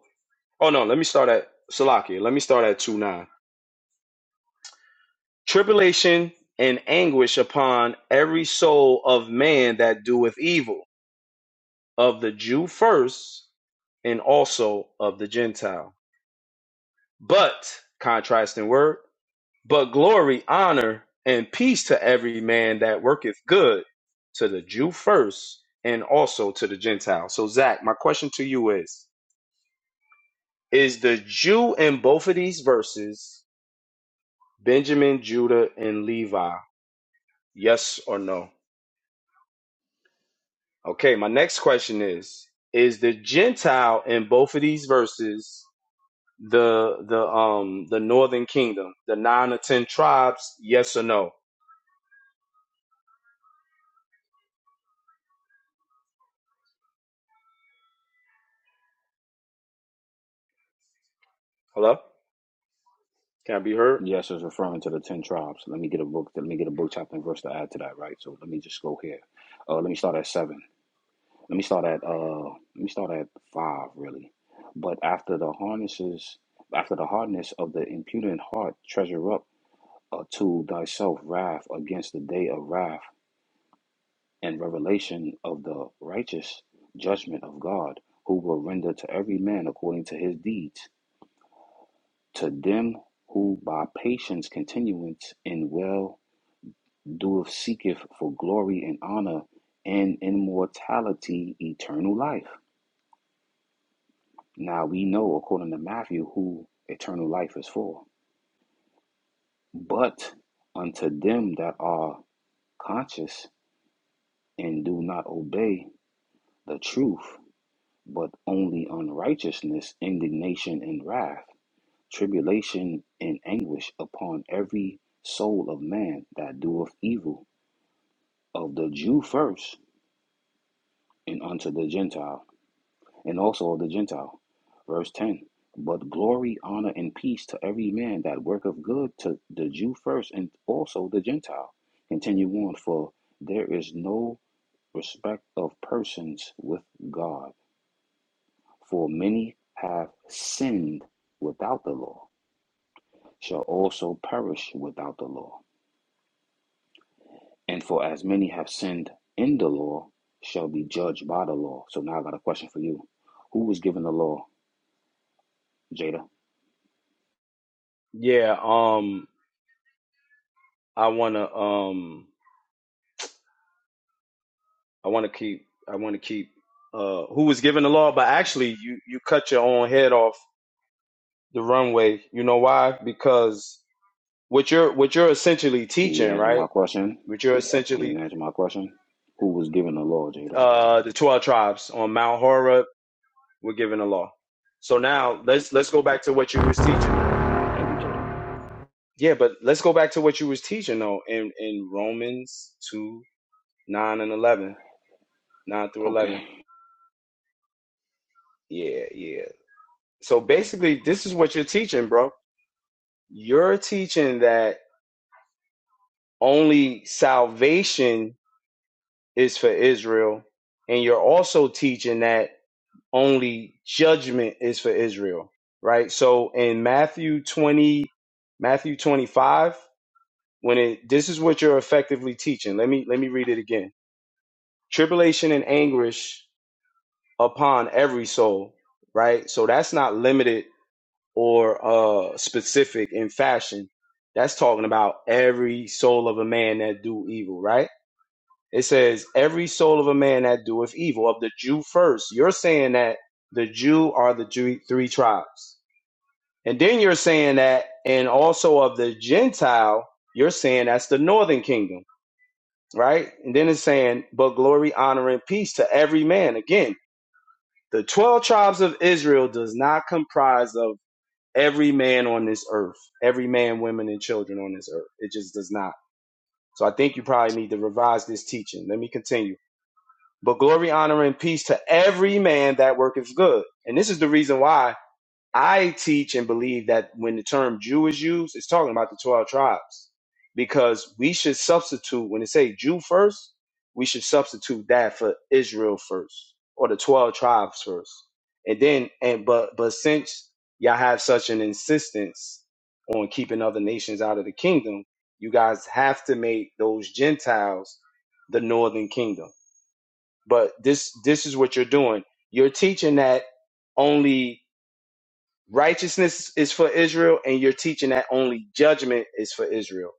S13: Oh no, let me start at Salakia. Let me start at two nine. Tribulation and anguish upon every soul of man that doeth evil, of the Jew first and also of the Gentile. But, contrasting word, but glory, honor, and peace to every man that worketh good, to the Jew first, and also to the Gentile. So, Zach, my question to you is Is the Jew in both of these verses Benjamin, Judah, and Levi? Yes or no? Okay, my next question is Is the Gentile in both of these verses the the um the northern kingdom the nine or ten tribes yes or no hello can i be heard
S7: Yes, it's referring to the ten tribes. Let me get a book. Let me get a book chapter and verse to add to that. Right. So let me just go here. Uh, let me start at seven. Let me start at uh. Let me start at five really. But after the harnesses, after the hardness of the impudent heart, treasure up. uh, to thyself wrath against the day of wrath and revelation of the righteous judgment of God, who will render to every man according to his deeds. To them who by patience continuance in well doeth seeketh for glory and honor and immortality eternal life. Now we know according to Matthew who eternal life is for. But unto them that are conscious and do not obey the truth, but only unrighteousness, indignation, and wrath, tribulation and anguish upon every soul of man that doeth evil, of the Jew first, and unto the Gentile, and also of the Gentile. Verse 10 But glory, honor, and peace to every man that worketh good, to the Jew first, and also the Gentile. Continue on, for there is no respect of persons with God. For many have sinned without the law, shall also perish without the law. And for as many have sinned in the law, shall be judged by the law. So now I got a question for you. Who was given the law, Jada?
S13: yeah um i want to um i want to keep i want to keep uh who was given the law but actually you you cut your own head off the runway you know why because what you're what you're essentially
S7: Can you
S13: teaching
S7: answer
S13: right
S7: my question?
S13: what you're
S7: Can
S13: essentially
S7: you answer my question? Who was given the law, Jada?
S13: uh the 12 tribes on mount horeb were given the law so now let's let's go back to what you was teaching
S7: Thank you, Jada.
S13: Yeah, but let's go back to what you was teaching though in, in Romans two, nine and eleven nine through
S7: Okay.
S13: eleven. Yeah, yeah. So basically this is what you're teaching, bro. You're teaching that only salvation is for Israel, and you're also teaching that only judgment is for Israel. Right? So in Matthew twenty Matthew twenty five, when it this is what you're effectively teaching. Let me let me read it again. Tribulation and anguish upon every soul, right? So that's not limited or uh specific in fashion. That's talking about every soul of a man that do evil, right? It says every soul of a man that doeth evil of the Jew first. You're saying that the Jew are the Jew, three tribes. And then you're saying that and also of the Gentile, you're saying that's the northern kingdom, right? And then it's saying, but glory, honor, and peace to every man. Again, the 12 tribes of Israel does not comprise of every man on this earth, every man, women, and children on this earth. It just does not. So I think you probably need to revise this teaching. Let me continue. But glory, honor, and peace to every man that worketh good. And this is the reason why I teach and believe that when the term Jew is used, it's talking about the 12 tribes because we should substitute, when it say Jew first, we should substitute that for Israel first or the 12 tribes first. And then, and but, but since y'all have such an insistence on keeping other nations out of the kingdom, you guys have to make those Gentiles the northern kingdom. But this, this is what you're doing. You're teaching that only righteousness is for Israel, and you're teaching that only judgment is for Israel.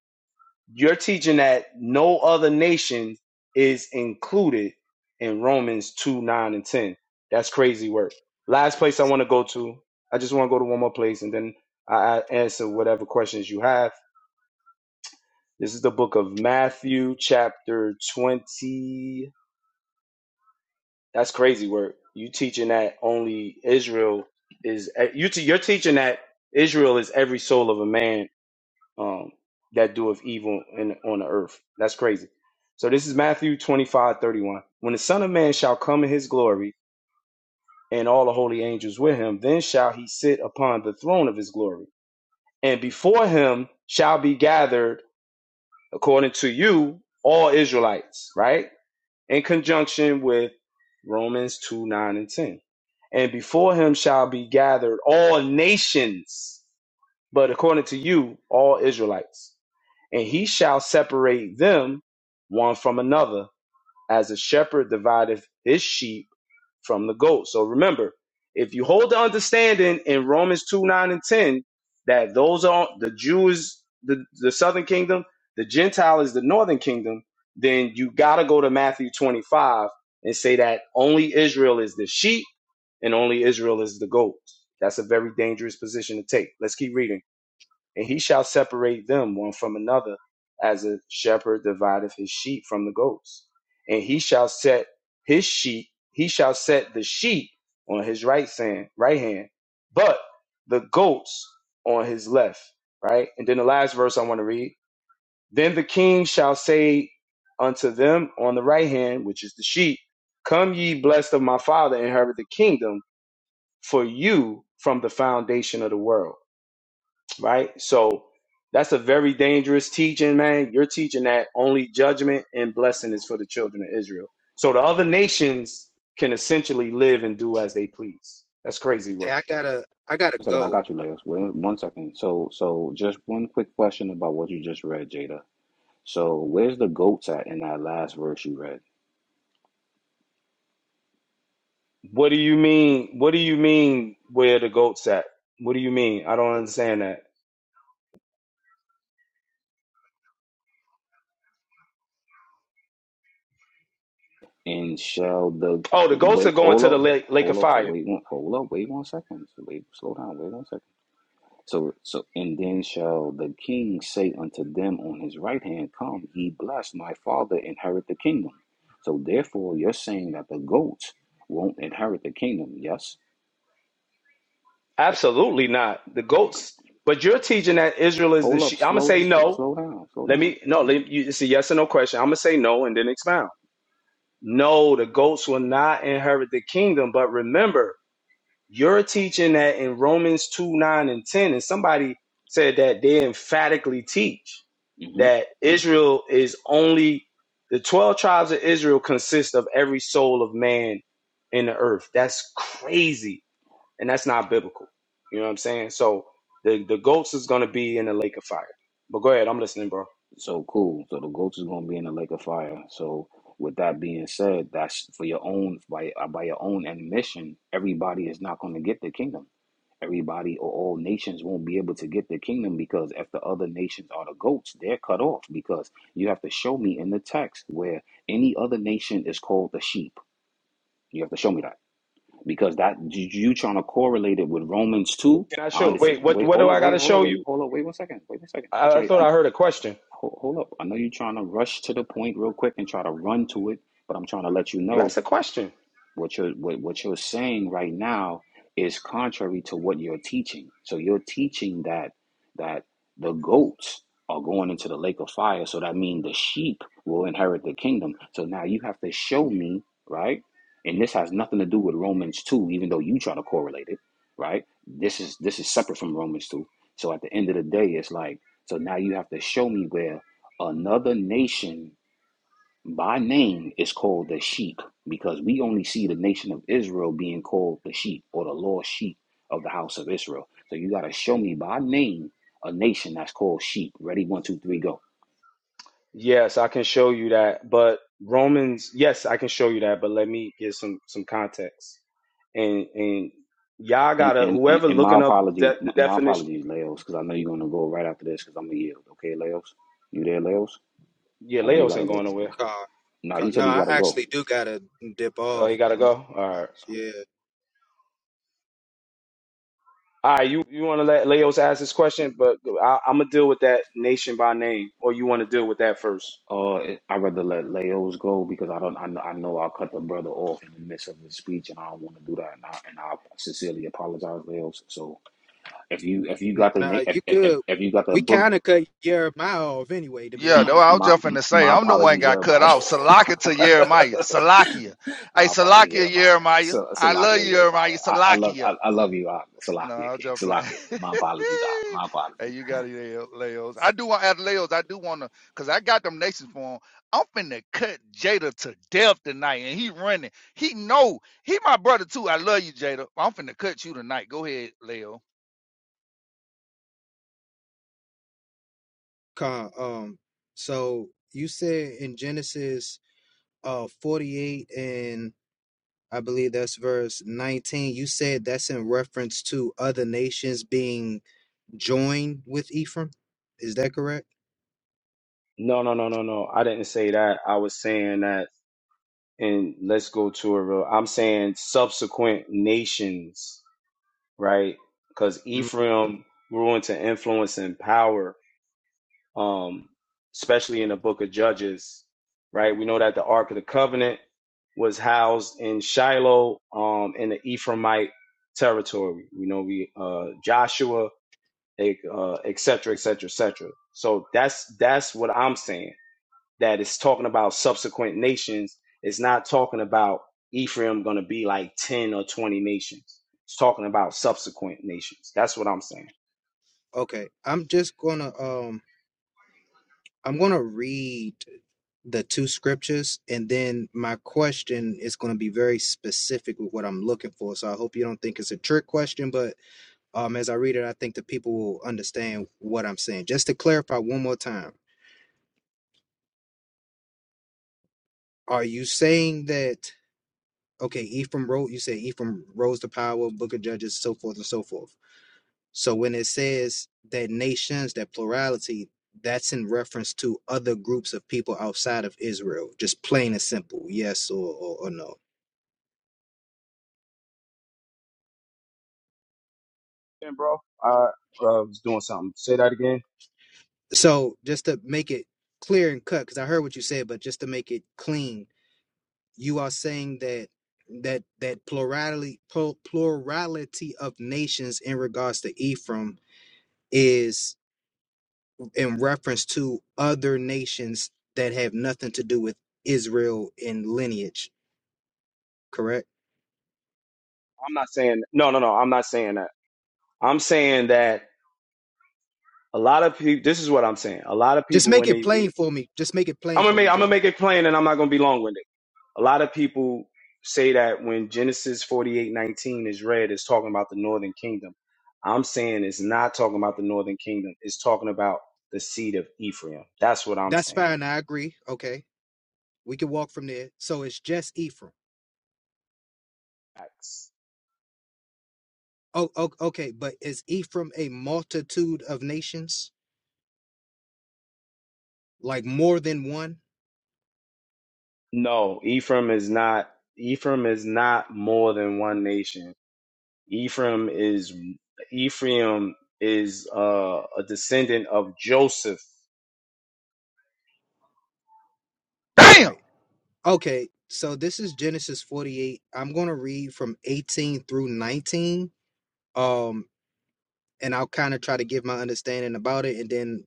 S13: You're teaching that no other nation is included in Romans 2 9 and 10. That's crazy work. Last place I want to go to, I just want to go to one more place and then I I answer whatever questions you have. This is the book of Matthew, chapter 20. That's crazy work. You teaching that only Israel is, you te- you're teaching that Israel is every soul of a man um, that doeth evil in, on the earth. That's crazy. So this is Matthew 25 31. When the Son of Man shall come in his glory, and all the holy angels with him, then shall he sit upon the throne of his glory. And before him shall be gathered, according to you, all Israelites, right? In conjunction with Romans 2, 9, and 10. And before him shall be gathered all nations, but according to you, all Israelites and he shall separate them one from another, as a shepherd divideth his sheep from the goats. So remember, if you hold the understanding in Romans 2 9 and 10, that those are the Jews, the, the southern kingdom, the Gentile is the northern kingdom, then you got to go to Matthew 25 and say that only Israel is the sheep and only Israel is the goat. That's a very dangerous position to take. Let's keep reading and he shall separate them one from another, as a shepherd divideth his sheep from the goats. And he shall set his sheep, he shall set the sheep on his right hand, right hand, but the goats on his left. Right, and then the last verse I want to read. Then the king shall say unto them on the right hand, which is the sheep, Come ye blessed of my father, inherit the kingdom for you from the foundation of the world right? So that's a very dangerous teaching, man. You're teaching that only judgment and blessing is for the children of Israel. So the other nations can essentially live and do as they please. That's crazy
S18: Hey,
S13: work.
S18: I gotta I gotta
S7: One second, I
S18: go.
S7: got you, Leos. Wait one second. So, so just one quick question about what you just read, Jada. So, where's the goats at in that last verse you read?
S13: What do you mean? What do you mean where the goats at? What do you mean? I don't understand that.
S7: And shall the
S13: Oh, the goats are
S7: wait?
S13: going
S7: Hold
S13: to the
S7: up,
S13: lake, lake of
S7: hold up. So
S13: fire.
S7: wait one, hold up, wait one second. So wait, slow down, wait one second. So so, and then shall the king say unto them on his right hand, Come, ye blessed, my father, inherit the kingdom. So therefore, you're saying that the goats won't inherit the kingdom. Yes.
S13: Absolutely not. The goats. But you're teaching that Israel is the
S7: Hold up,
S13: sheep. I'm gonna
S7: slow,
S13: say no.
S7: slow down, slow
S13: Let
S7: down.
S13: me no. Let you, it's a yes or no question. I'm gonna say no and then expound. No, the goats will not inherit the kingdom. But remember, you're teaching that in Romans 2 9 and 10. And somebody said that they emphatically teach
S7: Mhm.
S13: that Israel is only the 12 tribes of Israel consist of every soul of man in the earth. That's crazy. And that's not biblical. You know what I'm saying? So the, the goats is going to be in the lake of fire. But go ahead. I'm listening, bro.
S7: So cool. So the goats is gonna be in the lake of fire. So with that being said, that's for your own by uh, by your own admission. Everybody is not going to get the kingdom. Everybody or all nations won't be able to get the kingdom because if the other nations are the goats, they're cut off. Because you have to show me in the text where any other nation is called the sheep. You have to show me that because that you you trying to correlate it with Romans two.
S13: Can I
S7: I
S13: show?
S7: understand.
S13: Wait, what,
S7: Wait,
S13: what
S7: hold
S13: do
S7: on,
S13: I got
S7: wait,
S13: to
S7: hold on,
S13: show
S7: wait,
S13: you?
S7: hold on, wait one second, wait one second. I
S13: I, I thought
S7: try.
S13: I heard a question.
S7: Hold, hold up. I know you're trying to rush to the point real quick and try to run to it, but I'm trying to let you
S13: You
S7: know
S13: asked a question.
S7: what you're what, what you're saying right now is contrary to what you're teaching. So you're teaching that that the goats are going into the lake of fire. So that means the sheep will inherit the kingdom. So now you have to show me, right? And this has nothing to do with Romans two, even though you try to correlate it, right? This is this is separate from Romans two. So at the end of the day, it's like so now you have to show me where another nation by name is called the sheep because we only see the nation of Israel being called the sheep or the lost sheep of the house of Israel. So you got to show me by name a nation that's called sheep. Ready? One, two, three, go.
S13: Yes, I can show you that, but Romans, yes, I can show you that, but let me give some some context. And and y'all
S7: And
S13: gotta
S7: and, and,
S13: whoever
S7: and my
S13: looking up
S7: apology,
S13: de- the
S7: my, my
S13: definition.
S7: apologies, Leos, because I know you're gonna go right after this because I'm gonna yield. Okay, Leos, you there, Leos?
S13: Yeah,
S7: I know you
S13: Leos
S7: gotta
S13: ain't going
S7: go.
S13: nowhere.
S18: Car,
S7: No,
S18: car.
S7: he
S18: No,
S7: said he
S18: I
S7: gotta go.
S18: actually do gotta dip
S13: Oh,
S18: off.
S13: he gotta go.
S18: I'm,
S13: All
S18: I-
S13: right,
S18: yeah.
S13: all right. You you want to let Leos ask this question, but I, I'm gonna deal with that nation by name, or you want to deal with that first?
S7: Uh, I'd rather let Leos go because I don't. I know, I know I'll cut the brother off in the midst of his speech, and I don't want to do that. And I, and I sincerely apologize, Leos. So if you if you got the na-
S18: Nah,
S7: if
S18: you
S7: if,
S18: good.
S7: if you got the
S18: We
S7: book,
S18: kind of cut Jeremiah off anyway, to be
S4: Yeah,
S7: m-
S4: though
S18: honest
S4: I
S18: with
S4: was
S7: my
S18: you.
S4: just finna say
S7: my
S4: I'm the one
S7: apologies,
S4: got cut
S7: Jeremiah.
S4: off. Salaka to Jeremiah. Salakia. Hey,
S7: my apologies,
S4: Salakia
S7: Jeremiah.
S4: Jeremiah.
S7: So
S4: I love
S7: Salakia,
S4: you, Jeremiah.
S7: Jeremiah. I, I love
S4: Salakia.
S7: I, I love you, uh,
S4: No,
S7: Salakia
S4: I'm
S7: King.
S4: just playing.
S7: Salakia. My apologies, uh, my
S4: hey,
S7: apologies.
S4: you got it, Leo- Leos. I do want to ask Leos. I do want to, cause I got them nations for him. I'm finna cut Jada to death tonight, and he running. He know he my brother too. I love you, Jada. I'm finna cut you tonight. Go ahead, Leo.
S18: Ka, um, so you said in Genesis uh 48 and I believe that's verse 19, you said that's in reference to other nations being joined with Ephraim. Is that correct?
S13: No, no, no, no, no. I didn't say that. I was saying that, and let's go to a real. I'm saying subsequent nations right? Because
S18: Mhm.
S13: Ephraim grew into influence and power, um, especially in the book of Judges, right? We know that the Ark of the Covenant was housed in Shiloh um, in the Ephraimite territory. You know, we uh, Joshua, eh, uh, et cetera, et cetera, et cetera. So that's that's what I'm saying that is talking about subsequent nations. It's not talking about Ephraim going to be like 10 or 20 nations. It's talking about subsequent nations. That's what I'm saying.
S18: Okay, I'm just gonna um I'm gonna read the two scriptures and then my question is gonna be very specific with what I'm looking for. So I hope you don't think it's a trick question, but um as I read it, I think the people will understand what I'm saying. Just to clarify one more time, are you saying that okay, Ephraim wrote you said Ephraim rose to power, book of judges, so forth and so forth. So when it says that nations, that plurality, that's in reference to other groups of people outside of Israel, just plain and simple, yes or, or, or no.
S13: Yeah, bro, I uh, was doing something. Say that again.
S18: So just to make it clear and cut, because I heard what you said, but just to make it clean, you are saying that that that plurality plur- plurality of nations in regards to Ephraim is in reference to other nations that have nothing to do with Israel in lineage, correct?
S13: I'm not saying, no, no, no, I'm not saying that. I'm saying that a lot of people, this is what I'm saying. A lot of
S18: Just
S13: people,
S18: make
S13: when
S18: it
S13: they
S18: plain
S13: read,
S18: for me. Just make it plain
S13: I'm gonna
S18: for
S13: make,
S18: me,
S13: I'm gonna
S18: Jay.
S13: make it plain and I'm not gonna be long-winded. a lot of people say that when Genesis 48:19 is read, it's talking about the northern kingdom. I'm saying it's not talking about the northern kingdom. It's talking about the seed of Ephraim. That's what I'm
S18: That's
S13: saying.
S18: fine. I agree. Okay. We can walk from there. So it's just Ephraim.
S13: Facts.
S18: Oh, o- okay. But is Ephraim a multitude of nations? Like more than one?
S13: No, Ephraim is not Ephraim is not more than one nation. Ephraim is Ephraim is uh, a descendant of Joseph.
S4: Damn,
S18: Right. Okay. So this is Genesis 48. I'm going to read from 18 through 19. Um, and I'll kind of try to give my understanding about it, and then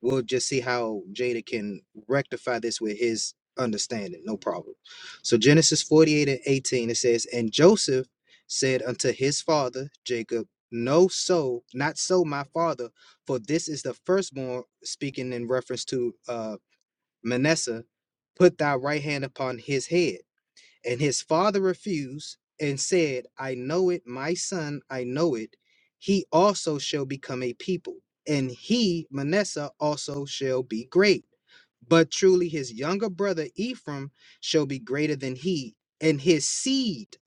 S18: we'll just see how Jada can rectify this with his understanding. No problem. So Genesis 48 and 18 it says, And Joseph said unto his father Jacob, No, so, not so, my father, for this is the firstborn, speaking in reference to uh Manasseh, put thy right hand upon his head. And his father refused and said, I know it, my son, I know it. He also shall become a people, and he, Manasseh, also shall be great. But truly his younger brother Ephraim shall be greater than he, and his seed,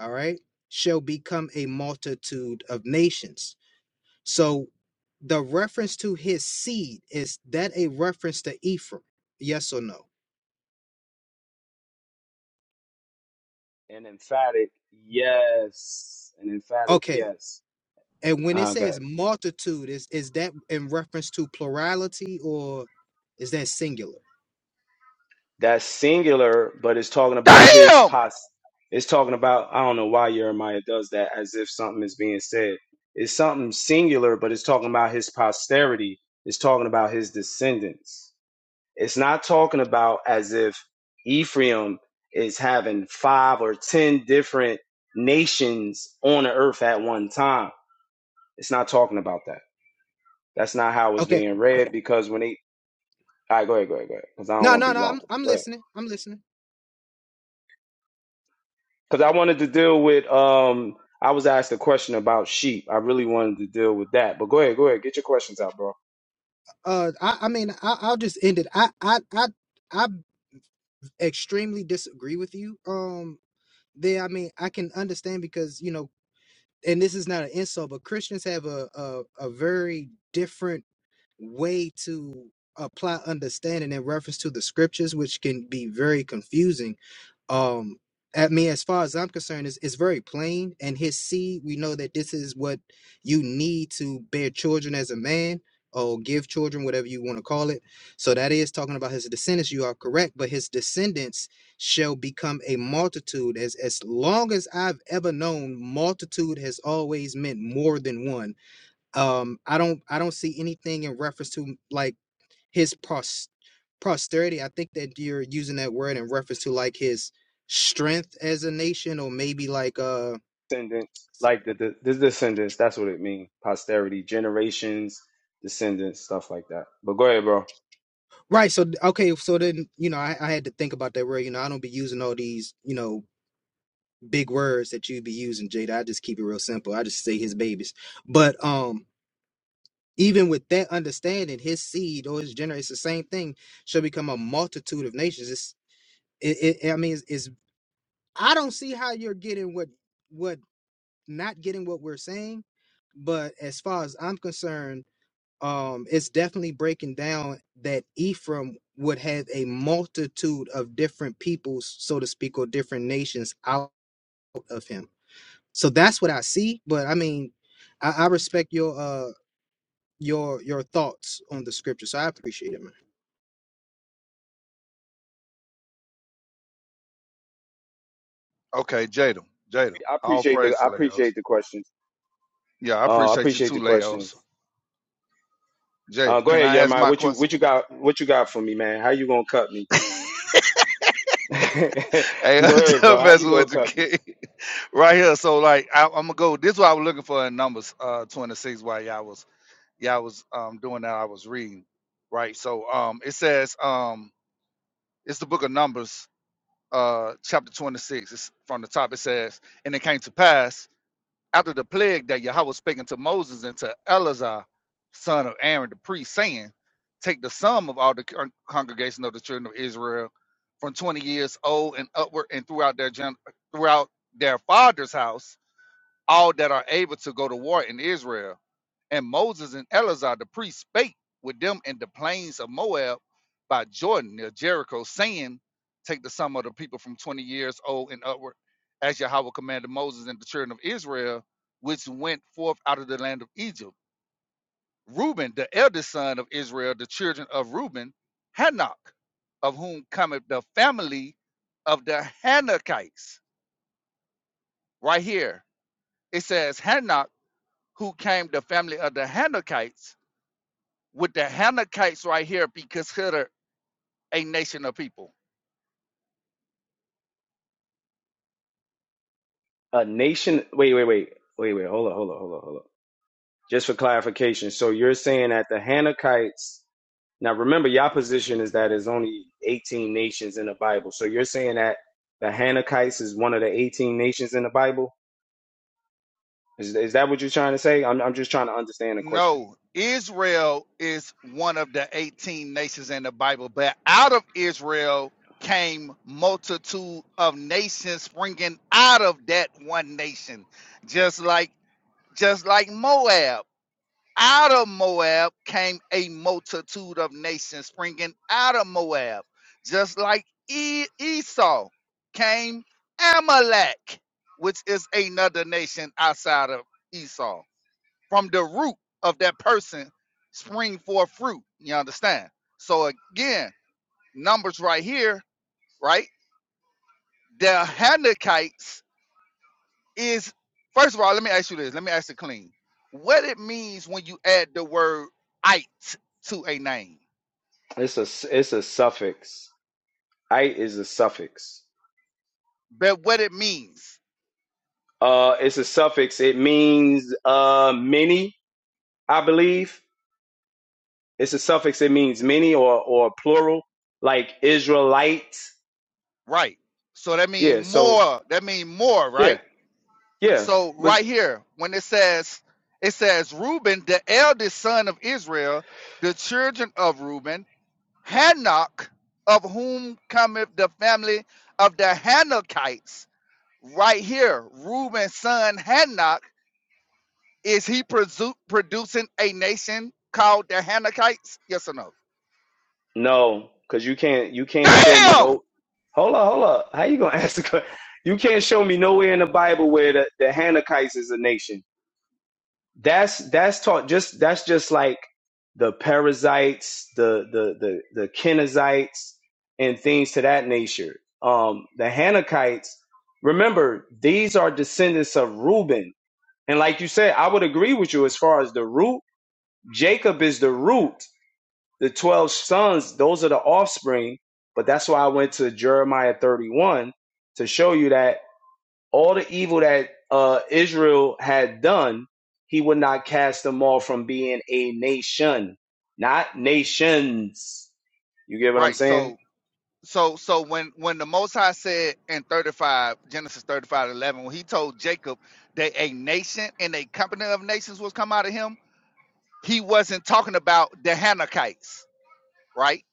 S18: all right, shall become a multitude of nations. So the reference to his seed, is that a reference to Ephraim? Yes or no?
S13: An emphatic yes. An emphatic
S18: Okay.
S13: yes.
S18: And when it
S13: Uh, go ahead.
S18: says multitude, is is that in reference to plurality or is that singular?
S13: That's singular, but it's talking about his
S4: damn.
S13: pos. It's talking about I don't know why Jeremiah does that, as if something is being said. It's something singular, but it's talking about his posterity. It's talking about his descendants. It's not talking about as if Ephraim is having five or ten different nations on the earth at one time. It's not talking about that. That's not how it's
S18: Okay.
S13: being read because when they, all right, go ahead, go ahead, go ahead, because I don't
S18: No,
S13: want
S18: no,
S13: to be
S18: no.
S13: long.
S18: I'm I'm
S13: with it.
S18: listening. I'm listening.
S13: because I wanted to deal with. Um, I was asked a question about sheep. I really wanted to deal with that. But go ahead, go ahead, get your questions out, bro.
S18: Uh, I, I mean, I, I'll just end it. I, I, I, I extremely disagree with you. Um, there. I mean, I can understand because you know, and this is not an insult, but Christians have a a, a very different way to apply understanding in reference to the scriptures, which can be very confusing um at me as far as I'm concerned, is is very plain. And his seed, we know that this is what you need to bear children as a man, or give children, whatever you want to call it. So that is talking about his descendants. You are correct, but his descendants shall become a multitude. As as long as I've ever known, multitude has always meant more than one. Um, I don't I don't see anything in reference to like his pros- posterity. I think that you're using that word in reference to like his strength as a nation, or maybe like uh
S13: Descendants, like the, the, the descendants. That's what it means. Posterity, generations, descendants, stuff like that. But go ahead, bro.
S18: right. So okay, so then you know I, I had to think about that word. You know I don't be using all these you know big words that you be using, Jada. I just keep it real simple. I just say his babies, but um. Even with that understanding, his seed or his generation, it's the same thing, shall become a multitude of nations. It's, it, it, I mean, it's, it's, I don't see how you're getting what what not getting what we're saying, but as far as I'm concerned, um, it's definitely breaking down that Ephraim would have a multitude of different peoples, so to speak, or different nations out of him. So that's what I see. But I mean, I, I respect your uh your your thoughts on the scripture, so I appreciate it, man.
S4: Okay, Jada, Jada.
S13: I
S4: All
S13: appreciate the.
S4: praise
S13: I
S4: to Leos.
S13: appreciate the questions.
S4: Yeah, I
S13: Uh, I
S4: appreciate you
S13: appreciate
S4: too,
S13: the questions.
S4: Leos.
S13: Uh,
S4: Jada,
S13: go
S4: can
S13: ahead,
S4: I ask
S13: Jeremiah.
S4: my
S13: What you
S4: question?
S13: what you got? What you got for me, man? How you gonna cut me?
S4: Hey, I'm
S13: go ahead, bro.
S4: just
S13: How you
S4: messing
S13: gonna
S4: with you,
S13: cut me?
S4: kid. right here. So like I, I'm gonna go. This is what I was looking for in numbers uh 26 while y'all was y'all was um doing that. I was reading, right? So um it says um it's the book of Numbers, uh chapter 26. It's from the top. It says, and it came to pass after the plague that Yahweh was speaking to Moses and to Eleazar, son of Aaron the priest, saying, Take the sum of all the con- congregation of the children of Israel from 20 years old and upward and throughout their gen- throughout their father's house all that are able to go to war in Israel. And Moses and Eleazar the priest spake with them in the plains of Moab by Jordan near Jericho, saying, Take the sum of the people from 20 years old and upward, as Yahweh commanded Moses and the children of Israel, which went forth out of the land of Egypt. Reuben, the eldest son of Israel, the children of Reuben, Hanok, of whom cometh the family of the Hanakites. Right here, it says Hanok who came the family of the Hanukites, would the Hanukites right here be considered a nation of people?
S13: A nation. Wait, wait, wait, wait, wait. Hold on, hold on, hold on, hold on. Just for clarification, so you're saying that the Hanukites. Now, remember, your position is that there's only 18 nations in the Bible. So you're saying that the Hanukites is one of the 18 nations in the Bible. Is, is that what you're trying to say? I'm, I'm just trying to understand the question.
S4: No, Israel is one of the 18 nations in the Bible, but out of Israel came multitude of nations springing out of that one nation, just like just like Moab. out of Moab came a multitude of nations springing out of Moab, just like e- Esau came Amalek, which is another nation outside of Esau. From the root of that person, spring forth fruit. You understand? So again, numbers right here, right? The Hanukkite is first of all, let me ask you this. Let me ask it clean. What it means when you add the word it to a name.
S13: It's a it's a suffix. Ite is a suffix.
S4: But what it means,
S13: Uh, it's a suffix. It means uh many, I believe. It's a suffix. It means many or or plural, like Israelite.
S4: right? So that mean
S13: Yeah. So
S4: more, that mean more,
S13: yeah.
S4: right?
S13: Yeah,
S4: So
S13: but
S4: right here, when it says it says Reuben, the eldest son of Israel, the children of Reuben, Hanok, of whom cometh the family of the Hanokites. Right here, Reuben's son Hanok Is he presu- producing a nation called the Hanakites? Yes or no?
S13: no, because you can't you can't show me
S4: Damn!
S13: no. Hold up, hold up. How you gonna ask the que- You can't show me nowhere in the Bible where the, the Hanakites is a nation. That's that's taught just that's just like the Perizzites, the the the the Kenizzites, and things to that nature. Um, the Hanakites. Remember, these are descendants of Reuben, and like you said, I would agree with you as far as the root. Jacob is the root the 12 sons, those are the offspring. But that's why I went to Jeremiah 31 to show you that all the evil that uh, Israel had done, he would not cast them all from being a nation, not nations. You get what I'm
S4: Right.
S13: saying?
S4: So so so when when the Most High said in 35 Genesis 35:11, when he told Jacob that a nation and a company of nations was come out of him, he wasn't talking about the Hanakites, right?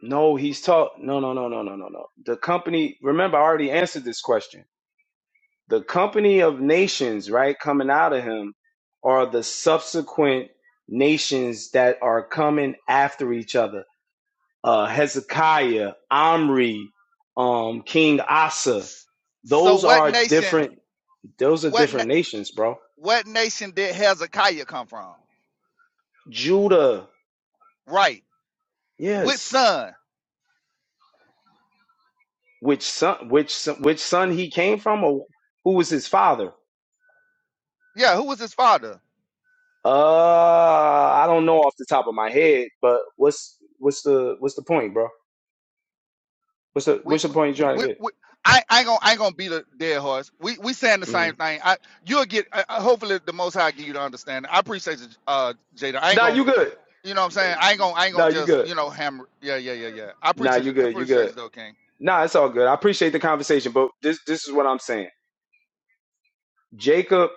S13: No, he's taught. No, no, no, no, no, no, no. The company, remember, I already answered this question. the company of nations, right, coming out of him are the subsequent nations that are coming after each other. Uh, Hezekiah, Omri, um, King Asa.
S4: S- So
S13: Those
S4: what
S13: are
S4: nation
S13: different. Those are
S4: what na-
S13: different nations, bro.
S4: what nation did Hezekiah come from?
S13: Judah,
S4: Right. Which
S13: yes.
S4: son?
S13: Which son? Which son, which son he came from, or who was his father?
S4: Yeah, who was his father?
S13: Uh, I don't know off the top of my head, but what's what's the what's the point, bro? What's the
S4: we
S13: what's the point you're trying
S4: we,
S13: to get?
S4: we I, I ain't gonna I ain't gonna beat a dead horse. We we saying the
S13: hmm
S4: same thing. I you'll get uh, uh, hopefully the most high give you the understanding. I appreciate you, uh Jada. I ain't
S13: Nah,
S4: gonna
S13: you good.
S4: you know what I'm saying. I ain't gonna I ain't gonna
S13: Nah, you
S4: just
S13: good.
S4: you know hammer. Yeah yeah yeah yeah. I
S13: Nah,
S4: appreciate
S13: you
S4: you. I
S13: good. You
S4: appreciate
S13: good.
S4: you though, King.
S13: Nah, it's all good. I appreciate the conversation, but this this is what I'm saying. Jacob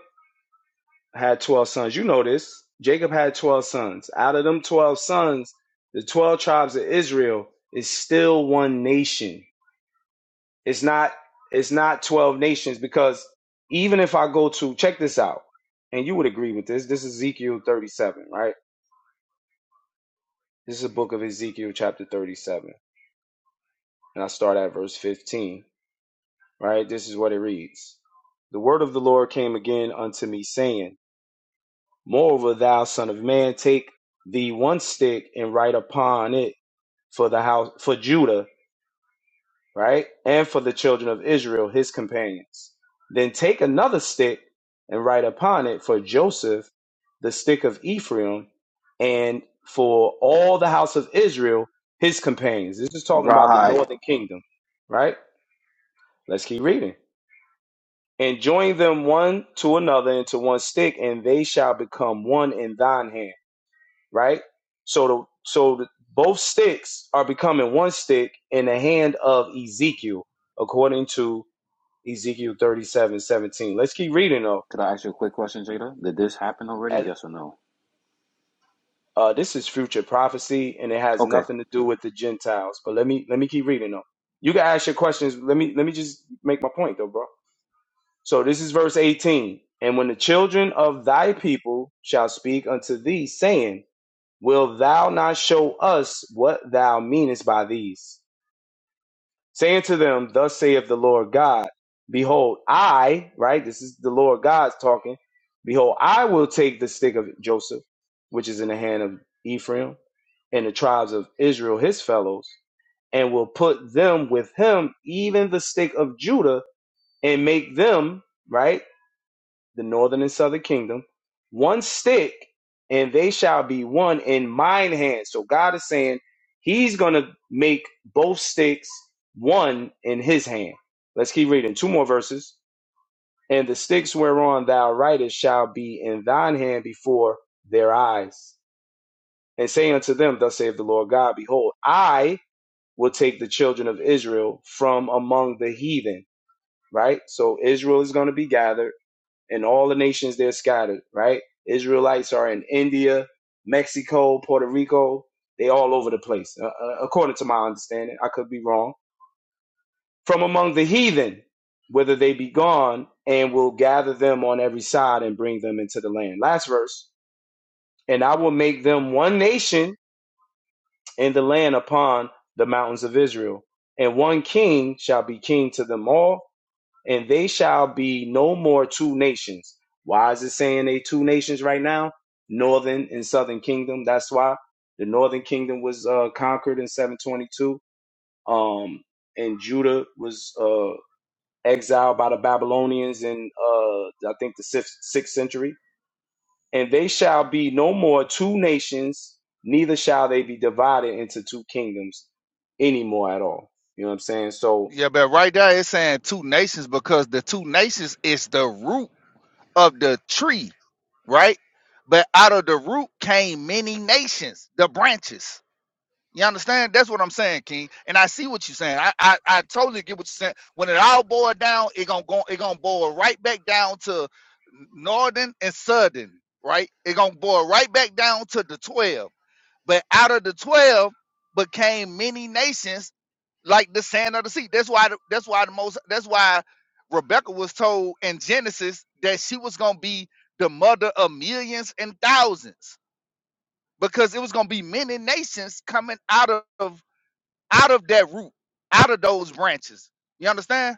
S13: had 12 sons. You know this. Jacob had 12 sons. Out of them 12 sons, the 12 tribes of Israel is still one nation. It's not it's not 12 nations because even if I go to check this out, and you would agree with this. This is Ezekiel 37, right? This is a book of Ezekiel chapter 37. And I start at verse 15 right? This is what it reads. The word of the Lord came again unto me, saying, Moreover, thou son of man, take thee one stick and write upon it for the house for Judah, right? And for the children of Israel, his companions. Then take another stick and write upon it for Joseph, the stick of Ephraim, and for all the house of Israel, his companions. This is talking about the
S7: Right.
S13: northern kingdom, right? Let's keep reading. and join them one to another into one stick, and they shall become one in thine hand. Right. So the so the, both sticks are becoming one stick in the hand of Ezekiel, according to Ezekiel thirty-seven seventeen. Let's keep reading though.
S7: Could I ask you a quick question, Jada? Did this happen already?
S13: At-
S7: Yes or no?
S13: uh, this is future prophecy, and it has
S7: Okay.
S13: nothing to do with the Gentiles. But let me let me keep reading though. You can ask your questions. Let me let me just make my point though, bro. So this is verse 18. And when the children of thy people shall speak unto thee, saying, Will thou not show us what thou meanest by these? Saying to them, Thus saith the Lord God, Behold, I, right? This is the Lord God's talking. Behold, I will take the stick of Joseph, which is in the hand of Ephraim, and the tribes of Israel, his fellows, and will put them with him, even the stick of Judah, and make them, right? the northern and southern kingdom, one stick, and they shall be one in mine hand. So God is saying he's going to make both sticks one in his hand. Let's keep reading. Two more verses. And the sticks whereon thou writest shall be in thine hand before their eyes. And say unto them, Thus saith the Lord God, Behold, I will take the children of Israel from among the heathen. Right? So Israel is going to be gathered and all the nations they're scattered, right? Israelites are in India, Mexico, Puerto Rico. They all over the place, uh, uh, according to my understanding. I could be wrong. From among the heathen, whether they be gone, and will gather them on every side and bring them into the land. Last verse. And I will make them one nation in the land upon the mountains of Israel, and one king shall be king to them all and they shall be no more two nations. Why is it saying they two nations right now? Northern and Southern Kingdom. That's why the Northern Kingdom was uh, conquered in 722, um, and Judah was uh, exiled by the Babylonians in uh, I think the sixth, sixth century. And they shall be no more two nations, neither shall they be divided into two kingdoms anymore at all. You know what I'm saying? So
S4: Yeah, but right there it's saying two nations because the two nations is the root of the tree, right? But out of the root came many nations, the branches. You understand? That's what I'm saying, King. And I see what you're saying. I, I, I totally get what you're saying. When it all boils down, it gonna go it gonna boil right back down to northern and southern, right? It gonna boil right back down to the twelve. But out of the twelve became many nations like the sand of the sea. That's why the, that's why the most that's why Rebecca was told in Genesis that she was gonna be the mother of millions and thousands because it was gonna be many nations coming out of out of that root, out of those branches. You understand?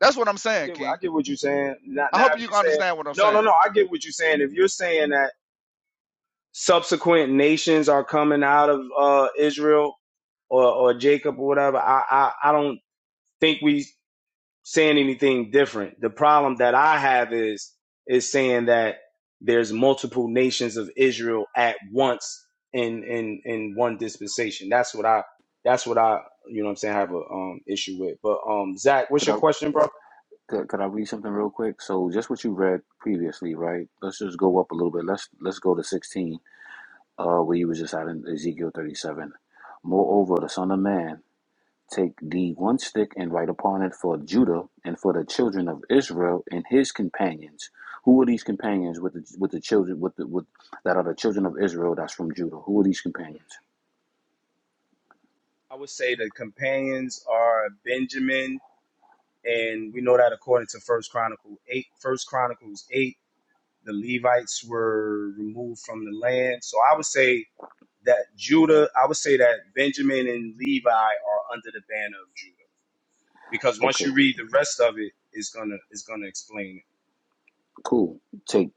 S4: That's what I'm
S13: I
S4: saying,
S13: get, what, I
S4: King.
S13: get what you're saying. Now,
S4: I
S13: now,
S4: hope
S13: if
S4: you
S13: you
S4: can
S13: say
S4: understand what I'm
S13: no, no,
S4: saying.
S13: no, I get what you're saying. If you're saying that subsequent nations are coming out of uh, Israel or, or Jacob or whatever, I, I, I don't think we saying anything different. The problem that I have is is saying that there's multiple nations of Israel at once in in in one dispensation. That's what I that's what I you know what I'm saying I have a um issue with. But um Zach, what's
S7: Could
S13: your
S7: I?
S13: question, bro?
S7: Could, could I read something real quick? So just what you read previously, right? Let's just go up a little bit. Let's let's go to 16, uh, where you was just at in Ezekiel 37. Moreover, the Son of Man, take thee one stick and write upon it for Judah and for the children of Israel and his companions. Who are these companions with the with the children with the with that are the children of Israel that's from Judah? Who are these companions?
S13: I would say the companions are Benjamin, and we know that according to First Chronicle eight, First Chronicles eight, the Levites were removed from the land. So I would say that Judah, I would say that Benjamin and Levi are under the banner of Judah because once
S7: Okay,
S13: you read the rest of it, it's gonna it's gonna explain
S7: cool. Take.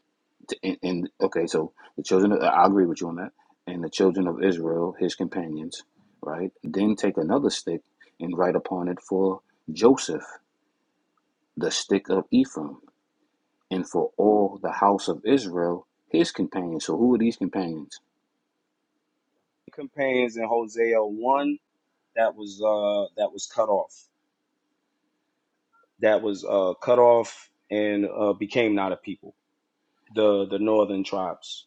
S7: to- and, and okay, so the children, of, I agree with you on that. And the children of Israel, his companions, right? Then take another stick and write upon it for Joseph, the stick of Ephraim, and for all the house of Israel, his companions. So who are these companions?
S13: it. Companions in Hosea one that was uh that was cut off, that was uh cut off and uh became not a people, the the northern tribes.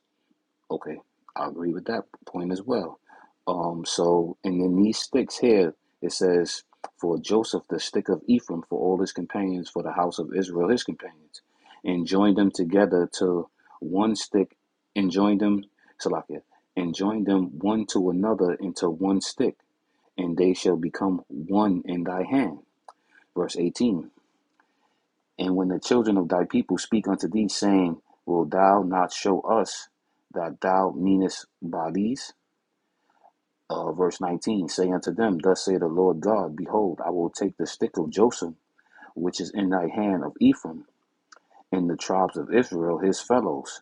S7: Okay, I agree with that point as well. Um, so, and then these sticks here, it says, for Joseph, the stick of Ephraim, for all his companions, for the house of Israel, his companions, and joined them together to one stick, and joined them, Salakia, and joined them one to another into one stick, and they shall become one in thy hand. Verse 18. And when the children of thy people speak unto thee, saying, Will thou not show us that thou meanest by these? Uh, verse 19 Say unto them, Thus saith the Lord God, Behold, I will take the stick of Joseph, which is in thy hand of Ephraim, and the tribes of Israel, his fellows.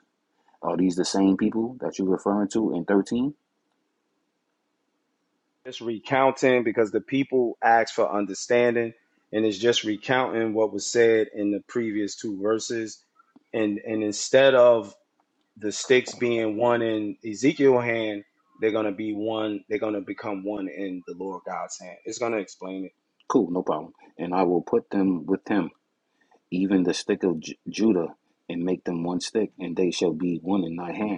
S7: Are these the same people that you're referring to in 13?
S13: just recounting because the people ask for understanding and it's just recounting what was said in the previous two verses and and instead of the sticks being one in Ezekiel's hand they're going to be one they're going to become one in the Lord God's hand it's going to explain it
S7: Cool, no problem. And I will put them with him, even the stick of J- Judah, and make them one stick, and they shall be one in thy hand.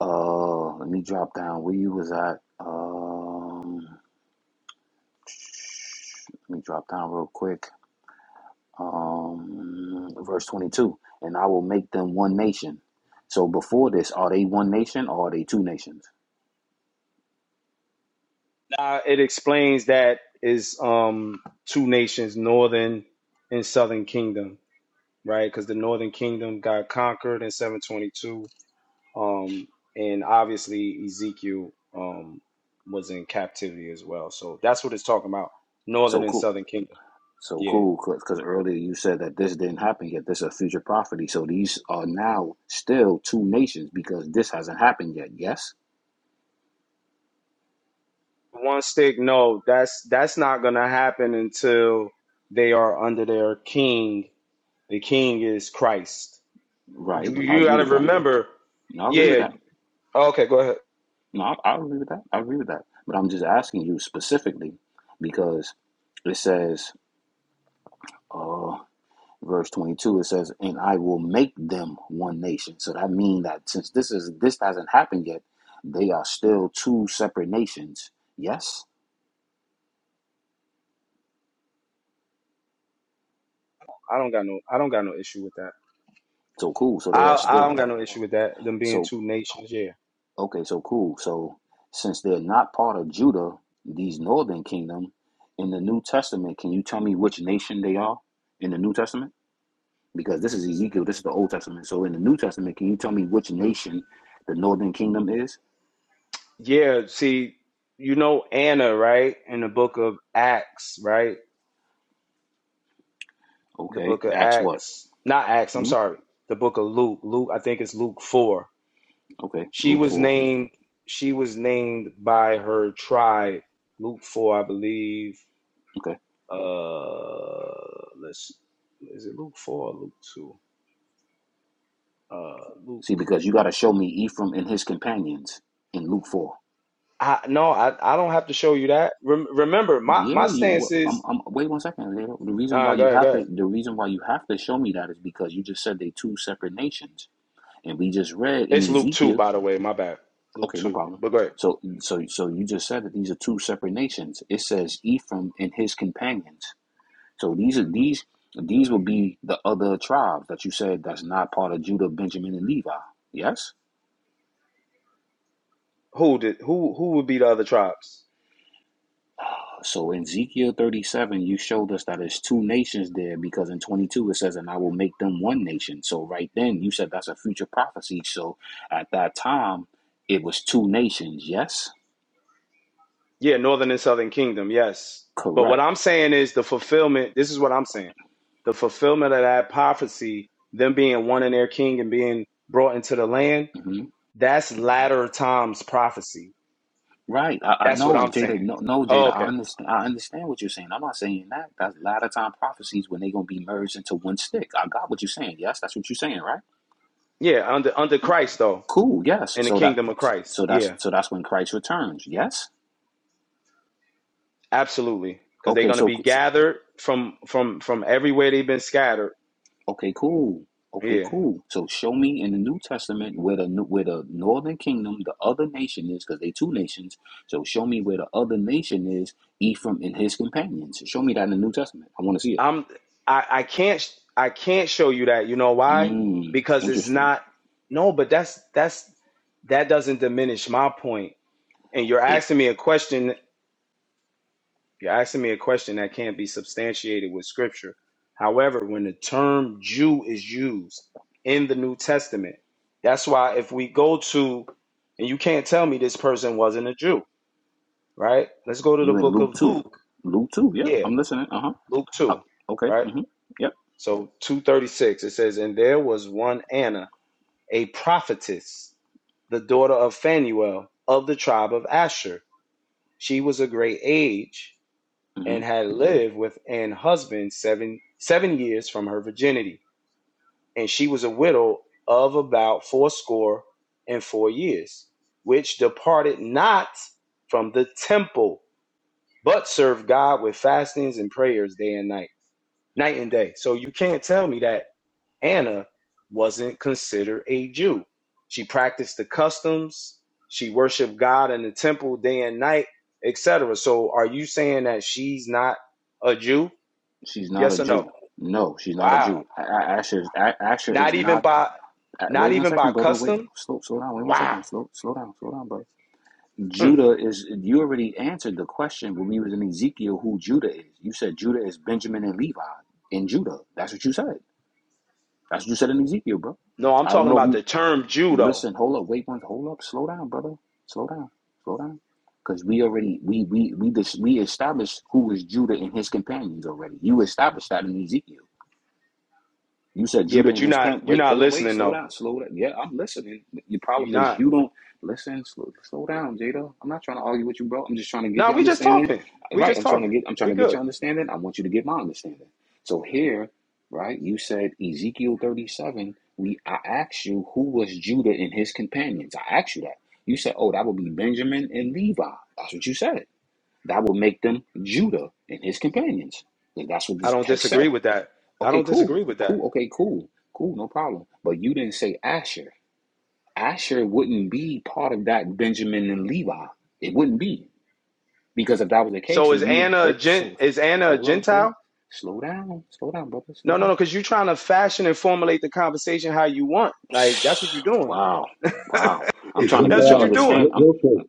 S7: Uh, let me drop down where you was at. Um, let me drop down real quick. Um, verse 22, and I will make them one nation. So before this, are they one nation or are they two nations?
S13: now it explains that is um two nations northern and southern kingdom right cuz the northern kingdom got conquered in 722 Um, and obviously Ezekiel um, was in captivity as well. So that's what it's talking about. Northern
S7: So
S13: and
S7: cool.
S13: Southern Kingdom.
S7: So
S13: Yeah.
S7: cool, because earlier you said that this didn't happen yet. This is a future prophecy. So these are now still two nations because this hasn't happened yet. Yes?
S13: One stick, no, that's that's not gonna happen until they are under their king. The king is Christ.
S7: Right.
S13: You,
S7: I
S13: you
S7: agree
S13: gotta
S7: with that.
S13: remember,
S7: I agree with
S13: yeah.
S7: that.
S13: Okay, go ahead.
S7: No, I, I agree with that. I agree with that. But I'm just asking you specifically because it says, uh, verse 22, it says, and I will make them one nation. So that means that since this is this hasn't happened yet, they are still two separate nations. Yes.
S13: I don't got no I don't got no issue with that.
S7: So cool. So they are
S13: I I
S7: still
S13: don't got no issue with that, them being
S7: so
S13: two nations, yeah.
S7: okay. So cool. So since they're not part of Judah, these northern kingdom in the New Testament, can you tell me which nation they are in the New Testament? because this is Ezekiel, this is the Old Testament. So in the New Testament, can you tell me which nation the Northern Kingdom is?
S13: Yeah, see, you know Anna, right? In the book of Acts, right? The
S7: Okay,
S13: book of
S7: Acts what?
S13: Acts, not Acts, I'm
S7: hmm
S13: sorry. The book of Luke. Luke, I think it's Luke 4.
S7: Okay,
S13: She
S7: Luke
S13: was
S7: four.
S13: named she was named by her tribe. Luke 4, I believe.
S7: Okay,
S13: Uh let's is it Luke 4 or Luke 2? Uh Luke.
S7: see, because you got to show me Ephraim and his companions in Luke four.
S13: I no, I, I don't have to show you that. Rem- remember, my my
S7: Yeah, you.
S13: stance
S7: wha- I'm,
S13: is
S7: I'm, wait one second. Leo. The reason why
S13: uh go
S7: you
S13: ahead, go
S7: have
S13: ahead.
S7: to, the reason why you have to show me that is because you just said they two separate nations, and we just read
S13: It's
S7: in
S13: Luke 2
S7: Ezekiel.
S13: by the way, my bad. Luke
S7: Okay, no
S13: 2.
S7: problem.
S13: But go ahead.
S7: So, so, so you just said that these are two separate nations. It says Ephraim and his companions. So these are these these will be the other tribes that you said that's not part of Judah, Benjamin, and Levi. Yes.
S13: Who did who who would be the other tribes?
S7: So in Ezekiel 37, you showed us that it's two nations there because in 22 it says, and I will make them one nation. So right then you said that's a future prophecy. So at that time, it was two nations. Yes.
S13: Yeah, northern and southern kingdom, yes. But what
S7: Correct.
S13: I'm saying is the fulfillment, this is what I'm saying. The fulfillment of that prophecy, them being one in their king and being brought into the land,
S7: hmm
S13: that's latter times prophecy.
S7: Right. I, I
S13: That's what
S7: know,
S13: I'm
S7: Jada.
S13: saying.
S7: No, no,
S13: Oh,
S7: Jada. I
S13: okay.
S7: understand. I understand what you're saying. I'm not saying that. That's latter time prophecies when they're gonna be merged into one stick. I got what you're saying. Yes, that's what you're saying, right?
S13: Yeah, under under Christ though,
S7: Cool. Yes.
S13: in the
S7: So that
S13: kingdom of
S7: so
S13: Christ.
S7: so that's
S13: Yeah,
S7: so that's when Christ returns. Yes.
S13: absolutely. Because they're
S7: Okay.
S13: gonna
S7: So
S13: be
S7: so,
S13: gathered from from from everywhere they've been scattered.
S7: okay. Cool. Okay.
S13: Yeah.
S7: Cool. So show me in the New Testament where the where the Northern Kingdom, the other nation is, because they two nations. So show me where the other nation is, Ephraim and his companions. Show me that in the New Testament. I want to see it.
S13: I'm I, I can't I can't show you that. You know why?
S7: Mm,
S13: Because it's
S7: interesting.
S13: not no, but that's that's that doesn't diminish my point. And you're
S7: It,
S13: asking me a question you're asking me a question that can't be substantiated with scripture. However, when the term Jew is used in the New Testament, that's why if we go to and you can't tell me this person wasn't a Jew, right? Let's go to the
S7: you in
S13: book
S7: Luke
S13: of
S7: two.
S13: Luke.
S7: Luke two. Yep.
S13: Yeah,
S7: I'm listening. Uh huh.
S13: Luke
S7: Uh,
S13: 2,
S7: Okay.
S13: right?
S7: Mm-hmm. Yep.
S13: So 236, it says, And there was one Anna, a prophetess, the daughter of Phanuel of the tribe of Asher. She was a great age
S7: Mm-hmm.
S13: and had lived with an husband seven, seven years from her virginity. And she was a widow of about fourscore and four years, which departed not from the temple, but served God with fastings and prayers day and night, night and day. So you can't tell me that Anna wasn't considered a Jew. She practiced the customs, she worshiped God in the temple day and night, etc. So are you saying that she's not a Jew?
S7: She's not a
S13: Yes or no?
S7: Jew. No, she's not a
S13: Wow.
S7: Jew. A- A- Asher, is- A- Asher is
S13: Not even
S7: not.
S13: by
S7: A-
S13: not
S7: Wait one
S13: even by
S7: second, brother. Wait,
S13: custom?
S7: slow, slow down. Wait one
S13: Wow.
S7: second. Slow, slow down, slow down, brother.
S13: Hmm.
S7: Judah is. You already answered the question when we was in Ezekiel who Judah is. You said Judah is Benjamin and Levi in Judah. That's what you said. That's what you said in Ezekiel, bro.
S13: No, I'm
S7: I don't
S13: talking
S7: know if
S13: about the
S7: you
S13: term Jew though.
S7: listen. Hold up. Wait one. Hold up. Slow down, brother. Slow down. Slow down. Because we already we we we dis, we established who was Judah and his companions already. You established that in Ezekiel. You said
S13: Yeah,
S7: Judah
S13: but
S7: and
S13: you're
S7: his parents.
S13: not you're
S7: Wait,
S13: not
S7: hold up, wait,
S13: listening
S7: slow
S13: though.
S7: down, slow down. Yeah, I'm listening. Your
S13: You're
S7: problem is
S13: not.
S7: you don't listen. Slow, slow down, Jada. I'm not trying to argue with you, bro. I'm just trying to get
S13: No,
S7: your
S13: we just
S7: understanding.
S13: talking. We
S7: Right,
S13: just
S7: I'm trying to
S13: talking.
S7: get. I'm trying
S13: We
S7: to get
S13: good.
S7: your understanding. I want you to get my understanding. So here, right, you said Ezekiel 37. We, I asked you who was Judah and his companions. I asked you that. You said, oh, that would be Benjamin and Levi. That's what you said. That would make them Judah and his companions. And that's what
S13: I
S7: this
S13: don't
S7: text
S13: disagree
S7: says.
S13: with that. I
S7: Okay,
S13: don't
S7: cool.
S13: disagree with that.
S7: Cool. Okay, cool. Cool. No problem. But you didn't say Asher. Asher wouldn't be part of that Benjamin and Levi. It wouldn't be. Because if that was the case,
S13: So is
S7: then you would
S13: Anna a
S7: wait.
S13: gent?
S7: So
S13: Is Anna a
S7: hold up. Wait.
S13: Gentile?
S7: Slow down. Slow down, brother. Slow
S13: No, no,
S7: down.
S13: no. Because you're trying to fashion and formulate the conversation how you want. Like that's what you're doing.
S7: Wow. Wow. I'm trying to
S13: that's
S7: get
S13: what
S7: your
S13: you're
S19: Zechariah,
S13: doing.
S7: understanding.
S19: re-
S7: I'm
S19: real quick.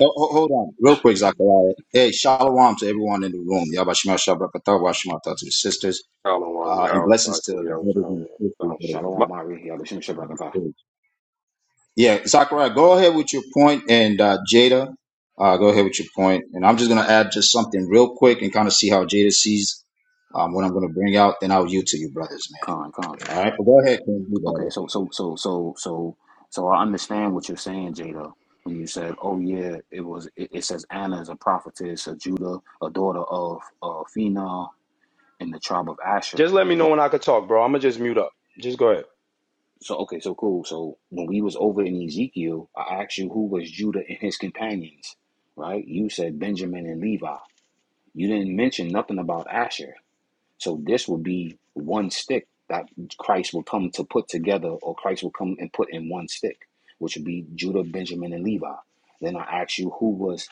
S19: Oh, ho- hold on, real quick, Zachariah. Hey, shalom to everyone in the room. Yabashima Shabrakatah, Washimata to the sisters,
S9: I don't want
S19: uh, and
S9: y'all
S19: blessings
S9: like
S19: to
S9: for me. I
S19: the
S9: was
S19: brothers and sisters
S9: So,
S19: that are
S9: my,
S19: in
S7: Shalom, Ari. Yabashim
S19: this
S7: Shabbat.
S19: stage. Yeah, Zachariah, go ahead with your point, and uh, Jada, uh, go ahead with your point. And I'm just going to add just something real quick and kind of see how Jada sees um, what I'm going to bring out, then I'll yield to you, brothers, man.
S7: Khan, Khan.
S19: All right, but go ahead, King. You
S7: Okay, so so so so so so I understand what you're saying, Jada, when you said, "Oh yeah, it was." It, it says Anna is a prophetess of Judah, a daughter of uh, Phinehas in the tribe of Asher.
S13: Just let me know
S7: But
S13: when I could talk, bro. I'ma just mute up. Just go ahead.
S7: so okay, so cool. So when we was over in Ezekiel, I asked you who was Judah and his companions, right? You said Benjamin and Levi. You didn't mention nothing about Asher. So this will be one stick that Christ will come to put together, or Christ will come and put in one stick, which would be Judah, Benjamin, and Levi. Then I asked you who was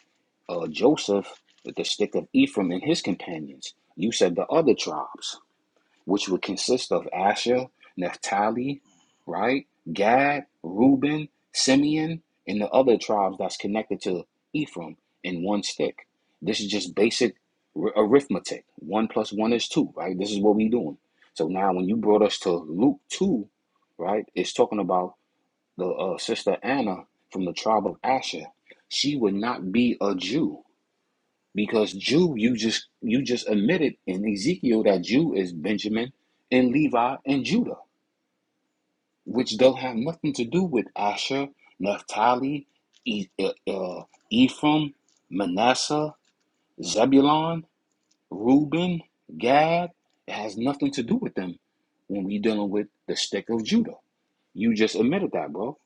S7: uh, Joseph, the stick of Ephraim and his companions. You said the other tribes which would consist of Asher, Naphtali, right? Gad, Reuben, Simeon, and the other tribes that's connected to Ephraim in one stick. This is just basic arithmetic. One plus one is two, right? This is what we doing. So now, when you brought us to Luke 2, right, it's talking about the uh, sister Anna from the tribe of Asher. She would not be a Jew because Jew, you just you just admitted in Ezekiel that Jew is Benjamin and Levi and Judah, which don't have nothing to do with Asher, Naphtali, e- uh, uh, Ephraim, Manasseh, Zebulon, Reuben, Gad. It has nothing to do with them when we dealing with the stick of Judah. You just admitted that, bro.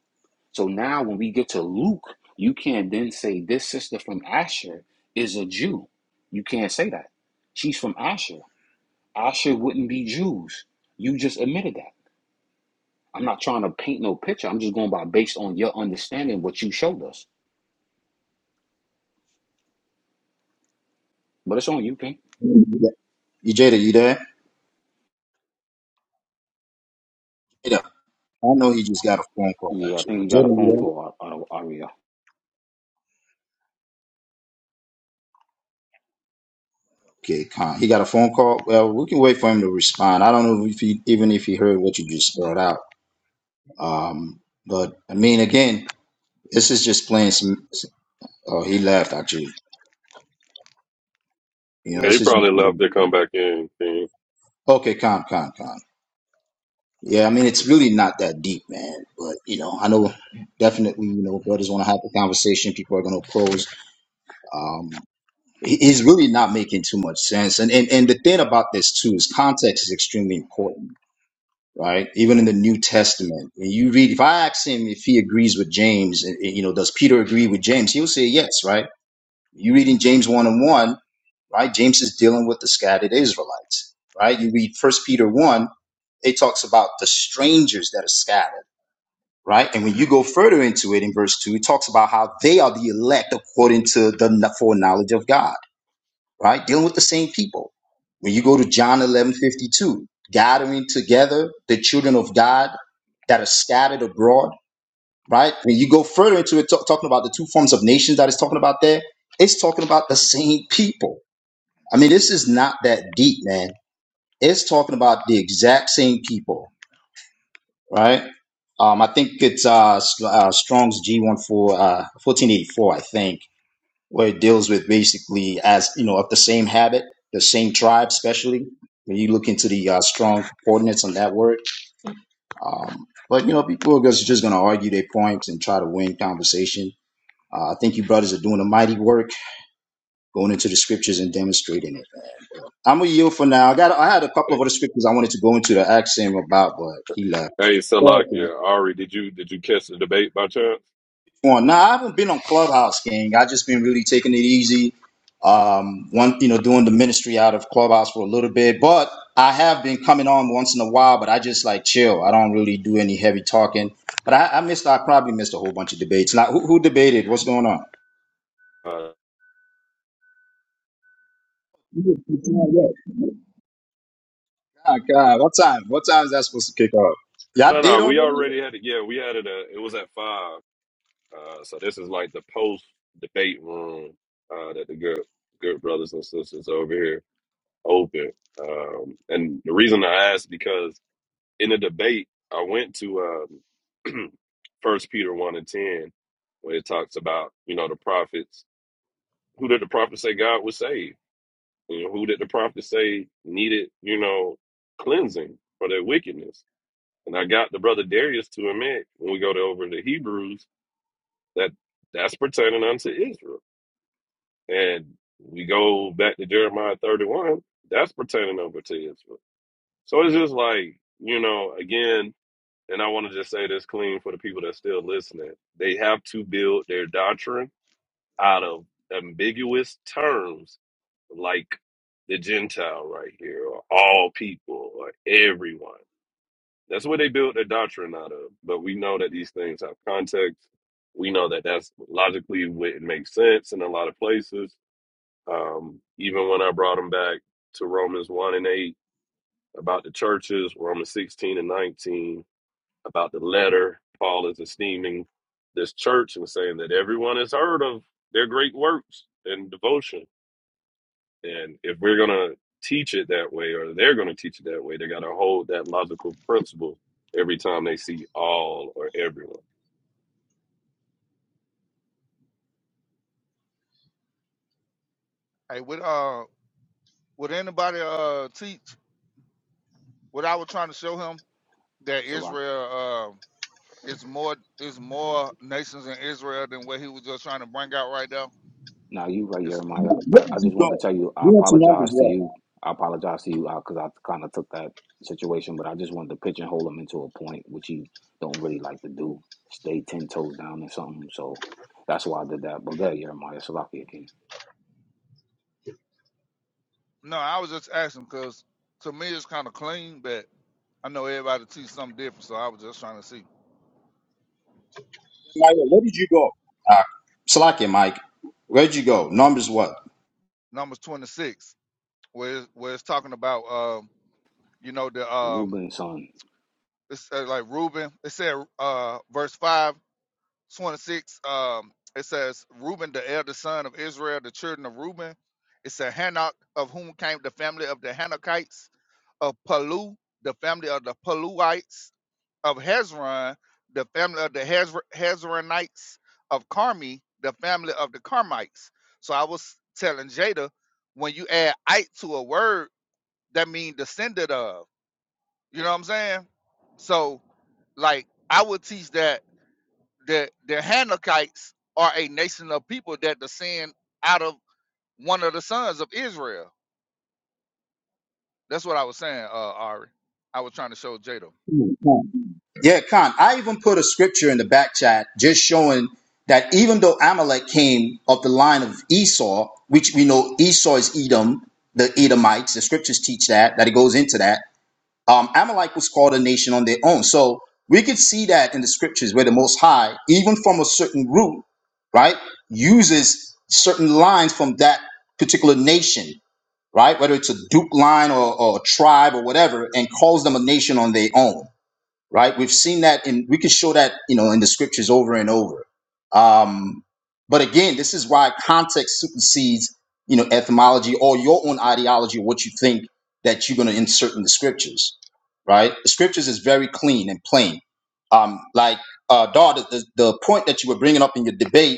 S7: So now when we get to Luke, you can't then say this sister from Asher is a Jew. You can't say that. She's from Asher. Asher wouldn't be Jews. You just admitted that. I'm not trying to paint no picture. I'm just going by based on your understanding what you showed us. But it's on you, King.
S19: got it. You, Jada, you there? Jada, I know he just got a phone call,
S7: Yeah, I
S19: actually.
S7: think we got
S19: Jada,
S7: a
S19: you
S7: phone
S19: there?
S7: call, Ar- Ar- Aria.
S19: Okay, con. He got a phone call. Well, we can wait for him to respond. I don't know if he even if he heard what you just brought out. Um, but I mean, again, this is just playing some. Oh, he left actually. You know,
S9: yeah, you
S19: this is
S9: probably left to come back in. King.
S19: okay. Con, con, con. Yeah, I mean, it's really not that deep, man. But you know, I know definitely. You know, brothers want to have the conversation. People are going to oppose. Um, he- he's really not making too much sense. And and and the thing about this too is context is extremely important right? Even in the New Testament, when you read, if I ask him if he agrees with James, eh, eh, you know, does Peter agree with James? He'll say yes, right? You read in James one and one, right? James is dealing with the scattered Israelites, right? You read First Peter one, it talks about the strangers that are scattered, right? And when you go further into it in verse two, it talks about how they are the elect according to the kn- foreknowledge of God right? Dealing with the same people. When you go to John 11 52, gathering together the children of God that are scattered abroad, right? When you go further into it, talk, talking about the two forms of nations that it's talking about there, it's talking about the same people. I mean, this is not that deep, man. It's talking about the exact same people, right? Um, I think it's uh, S- uh, Strong's g one four uh, 1484, I think where it deals with basically as you know of the same habit, the same tribe, especially when you look into the uh, strong coordinates on that word. Um, but you know, people are just, just going to argue their points and try to win conversation. Uh, I think you brothers are doing a mighty work going into the scriptures and demonstrating it. I'm gonna yield for now. I got I had a couple
S9: Hey,
S19: of other scriptures I wanted to go into the axiom about, but he left.
S9: hey,
S19: Go ahead, Ken.
S4: Hey,
S9: Salakia, Ari, did you did you catch the debate by chance?
S19: on? Now I haven't been on Clubhouse, gang. I just been really taking it easy. Um, one, you know, doing the ministry out of Clubhouse for a little bit, but I have been coming on once in a while. But I just like chill. I don't really do any heavy talking. But I, I missed. I probably missed a whole bunch of debates. Now, who, who debated? What's going on?
S9: Uh,
S19: God, God, what time? What time is that supposed to kick off? Y'all
S9: no,
S19: did
S9: no, we
S19: already.
S9: already had it. Yeah, we had it. Uh, it was at five. Uh, so this is like the post debate room uh, that the good good brothers and sisters over here open. Um, and the reason I asked because in the debate, I went to um, First Peter one and ten, where it talks about you know the prophets. Who did the prophets say God would save? You know, who did the prophets say needed you know cleansing for their wickedness? And I got the brother Darius to admit when we go to over to Hebrews that that's pertaining unto Israel, and we go back to Jeremiah thirty one. That's pertaining over to Israel. So it's just like you know again and I want to just say this clean for the people that's still listening. They have to build their doctrine out of ambiguous terms like the Gentile right here, or all people, or everyone. That's what they build their doctrine out of. But we know that these things have context. We know that that's logically what it makes sense in a lot of places. Um, even when I brought them back to Romans 1 and 8 about the churches, Romans 16 and 19, about the letter Paul is esteeming this church and saying that everyone has heard of their great works and devotion. And if we're going to teach it that way, or they're going to teach it that way, they got to hold that logical principle every time they see all or everyone.
S4: hey, would uh would anybody uh teach what I was trying to show him that
S7: So
S4: Israel uh is more is more nations in Israel than what he was just trying to bring out right now?
S7: Now you right,
S4: It's
S7: Jeremiah.
S19: Where
S7: I, I
S19: did you
S7: just
S19: go?
S7: wanted to tell you, I
S19: We went to numbers
S7: apologize to
S19: what?
S7: you. I apologize to you because I kind of took that situation, but I just wanted to pigeonhole him into a point, which you don't really like to do. Stay 10 toes down or something. So that's why I did that. But good, Jeremiah. Salakia again.
S4: no, I was just asking because to me it's kind of clean, but I know everybody teach something different, so I was just trying to see.
S19: Maya, where did you go? Uh, Slack it, Mike. Where'd you go? Numbers what?
S4: Numbers 26, where it's, where it's talking about um, you know the um
S7: Reuben's son.
S4: It said like Reuben. It said uh verse 5, 26. um, it says Reuben, the eldest son of Israel, the children of Reuben. It said Hanok, of whom came the family of the Hanokites, of Palu, the family of the Paluites, of Hezron, the family of the Hezr- Hezronites, of Carmi, the family of the Carmites. So I was telling Jada, when you add ite to a word, that means descended of. You know what I'm saying? So, like, I would teach that the the Hanakites are a nation of people that descend out of one of the sons of Israel. That's what I was saying, uh, Ari. I was trying to show Jada.
S19: Yeah, Khan, I even put a scripture in the back chat just showing that even though Amalek came of the line of Esau, which we know Esau is Edom, the Edomites, the scriptures teach that, that it goes into that. Um, Amalek was called a nation on their own. So we could see that in the scriptures where the Most High, even from a certain root, right, uses certain lines from that particular nation, right, whether it's a Duke line or, or a tribe or whatever, and calls them a nation on their own right? We've seen that, and we can show that, you know, in the scriptures over and over. Um, but again, this is why context supersedes, you know, etymology or your own ideology or what you think that you're going to insert in the scriptures, right? The scriptures is very clean and plain. Um, like uh, Dar, the, the the point that you were bringing up in your debate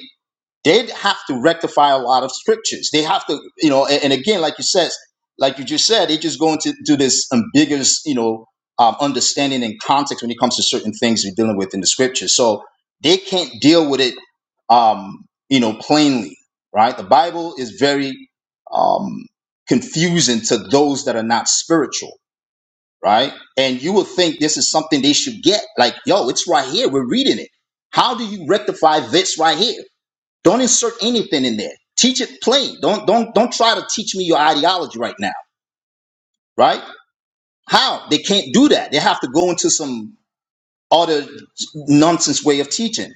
S19: they have to rectify a lot of strictures. They have to, you know, and, and again, like you said, like you just said, they just go into to this ambiguous, you know, um, understanding and context when it comes to certain things we're dealing with in the scriptures. So they can't deal with it, um, you know, plainly, right? The Bible is very um, confusing to those that are not spiritual, right? And you would think this is something they should get. Like, yo, it's right here. We're reading it. How do you rectify this right here? Don't insert anything in there. Teach it plain. Don't don't don't try to teach me your ideology right now, right? How? They can't do that. They have to go into some other nonsense way of teaching,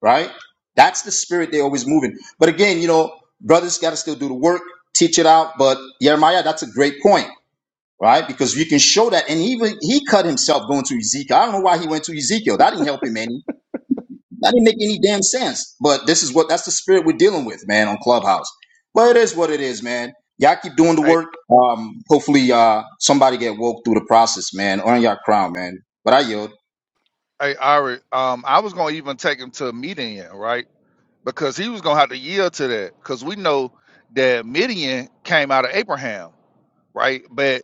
S19: right? That's the spirit they're always moving. But again, you know, brothers gotta still do the work, teach it out. But Jeremiah, that's a great point, right? Because you can show that. And even he cut himself going to Ezekiel. I don't know why he went to Ezekiel. That didn't help him any. That didn't make any damn sense. But this is what that's the spirit we're dealing with, man, on Clubhouse. But it is what it is, man. Y'all keep doing the
S4: Hey,
S19: work. Um, hopefully, uh, somebody get woke through the process, man. Earn your crown, man. But I yield.
S4: hey, Ari. Um, I was gonna even take him to Midian, right? Because he was gonna have to yield to that. Because we know that Midian came out of Abraham, right? But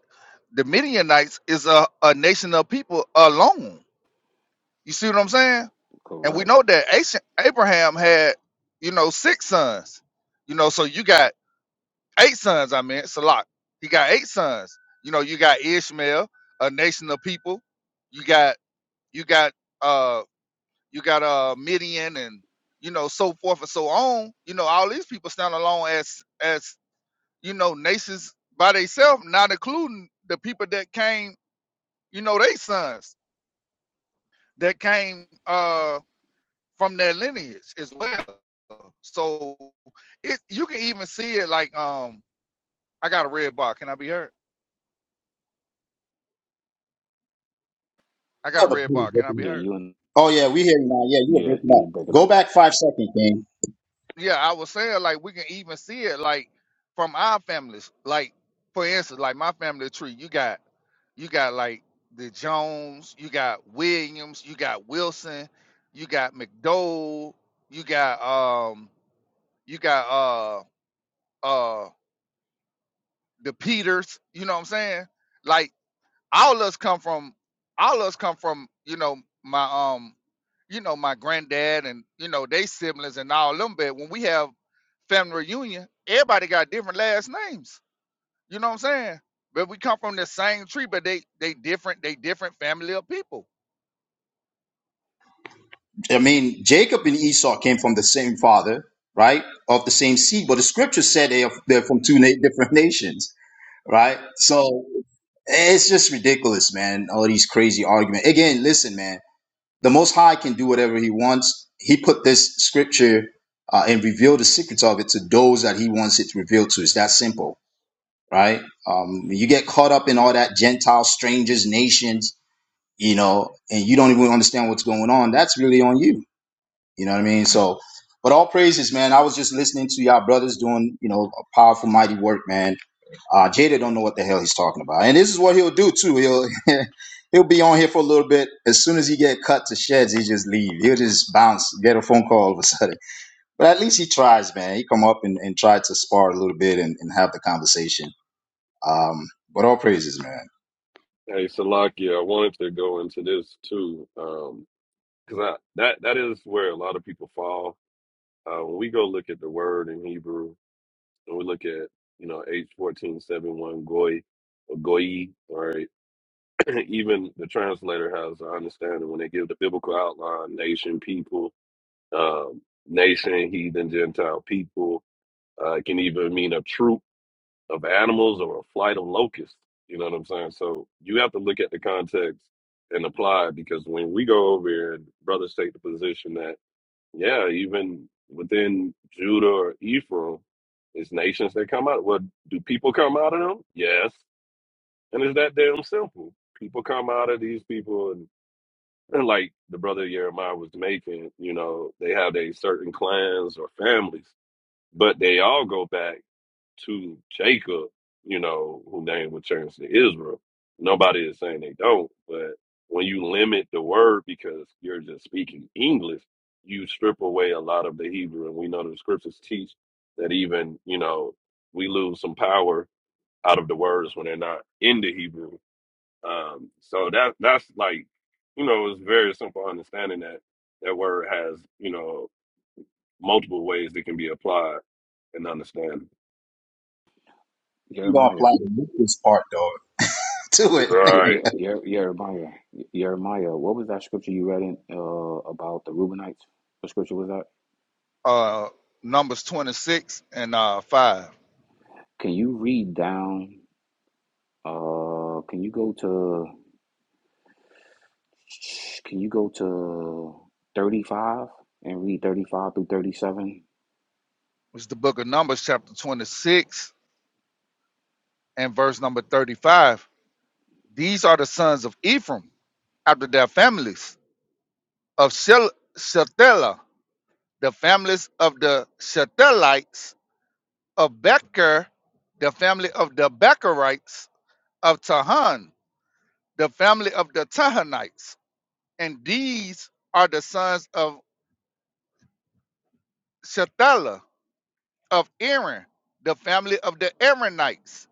S4: the Midianites is a, a nation of people alone. You see what I'm saying? And we
S7: Correct.
S4: know that Ace- Abraham had, you know, six sons. You know, so you got eight sons, I mean, it's a lot. He got eight sons. You know, you got Ishmael, a nation of people. You got you got uh you got uh Midian and you know so forth and so on. You know, all these people stand alone as as, you know, nations by themselves, not including the people that came, you know, they sons that came uh from their lineage as well. So it you can even see it like um I got a red bar, can I be hurt? I got
S19: Yeah,
S4: a
S7: Y-
S19: the
S4: red
S19: booty
S4: bar, can I
S19: breaking
S4: be
S19: up.
S7: Yeah,
S4: hurt?
S7: you and,
S19: Oh yeah, we hear you now. Yeah, you were
S7: yeah,
S19: breaking
S7: you
S19: up.
S7: was breaking
S19: Go
S7: up.
S19: back five seconds, King.
S4: Yeah, I was saying like we can even see it like from our families. Like for instance, like my family tree, you got you got like the Jones, you got Williams, you got Wilson, you got McDowell, you got um you got uh uh the Peters, you know what I'm saying? Like all of us come from all of us come from you know my um you know my granddad and you know they siblings and all them but when we have family reunion everybody got different last names you know what i'm saying but we come from the same tree but they they different they different family of people
S19: I mean, Jacob and Esau came from the same father, right? Of the same seed, but the scripture said they are they're from two na- different nations, right? So it's just ridiculous, man. All these crazy arguments. Again, listen, man. the Most High can do whatever He wants. He put this scripture uh, and revealed the secrets of it to those that He wants it revealed to. It's that simple, right? Um, you get caught up in all that Gentile, strangers, nations, you know, and you don't even understand what's going on. That's really on you. You know what I mean? So, but all praises, man. I was just listening to y'all brothers doing, you know, a powerful, mighty work, man. Uh, Jada don't know what the hell he's talking about, and this is what he'll do too. He'll he'll be on here for a little bit. As soon as he get cut to sheds, he just leave. He'll just bounce, get a phone call all of a sudden. But at least he tries, man. He come up and, and try to spar a little bit and, and have the conversation. Um, but all praises, man.
S9: Hey, Salakia, I wanted to go into this too, um, because that that is where a lot of people fall. Uh, when we go look at the word in Hebrew, and we look at you know H fourteen seven one goy, or goyi, right? even the translator has an understanding when they give the biblical outline, nation, people, um, nation, heathen, Gentile people. Uh, it can even mean a troop of animals or a flight of locusts. You know what I'm saying? So you have to look at the context and apply it because when we go over here and brothers take the position that, yeah, even within Judah or Ephraim, it's nations that come out. Well, do people come out of them? Yes. And it's that damn simple. People come out of these people and. And like the brother Jeremiah was making, you know, they have a certain clans or families, but they all go back to Jacob, you know, who name returns to Israel. Nobody is saying they don't, but when you limit the word because you're just speaking English, you strip away a lot of the Hebrew. And we know the scriptures teach that even, you know, we lose some power out of the words when they're not in the Hebrew. Um, so that that's like, you know, it's very simple understanding that that word has, you know, multiple ways that can be applied and understand.
S19: Ain't gonna
S7: Jeremiah.
S19: apply the this part though. To it.
S7: Yeah, yeah,
S9: Right.
S7: yeah, Jeremiah. Jeremiah, what was that scripture you read in, uh, about the Reubenites? What scripture was that?
S4: uh numbers 26 and uh 5
S7: Can you read down? Uh, can you go to can you go to 35 and read 35 through 37?
S4: it's the book of numbers chapter 26 and verse number 35 these are the sons of ephraim after their families of Shel- Shelah, the families of the Shetelites of Becher, the family of the Becherites of Tahan, the family of the Tahanites. And these are the sons of Shetelah of Aaron, the family of the Aaronites,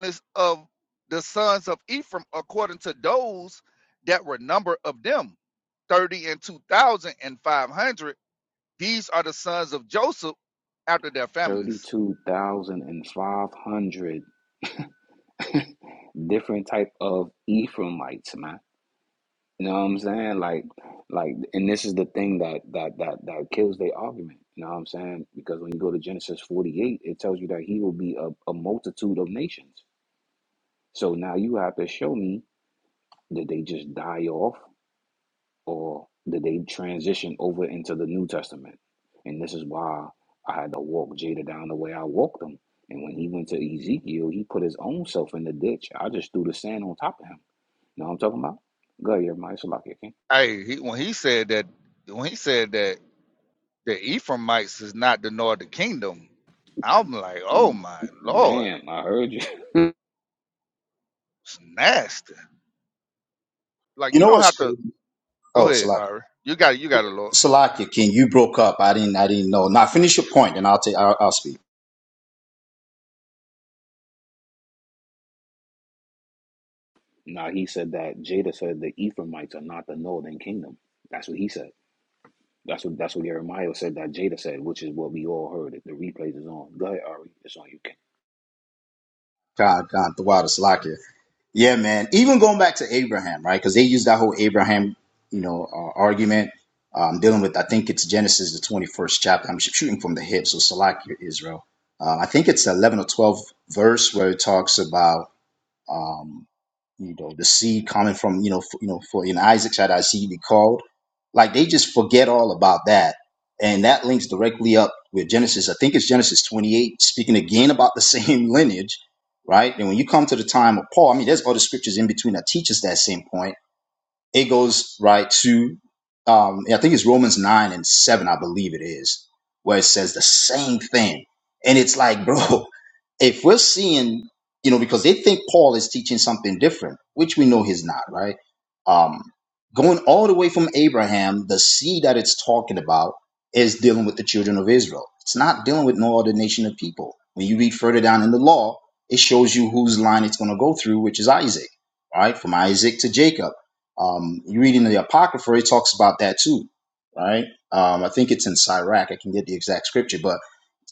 S4: This of the sons of Ephraim, according to those that were number of them, 30 and 2,500. These are the sons of Joseph after their families.
S7: 32,500 different type of Ephraimites, man. You know what I'm saying? Like like and this is the thing that that that that kills their argument. You know what I'm saying? Because when you go to Genesis 48, it tells you that he will be a, a multitude of nations. So now you have to show me that they just die off? or did they transition over into the New Testament? And this is why I had to walk Jada down the way I walked him. And when he went to Ezekiel, he put his own self in the ditch. I just threw the sand on top of him. You know what I'm talking about? Go ahead, Jeremiah. It's like okay?
S4: Hey, he, when he said that, when he said that the Ephraimites is not the northern kingdom, I'm like, oh my lord,
S7: Damn, I heard you.
S4: it's nasty. Like
S19: You
S4: you
S19: know
S4: don't
S19: what's
S4: have to
S19: crazy?
S4: go
S19: Oh,
S4: ahead,
S19: Salakia,
S4: Ari. You got it, you got it, Lord.
S19: Salakia, King, you broke up. I didn't. I didn't know. Now finish your point, and I'll take. I'll, I'll speak.
S7: Now he said that Jada said the Ephraimites are not the northern kingdom. That's what he said. That's what that's what Jeremiah said that Jada said, which is what we all heard. The replays is on. Go ahead, Ari. It's on you, King.
S19: God, God, the water, Salakia. Yeah, man. Even going back to Abraham, right? Because they use that whole Abraham, you know, uh, argument. Um, dealing with, I think it's Genesis, the 21st chapter. I'm sh- shooting from the hip, so Salak, you're Israel. Uh, I think it's 11 or 12 verse where it talks about. um, you know, the seed coming from, you know, f you know, for in Isaac shall thy seed be called. Like they just forget all about that. And that links directly up with Genesis. I think it's Genesis 28, speaking again about the same lineage, right? And when you come to the time of Paul, I mean, there's other scriptures in between that teach us that same point. It goes right to, um, I think it's Romans 9 and 7, I believe it is, where it says the same thing. And it's like, bro, if we're seeing, you know, because they think Paul is teaching something different, which we know he's not, right? Um, going all the way from Abraham, the seed that it's talking about is dealing with the children of Israel. It's not dealing with no other nation of people. When you read further down in the law, it shows you whose line it's going to go through, which is Isaac, right? From Isaac to Jacob. Um, you read in the Apocrypha, it talks about that too, right? Um, I think it's in Sirach. I can get the exact scripture, but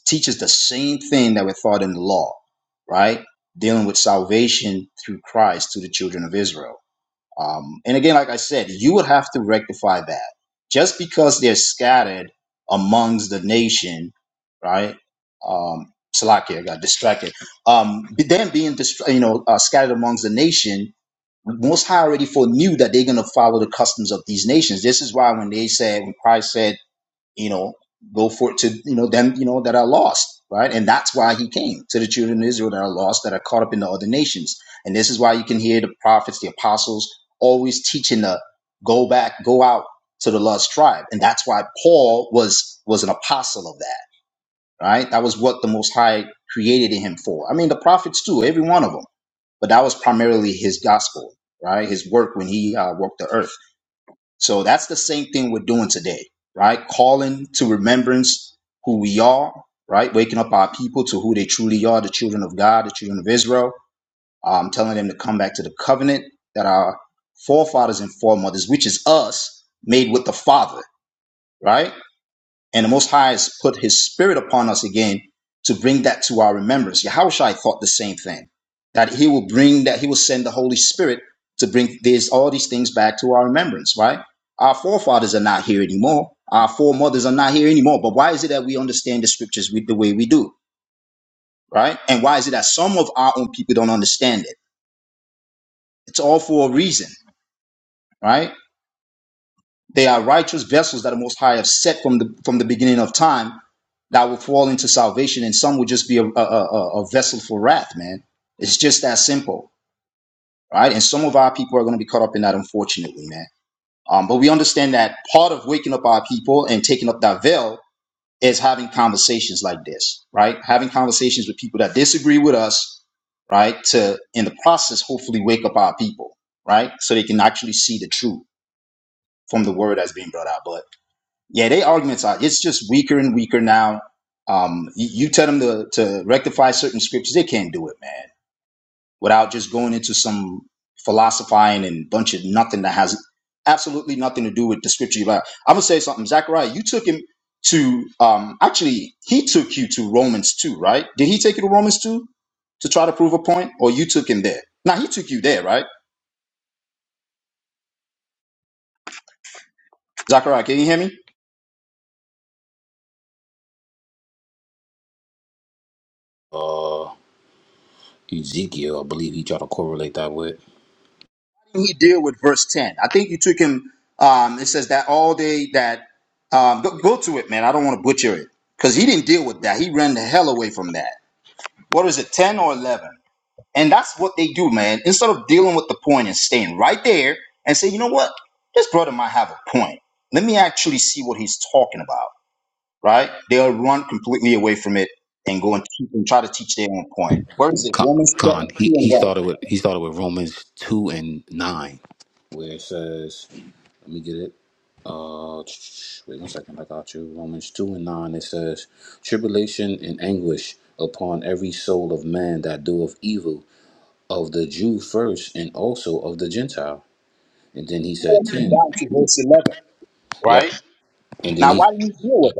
S19: teaches the same thing that were taught in the law, right? Dealing with salvation through Christ to the children of Israel. Um, and again, like I said, you would have to rectify that. Just because they're scattered amongst the nation, right? Um, Salakia I got distracted. Um, but then being dist- you know uh, scattered amongst the nation, Most High already foreknew that they're going to follow the customs of these nations. This is why when they said, when Christ said, you know, go for it to, you know, them, you know, that are lost, right? And that's why he came to the children of Israel that are lost, that are caught up in the other nations. And this is why you can hear the prophets, the apostles always teaching the go back, go out to the lost tribe. And that's why Paul was, was an apostle of that, right? That was what the most high created him for. I mean, the prophets too, every one of them, but that was primarily his gospel, right? His work when he uh, walked the earth. So that's the same thing we're doing today, right? Calling to remembrance who we are, right? Waking up our people to who they truly are, the children of God, the children of Israel, um, telling them to come back to the covenant that our forefathers and foremothers, which is us, made with the Father, right? And the Most High has put His Spirit upon us again to bring that to our remembrance. Yahushua thought the same thing that He will bring that He will send the Holy Spirit to bring these all these things back to our remembrance. Right? Our forefathers are not here anymore. Our foremothers are not here anymore. But why is it that we understand the scriptures with the way we do? Right? And why is it that some of our own people don't understand it? It's all for a reason. Right? They are righteous vessels that the Most High have set from the from the beginning of time that will fall into salvation, and some will just be a, a, a, a vessel for wrath, man. It's just that simple, right? And some of our people are going to be caught up in that, unfortunately, man. Um, but we understand that part of waking up our people and taking up that veil is having conversations like this, right? Having conversations with people that disagree with us, right? To, in the process, hopefully wake up our people, right? So they can actually see the truth from the word that's being brought out. but. Yeah, they arguments are it's just weaker and weaker now. Um, you, you tell them to, to rectify certain scriptures, they can't do it, man, without just going into some philosophizing and bunch of nothing that has absolutely nothing to do with the scripture. You're about. I'm gonna say something, Zachariah. You took him to um, actually, he took you to Romans two, right? Did he take you to Romans two to try to prove a point, or you took him there? Now he took you there, right, Zachariah? Can you hear me?
S7: Uh, Ezekiel, I believe he tried to correlate that with.
S19: he deal with verse 10? I think you took him, um, it says that all day that, um, go, go to it, man. I don't want to butcher it because he didn't deal with that. He ran the hell away from that. What is it, 10 or 11? And that's what they do, man. Instead of dealing with the point and staying right there and say, you know what, this brother might have a point. Let me actually see what he's talking about, right? They'll run completely away from it and go and, teach, and try to teach their own point. Where is it?
S7: Con,
S19: Romans ten
S7: Con
S19: two
S7: he,
S19: 2 and
S7: he
S19: 1.
S7: started with he started with Romans two and nine, where it says, "Let me get it." Uh, wait one second. I got you. Romans two and nine. It says, "Tribulation and anguish upon every soul of man that doeth evil, of the Jew first, and also of the Gentile." And then he said ten.
S19: Down to verse 11,
S7: Yep.
S19: right?
S7: And then
S19: Now,
S7: he
S19: why do you deal with that?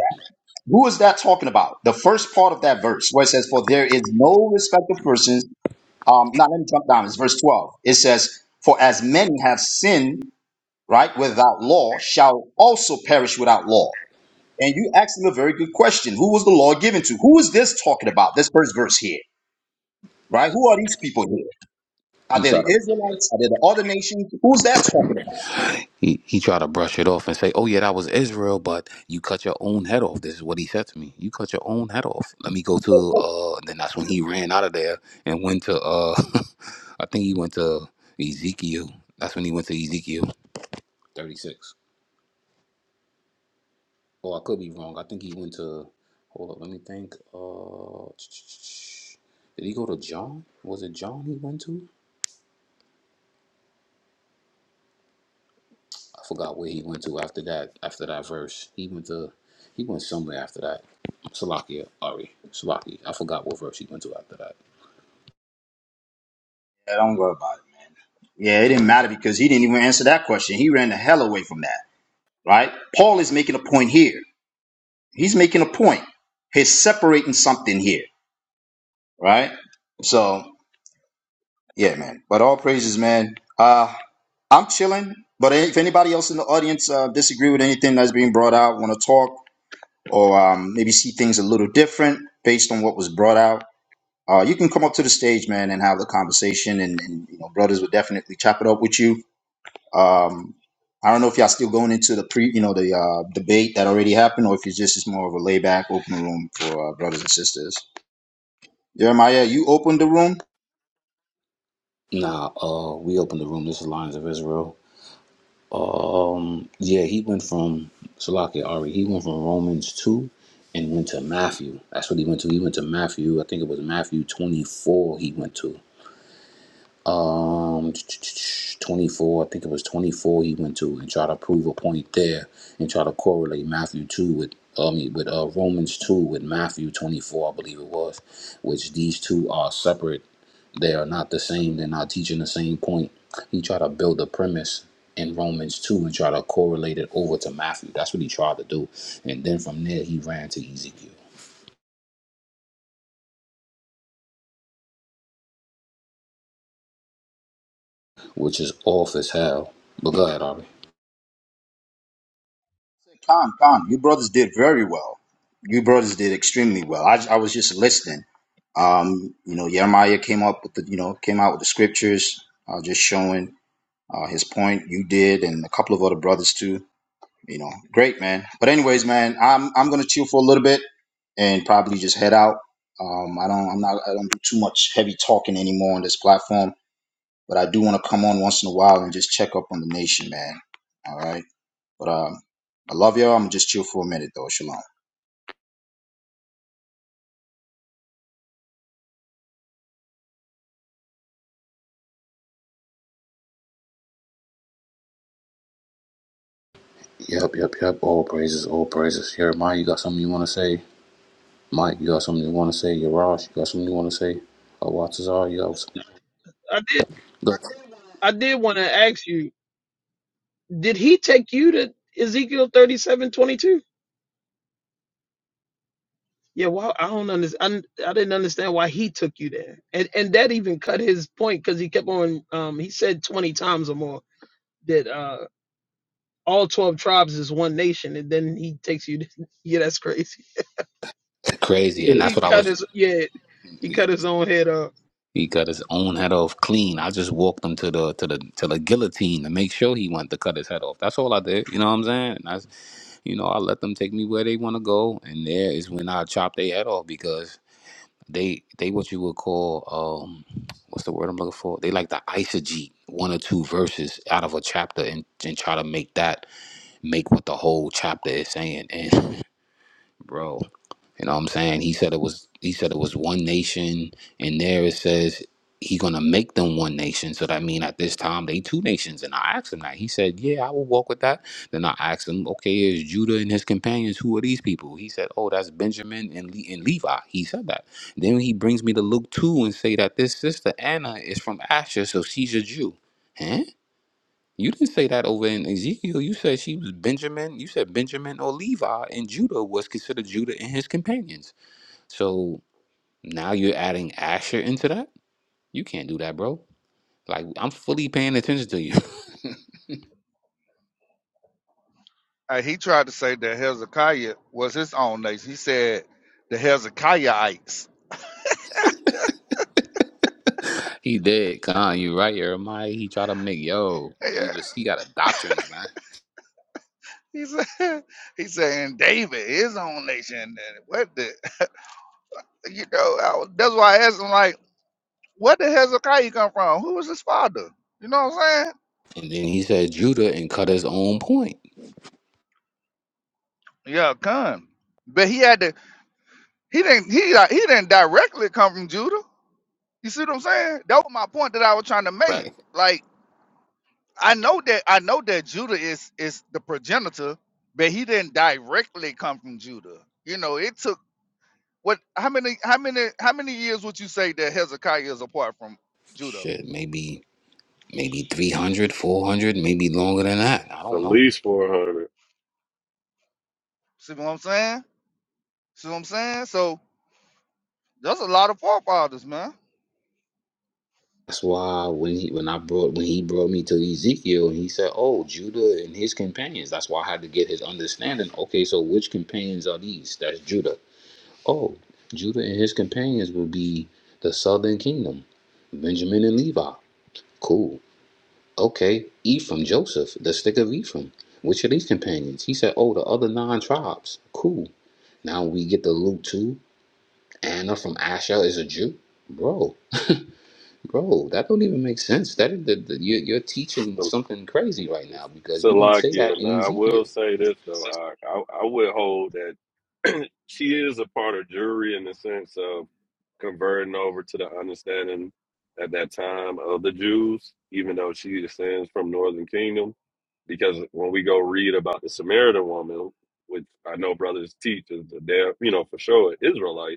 S19: Who is that talking about? The first part of that verse where it says, For there is no respect of persons. Um, not let me jump down. It's verse 12. It says, For as many have sinned, right, without law, shall also perish without law. And you asked him a very good question. Who was the law given to? Who is this talking about? This first verse here, right? Who are these people here? Are
S7: he
S19: they the
S7: tried to
S19: Israelites? Are they the other nations? Who's that talking
S7: He he tried to brush it off and say, "Oh yeah, that was Israel, but you cut your own head off." This is what he said to me. You cut your own head off. Let me go to.
S19: about?
S7: uh Then that's when he ran out of there and went to. uh I think he went to Ezekiel. That's when he went to Ezekiel thirty six. Oh, I could be wrong. I think he went to. Hold up, let me think. Uh, did he go to John? Was it John he went to? I forgot where he went to after that. After that verse, he went to he went somewhere after that. Salakia Ari Salaki. I forgot what verse he went to after that.
S19: Yeah, don't worry about it. Yeah, it didn't matter because he didn't even answer that question. He ran the hell away from that, right? Paul is making a point here He's making a point. He's separating something here, right? So yeah, man. But all praises, man. Uh, I'm chilling. But if anybody else in the audience uh, disagree with anything that's being brought out, want to talk, or um, maybe see things a little different based on what was brought out, uh, you can come up to the stage, man, and have the conversation. And, and you know, brothers would definitely chop it up with you. Um, I don't know if y'all still going into the pre, you know, the uh, debate that already happened, or if it's just it's more of a layback, open room for uh, brothers and sisters. Jeremiah, you opened the room.
S7: Nah, uh, we opened the room. This is Lions of Israel. Um, yeah, he went from Salakia Ari. He went from Romans two and went to Matthew. That's what he went to. He went to Matthew. I think it was Matthew twenty four. He went to. um 24 i think it was 24 he went to and try to prove a point there and try to correlate matthew 2 with i mean with uh romans 2 with matthew 24 i believe it was which these two are separate they are not the same they're not teaching the same point he tried to build a premise in romans 2 and try to correlate it over to matthew that's what he tried to do and then from there he ran to ezekiel which is off as hell but go ahead Aubrey.
S19: Con, con, you brothers did very well. You brothers did extremely well. I, I was just listening. Um, you know, Jeremiah came up with the, you know, came out with the scriptures, uh, just showing uh, his point. You did, and a couple of other brothers too. You know, great man. But anyways, man, I'm I'm gonna chill for a little bit and probably just head out. Um, I don't, I'm not, I don't do too much heavy talking anymore on this platform. But I do want to come on once in a while and just check up on the nation, man. All right. But um, I love y'all. I'm just chill for a minute though. Shalom.
S7: Yep, yep, yep. All praises, all praises. Jeremiah, you got something you want to say? Mike, you got something you want to say? Yarash, you got something you want to say? Oh, Awatazar, you got something.
S17: I did
S7: Look,
S17: I did want to ask you, did he take you to Ezekiel thirty seven twenty two? Yeah, well, I don't understand. I, I didn't understand why he took you there, and and that even cut his point because he kept on. Um, he said twenty times or more that uh all twelve tribes is one nation, and then he takes you. To, yeah, that's crazy.
S7: it's crazy,
S17: He,
S7: and that's
S17: he
S7: what I
S17: cut
S7: was.
S17: his yeah. He cut his own head off.
S7: He cut his own head off clean. I just walked him to the to the to the guillotine to make sure he went to cut his head off. That's all I did. You know what I'm saying? And I, you know, I let them take me where they want to go, and there is when I chop their head off because They they what you would call um what's the word I'm looking for? They like to eisegete one or two verses out of a chapter and, and try to make that make what the whole chapter is saying. And bro. You know what I'm saying? He said it was he said it was one nation, and there it says he gonna make them one nation. So that mean at this time they two nations. And I asked him that. He said, Yeah, I will walk with that. Then I asked him, Okay, is Judah and his companions, who are these people? He said, Oh, that's Benjamin and Le- and Levi. He said that. Then he brings me to Luke 2 and say that this sister Anna is from Asher, so she's a Jew. Huh? You didn't say that over in Ezekiel. You said she was Benjamin. You said Benjamin or Levi, and Judah was considered Judah and his companions. So now you're adding Asher into that? You can't do that, bro. Like I'm fully paying attention to you.
S4: Uh, he tried to say that Hezekiah was his own nation. He said the Hezekiahites.
S7: he did, Khan. You right, Jeremiah. He tried to make yo.
S4: Yeah,
S7: He was he got a doctrines, man.
S4: he said he said and David his own nation. And what the you know? I was, that's why I asked him like, where did Hezekiah come from? Who was his father? You know what I'm saying?
S7: And then he said Judah and cut his own point.
S4: Yeah, come. But he had to. He didn't. He like he didn't directly come from Judah. You see what I'm saying? That was my point that I was trying to make.
S7: Right.
S4: Like I know that I know that Judah is is the progenitor, but he didn't directly come from Judah. You know, it took what? How many? How many? How many years would you say that Hezekiah is apart from Judah?
S7: Shit, maybe maybe 300, 400, maybe longer than that. I
S9: So
S7: don't
S9: at
S7: know.
S9: least four hundred.
S4: See what I'm saying? See what I'm saying? So there's a lot of forefathers, man.
S7: That's why when he when I brought when he brought me to Ezekiel and he said, "Oh, Judah and his companions." That's why I had to get his understanding. Okay, so which companions are these? That's Judah. Oh, Judah and his companions will be the southern kingdom, Benjamin and Levi. Cool. Okay, Ephraim, Joseph, the stick of Ephraim. Which are these companions? He said, "Oh, the other nine tribes." Cool. Now we get to Luke two. Anna from Asher is a Jew, bro. Bro, that don't even make sense. That is the, the, you, you're teaching
S9: so
S7: something crazy right now because you didn't say that
S9: Salakia.
S7: in
S9: Now, I will
S7: Ezekiel.
S9: say this though, I I, I would hold that she is a part of jury in the sense of converting over to the understanding at that time of the Jews, even though she descends from Northern Kingdom. Because when we go read about the Samaritan woman, which I know brothers teach is the damn, you know, for sure Israelite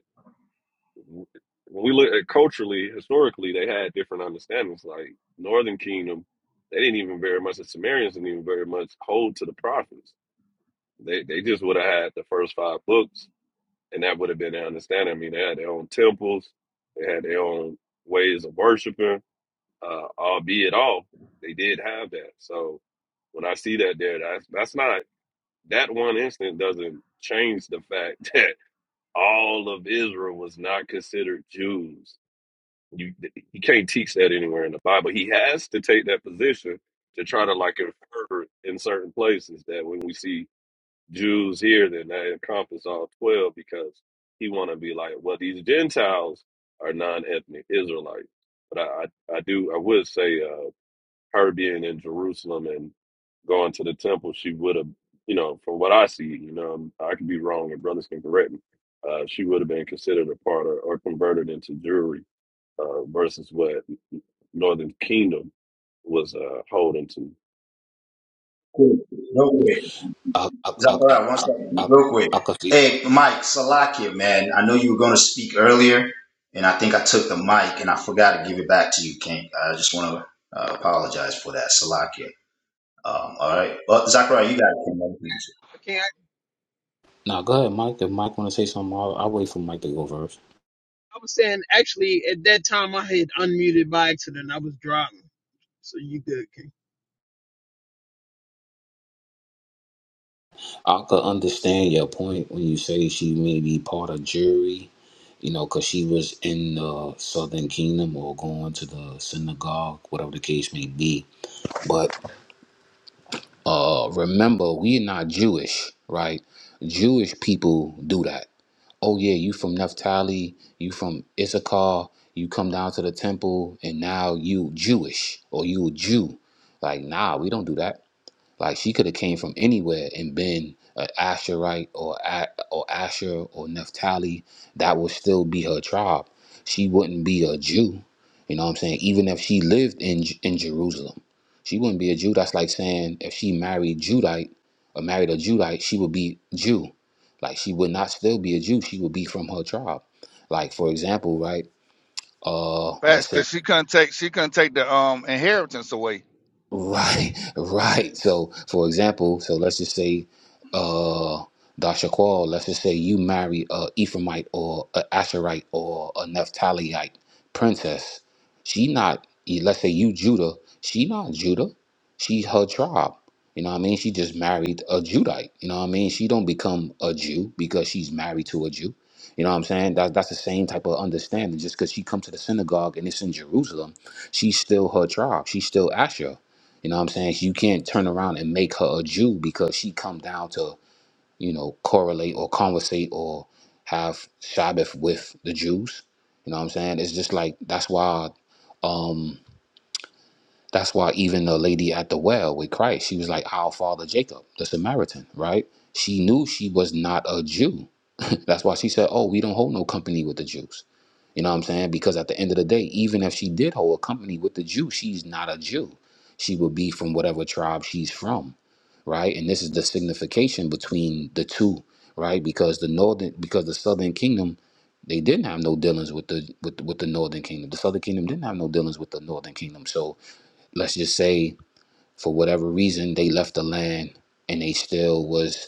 S9: when we look at culturally, historically, they had different understandings. Like Northern Kingdom, they didn't even very much. The Sumerians didn't even very much hold to the prophets. They they just would have had the first five books, and that would have been their understanding. I mean, they had their own temples, they had their own ways of worshiping, uh, albeit all they did have that. So when I see that there, that's that's not that one instance doesn't change the fact that all of Israel was not considered Jews you he can't teach that anywhere in the Bible. He has to take that position to try to like infer in certain places that when we see Jews here, then that encompasses all twelve because he want to be like, well, these Gentiles are non-ethnic Israelites. But I, I, I do I would say uh, her being in Jerusalem and going to the temple, she would have, you know, from what I see, you know, um, I could be wrong and brothers can correct me. Uh, she would have been considered a part of, or converted into Jewry uh, versus what Northern Kingdom was uh, holding to.
S19: Quick, Real quick.
S7: I, I, I, I,
S19: Zachariah, one
S7: I,
S19: second.
S7: I,
S19: Real quick.
S7: I could see.
S19: Hey, Mike, Salakia, man. I know you were going to speak earlier, and I think I took the mic, and I forgot to give it back to you, King. I just want to uh, apologize for that, Salakia. Um, all right. Well, Zachariah, you got it. King.
S7: Now go ahead, Mike. If Mike want to say something, I'll, I'll wait for Mike to go first.
S17: I was saying actually at that time I had unmuted by accident. I was driving, so you good.
S7: I could understand your point when you say she may be part of jury, you know, because she was in the Southern Kingdom or going to the synagogue, whatever the case may be. but. Uh, remember, we're not Jewish, right? Jewish people do that. Oh yeah, you from Naphtali, you from Issachar, you come down to the temple, and now you Jewish or you a Jew. Like, nah, we don't do that. Like she could have came from anywhere and been an Asherite or A- or Asher or Naphtali. That would still be her tribe. She wouldn't be a Jew. You know what I'm saying? Even if she lived in J- in Jerusalem, she wouldn't be a Jew. That's like saying if she married Judite or married a Judite, she would be Jew. Like she would not still be a Jew. She would be from her tribe. Like for example, right? Uh,
S4: Facts,
S7: let's say
S4: cause she couldn't take she couldn't take the um inheritance away.
S7: Right, right. So, for example, so let's just say, uh, Dasha Qual, let's just say you marry a Ephraimite or a Asherite or a Naphtaliite princess. She not, let's say you Judah, she not Judah. She her tribe. You know what I mean? She just married a Judite. You know what I mean? She don't become a Jew because she's married to a Jew. You know what I'm saying? That, that's the same type of understanding. Just because she come to the synagogue and it's in Jerusalem, she's still her tribe. She's still Asher. You know what I'm saying? You can't turn around and make her a Jew because she come down to, you know, correlate or conversate or have Sabbath with the Jews. You know what I'm saying? It's just like that's why um that's why even the lady at the well with Christ, she was like our father Jacob, the Samaritan, right? She knew she was not a Jew. that's why she said, "Oh, we don't hold no company with the Jews." You know what I'm saying? Because at the end of the day, even if she did hold a company with the Jew, she's not a Jew. She would be from whatever tribe she's from, right? And this is the signification between the two, right? Because the northern, because the southern kingdom, they didn't have no dealings with the with with the northern kingdom. The southern kingdom didn't have no dealings with the northern kingdom. So let's just say, for whatever reason, they left the land and they still was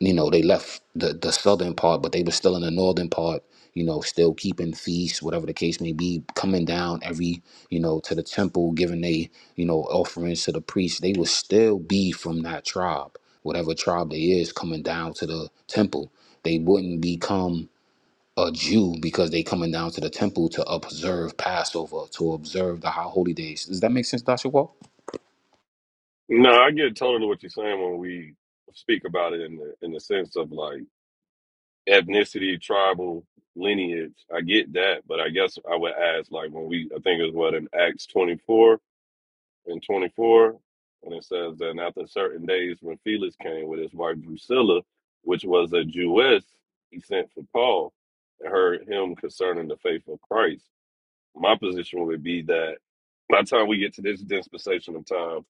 S7: you know they left the the southern part but they were still in the northern part you know still keeping feasts whatever the case may be coming down every you know to the temple giving they you know offerings to the priests they would still be from that tribe whatever tribe they is coming down to the temple they wouldn't become a jew because they coming down to the temple to observe passover to observe the high holy days does that make sense Dr. Wall?
S9: No, I get totally what you're saying when we speak about it in the in the sense of like ethnicity, tribal lineage. I get that, but I guess I would ask like when we I think it was what in Acts 24 and 24 and it says that after certain days when Felix came with his wife Drusilla, which was a Jewess, he sent for Paul and heard him concerning the faith of Christ. my position would be that by the time we get to this dispensation of time,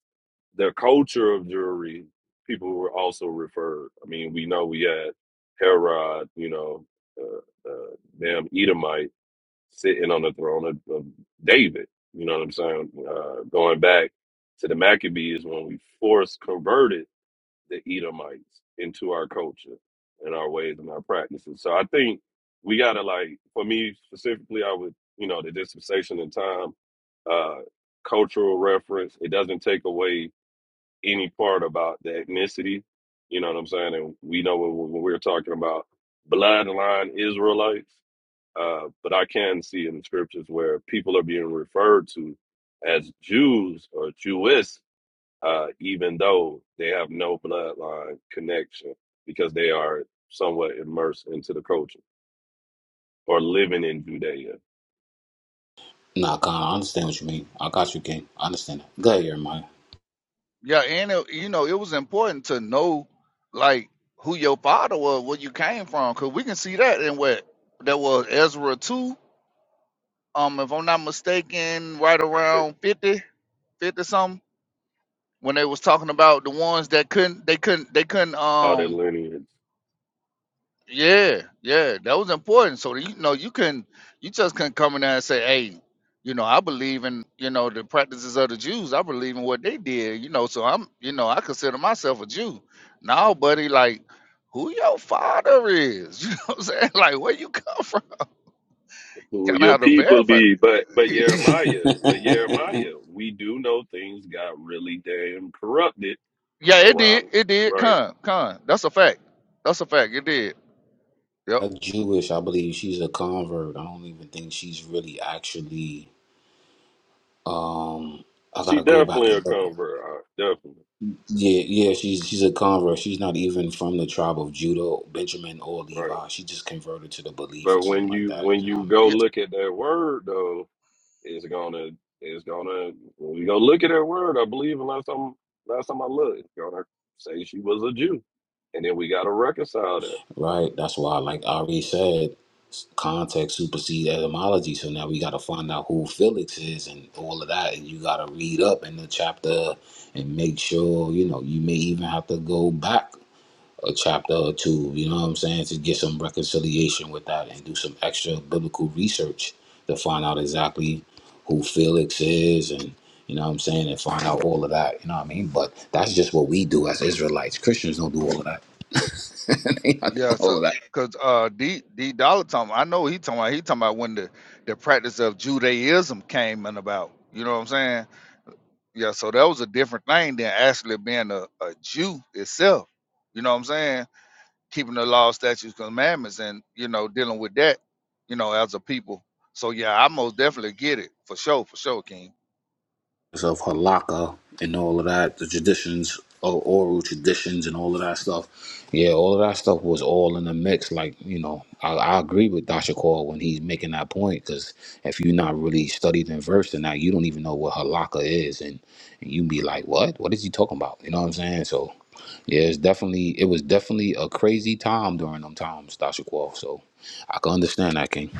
S9: the culture of jewelry, people were also referred. I mean, we know we had Herod, you know, uh, uh, damn Edomite sitting on the throne of, of David. You know what I'm saying? Uh, going back to the Maccabees when we forced converted the Edomites into our culture and our ways and our practices. So I think we gotta like for me specifically, I would you know the dispensation and time, uh, cultural reference. It doesn't take away any part about the ethnicity. You know what I'm saying? And we know when, when we're talking about bloodline Israelites, uh, but I can see in the scriptures where people are being referred to as Jews or Jewess uh, even though they have no bloodline connection because they are somewhat immersed into the culture or living in Judea.
S7: nah Khan, i understand what you mean i got you king i understand that go ahead Jeremiah.
S4: Yeah, and it, you know, it was important to know like who your father was, where you came from, because we can see that in what that was Ezra two. Um, if I'm not mistaken, right
S9: Right?
S4: around 50, 50 something, when they was talking about the ones that couldn't, they couldn't, they couldn't.
S9: All their
S4: um.
S9: lineage,
S4: Yeah, yeah, that was important. So you know, you can you just couldn't come in there and say, "Hey, you know, I believe in you know the practices of the Jews. I believe in what they did. You know, so I'm you know I consider myself a Jew. Now, buddy, like who your father is? You know what I'm saying? Like where you come from?
S9: who
S4: Kind of
S9: your
S4: how to
S9: people
S4: verify.
S9: be. But but
S4: it.
S9: Jeremiah, but Jeremiah, we do know things got really damn corrupted
S4: Yeah, it did.
S9: around
S4: It did.
S9: right.
S4: Con, con. That's a fact. That's a fact. It did.
S7: I'm
S4: Yep.
S7: Jewish. I believe she's a convert. I don't even think she's really actually. Um, I
S9: She
S7: gotta go back
S9: definitely a
S7: and look.
S9: convert, uh, definitely.
S7: Yeah, yeah, she's she's a convert. She's not even from the tribe of Judah, Benjamin, or
S9: Right.
S7: Levi. She just converted to the belief
S9: But
S7: or something
S9: when
S7: like
S9: you when
S7: that. You know what I
S9: you
S7: mean?
S9: go look at that word though, Is gonna, is gonna, we gonna look at her word. I believe unless I'm, last time I looked, gonna say she was a Jew, and then we gotta reconcile that.
S7: Right. That's why, like Ari said, s- context supersedes etymology. So now we got to find out who Felix is and all of that. And you got to read up in the chapter and make sure, you know, you may even have to go back a chapter or two, you know what I'm saying, to get some reconciliation with that and do some extra biblical research to find out exactly who Felix is and, you know what I'm saying, and find out all of that, you know what I mean? But that's just what we do as Israelites. Christians don't do all of that. they not
S4: Yeah,
S7: doing all
S4: so
S7: of that.
S4: because uh D D Dollar talking, I know he talking about he talking about when the the practice of Judaism came in about. You know what I'm saying? Yeah, so that was a different thing than actually being a, a Jew itself. You know what I'm saying? Keeping the law, statutes, commandments, and you know dealing with that. You know, as a people. So yeah, I most definitely get it for sure, for sure, King.
S7: of halakha and all of that, the traditions or oral traditions and all of that stuff. Yeah, all of that stuff was all in the mix. Like you know, I, I agree with Dasha when he's making that point because if you're not really studied and versed in that, you don't even know what halakha is, and, and you be like, what? What is he talking about? You know what I'm saying? So. Yeah, it's definitely it was definitely a crazy time during them times, Dasha So I can understand that, King.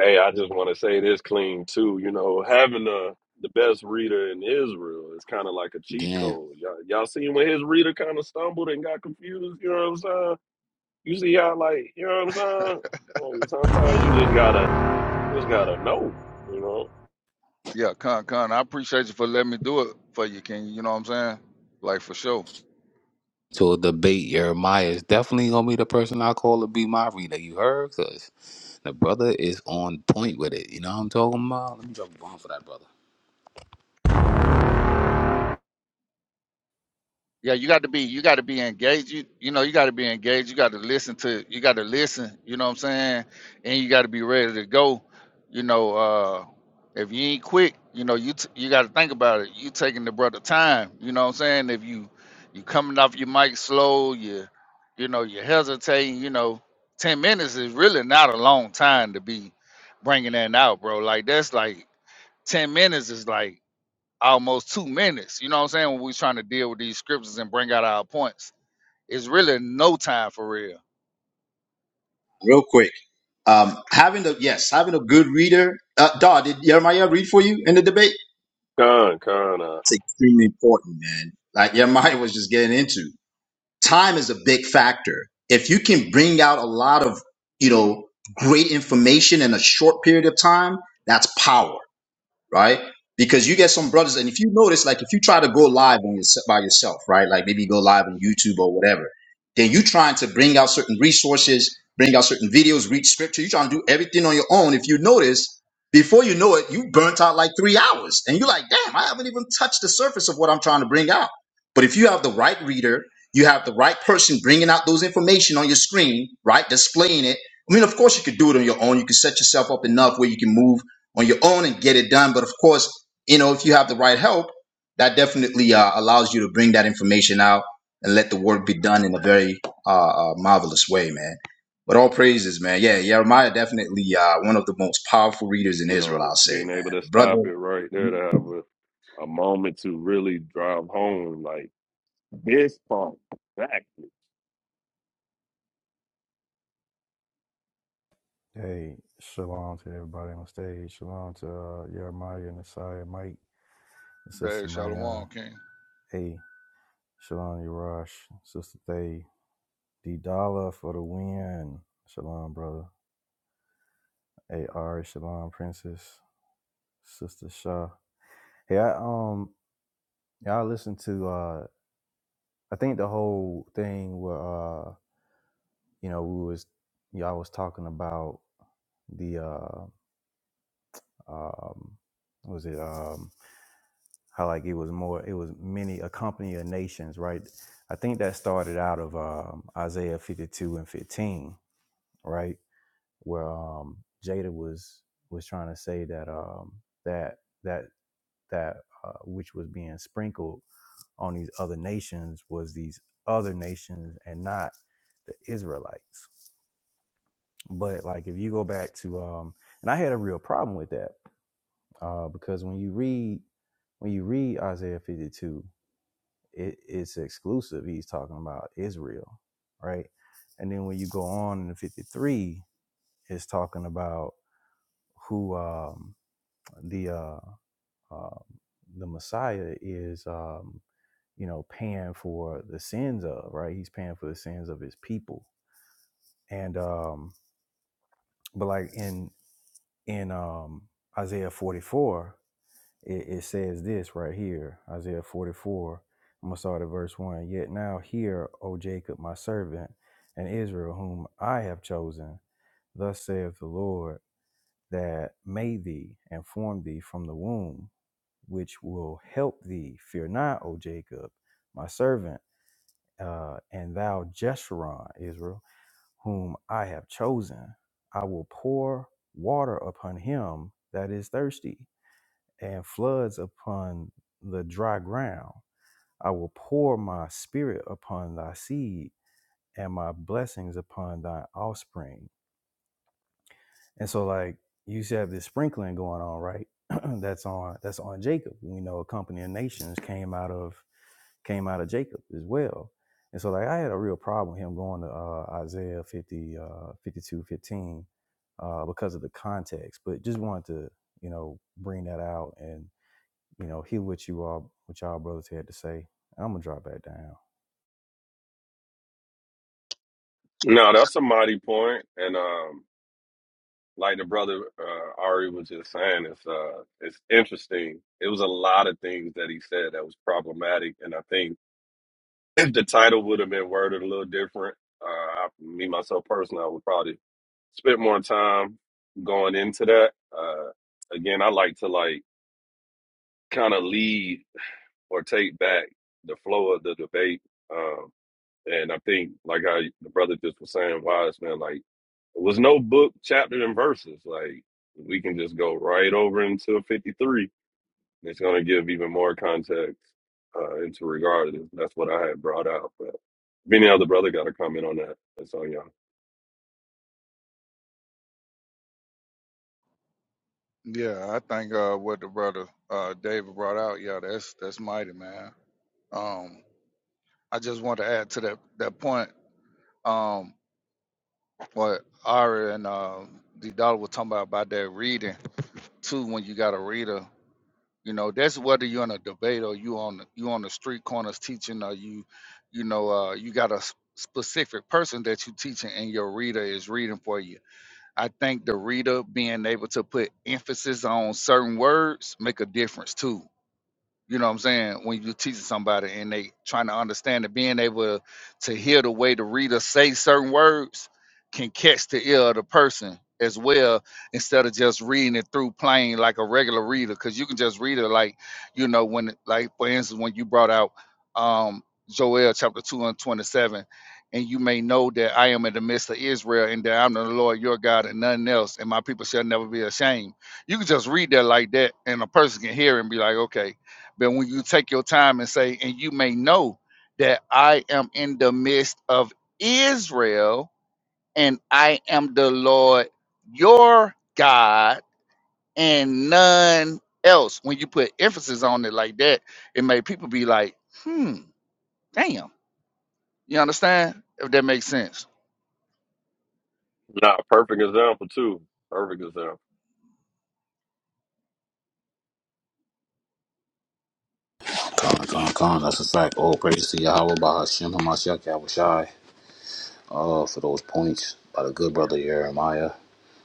S9: Hey, I just want to say this clean too. You know, having the the best reader in Israel is kind of like a cheat
S7: Damn.
S9: code. Y'all, y'all seen when his reader kind of stumbled and got confused. You know what I'm saying? You see how like, you know what I'm saying? Well, sometimes you just gotta, just gotta know. You know,
S4: Yeah, Con Con, I appreciate you for letting me do it for you, King. You know what I'm saying? Like for sure.
S7: to debate Jeremiah is definitely gonna be the person I call to be my reader. You heard? Cause the brother is on point with it. You know what I'm talking about? Let me drop a bomb for that brother.
S4: Yeah, you got to be you got to be engaged. You you know you got to be engaged. You got to listen to you got to listen. You know what I'm saying? And you got to be ready to go. You know, uh, if you ain't quick, you know you t- you got to think about it. You taking the brother time. You know what I'm saying? If you you coming off your mic slow, you you know you hesitating. You know, ten minutes is really not a long time to be bringing that out, bro. Like that's like ten minutes is like almost two minutes. You know what I'm saying? When we was trying to deal with these scriptures and bring out our points, it's really no time for real.
S19: Real quick. Um, having a yes, having a good reader. Uh, Daw, did Jeremiah read for you in the debate?
S9: con, con. uh,
S19: It's extremely important, man. Like Jeremiah was just getting into. time is a big factor. If you can bring out a lot of, you know, great information in a short period of time, that's power right? Because you get some brothers, and if you notice, like if you try to go live on your, by yourself, right? Like maybe go live on YouTube or whatever, then you trying to bring out certain resources, bring out certain videos, read scripture. You trying to do everything on your own. If you notice, before you know it, you burnt out like three hours, and you're like, damn, I haven't even touched the surface of what I'm trying to bring out. But if you have the right reader, you have the right person bringing out those information on your screen, right? Displaying it. I mean, of course, you could do it on your own. You can set yourself up enough where you can move on your own and get it done. But of course, you know, if you have the right help, that definitely uh, allows you to bring that information out and let the work be done in a very uh, uh, marvelous way, man. But all praises, man. Yeah, Jeremiah definitely uh, one of the most powerful readers in
S9: You
S19: Israel,
S9: know,
S19: I'll say,
S9: being able
S19: man.
S9: to
S19: The brother
S9: stop it right there to have a, a moment to really drive home like this part exactly.
S20: Hey, shalom to everybody on stage. Shalom to uh, Jeremiah, Nasiah, Mike, Sister
S4: Dave
S20: Mayan.
S4: Shalom King.
S20: Hey, shalom Yarash, Sister Thay, D Dollar for the win. Shalom, brother. Hey, Ari, shalom, Princess, Sister Shah. Hey, I um, y'all listened to uh, I think the whole thing where uh, you know, we was y'all was talking about the uh, um, what was it um. How like it was more, it was many, a company of nations, right? I think that started out of um, Isaiah 52 and 15, right? Where um, Jada was was trying to say that um, that that that uh, which was being sprinkled on these other nations was these other nations and not the Israelites. But like if you go back to um, and I had a real problem with that uh, because when you read when you read Isaiah 52 it, it's exclusive. He's talking about Israel, right? And then when you go on in 53, it's talking about who um, the uh, uh, the Messiah is, um, you know, paying for the sins of, right? He's paying for the sins of his people. And um, but like in in um, Isaiah 44. it, it says this right here, Isaiah 44. I'm gonna start at verse one. Yet now hear, O Jacob, my servant, and Israel, whom I have chosen. Thus saith the Lord, that made thee and formed thee from the womb, which will help thee. Fear not, O Jacob, my servant, uh, and thou Jeshurun, Israel, whom I have chosen. I will pour water upon him that is thirsty, and floods upon the dry ground. I will pour my spirit upon thy seed and my blessings upon thy offspring. And so like you should have this sprinkling going on, right? that's on that's on Jacob. We know a company of nations came out of came out of Jacob as well. And so like I had a real problem with him going to uh, Isaiah 50, uh, 52, fifteen, uh, because of the context, but just wanted to, you know, bring that out and you know, hear what you all, what y'all brothers had to say. I'm gonna drop back down.
S9: No, that's a mighty point, point. and um, like the brother uh, Ari was just saying, it's uh, it's interesting. It was a lot of things that he said that was problematic, and I think if the title would have been worded a little different, uh, I, me myself personally, I would probably spent more time going into that. Uh, again, I like to like kind of lead. or take back the flow of the debate. Um, and I think, like how the brother just was saying, wise man, like it was no book, chapter, and verses. Like we can just go right over into 53. And It's going to give even more context uh, into regard to this. That's what I had brought out. But if any other brother got a comment on that, that's on y'all.
S4: Yeah, I think uh, what the brother uh, David brought out, yeah, that's that's mighty, man. Um, I just want to add to that that point. Um, what Ari and uh, the dollar were talking about about that reading too. When you got a reader You know, that's whether you're in a debate or you on you on the street corners teaching, or you, you know, uh, you got a s- specific person that you teaching, and your reader is reading for you. I think the reader being able to put emphasis on certain words make a difference too. You know what I'm saying? When you're teaching somebody and they trying to understand it, being able to hear the way the reader say certain words can catch the ear of the person as well instead of just reading it through plain like a regular reader because you can just read it like you know when like for instance when you brought out um joel chapter 2 and 27 and you may know that i am in the midst of israel and that i'm the lord your god and nothing else and my people shall never be ashamed you can just read that like that and a person can hear and be like okay but when you take your time and say, and you may know that I am in the midst of Israel, and I am the Lord your God, and none else. When you put emphasis on it like that, it made people be like, hmm, damn. You understand? If that makes sense.
S9: Nah, perfect example too. Perfect example.
S7: Con, con, con. That's a fact. All praise to Yahweh Bahashim Hamashiach Yahushai. Uh, for those points by the good brother Jeremiah,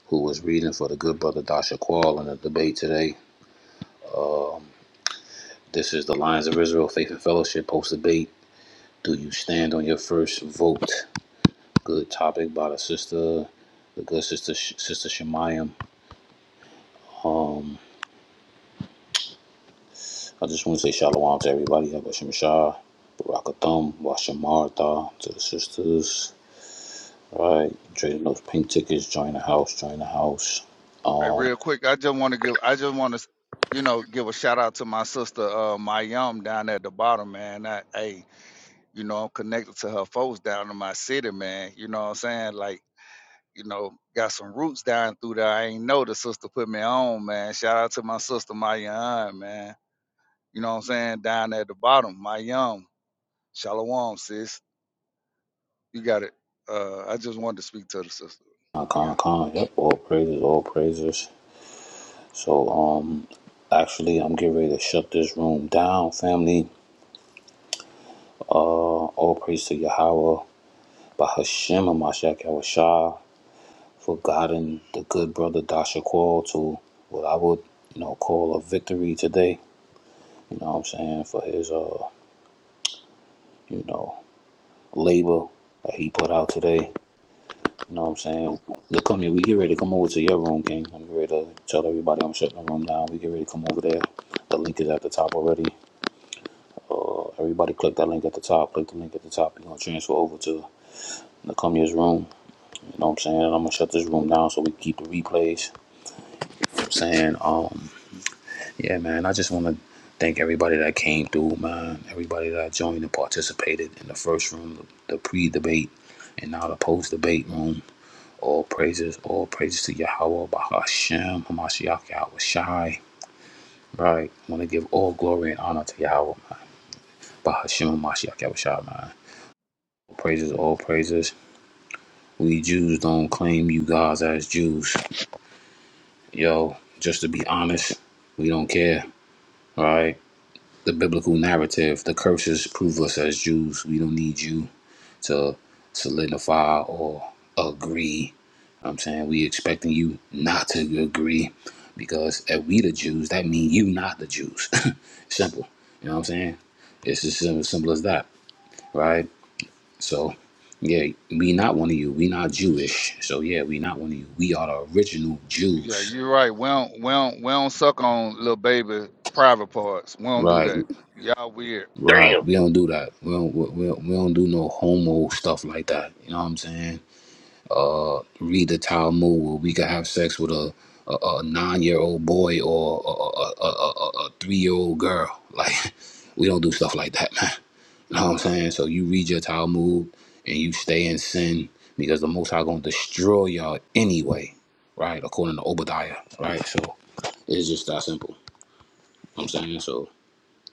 S7: who was reading for the good brother Dasha Qual in the debate today. This is the Lions of Israel Faith and Fellowship post debate. Do you stand on your first vote? Good topic by the sister, the good sister, Sh- Sister Shemayim. I just want to say shalom to everybody. Have a Shah, Baraka Thumb, Washing Martha, to the sisters. All Right. Trading those pink tickets. Join the house. Join the house.
S4: Hey,
S7: Um,
S4: real quick, I just want to give, I just want to, you know, give a shout out to my sister, uh, Mayum down at the bottom, man. I, hey, you know, I'm connected to her folks down in my city, man. You know what I'm saying? Like, you know, got some roots down through there. I ain't know the sister put me on, man. Shout out to my sister, my young man. You know what I'm saying? Down at the bottom, my young. Shalom, sis. You got it. Uh, I just wanted to speak to the sister.
S7: con,
S4: You
S7: con,
S4: got it.
S7: con. Yep. All praises. All praises. So, um, actually, I'm getting ready to shut this room down, family. Uh, all praise to Yahweh, Bahashem, and Mashiach Yahweh for guiding the good brother Dasha Qual to what I would, you know, call a victory today. you know what I'm saying, for his uh, you know, labor that he put out today. You know what I'm saying? Look, come here, we get ready to come over to your room, King. I'm ready to tell everybody I'm shutting the room down. We get ready to come over there. The link is at the top already. Uh everybody click that link at the top, click the link at the top, you're gonna transfer over to Nakumia's room. You know what I'm saying? I'm gonna shut this room down so we keep the replays. You know what I'm saying, Um. Yeah, man. I just want to thank everybody that came through, man. Everybody that joined and participated in the first room, the pre-debate, and now the post-debate room. All praises, all praises to Yahweh, Bahashem, Hamashiach, Yahweh Shai. Right. I want to give all glory and honor to Yahweh, man. Bahashem, Hamashiach, Yahweh Shai, man. All praises, all praises. We Jews don't claim you guys as Jews. Yo, just to be honest, we don't care. Right. the biblical narrative. The curses prove us as Jews. We don't need you to solidify or agree. I'm saying we expecting you not to agree because if we the Jews, that means you not the Jews. simple. You know what I'm saying? It's as simple, simple as that, right? So, yeah, we not one of you. We not Jewish. So yeah, we not one of you. We are the original
S4: Yeah,
S7: Jews,
S4: you're right. We don't, we don't, we don't suck on little baby private parts. We don't do
S7: right?
S4: that. Y'all weird.
S9: Damn.
S7: Right. We don't do that. We don't, we, we we don't do no homo stuff like that. You know what I'm saying? Uh, read the Talmud where we could have sex with a, a, a nine year old boy or a, a, a, a, a three year old girl. Like, we don't do stuff like that, man. You know what I'm saying? So you read your Talmud and you stay in sin because the Most High going to destroy y'all anyway, right? According to Obadiah, right? So it's just that simple. You know what I'm saying? So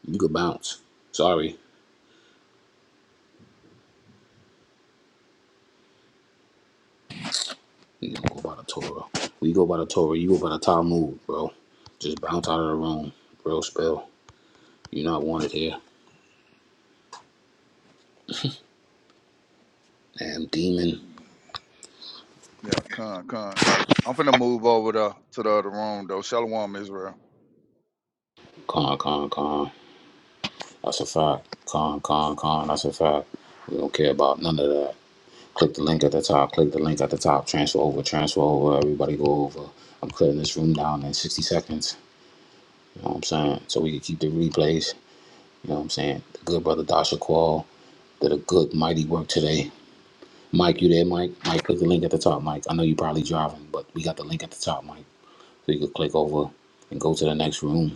S7: you could bounce. Sorry. We don't go by the Torah. We go by the Torah. You go by the Talmud, bro. Just bounce out of the room. Real spell. You're not wanted here. Damn demon.
S4: Yeah, con, con. I'm finna move over to, to the other room though. Shalom, Israel.
S7: Con, con, con. That's a fact. Con, con, con. That's a fact. We don't care about none of that. Click the link at the top. Click the link at the top. Transfer over. Transfer over. Everybody go over. I'm cutting this room down in 60 seconds. You know what I'm saying? So we can keep the replays. You know what I'm saying? The good brother Dasha Qual did a good, mighty work today. Mike, you there, Mike? Mike, click the link at the top, Mike. I know you probably driving, but we got the link at the top, Mike. So you can click over and go to the next room.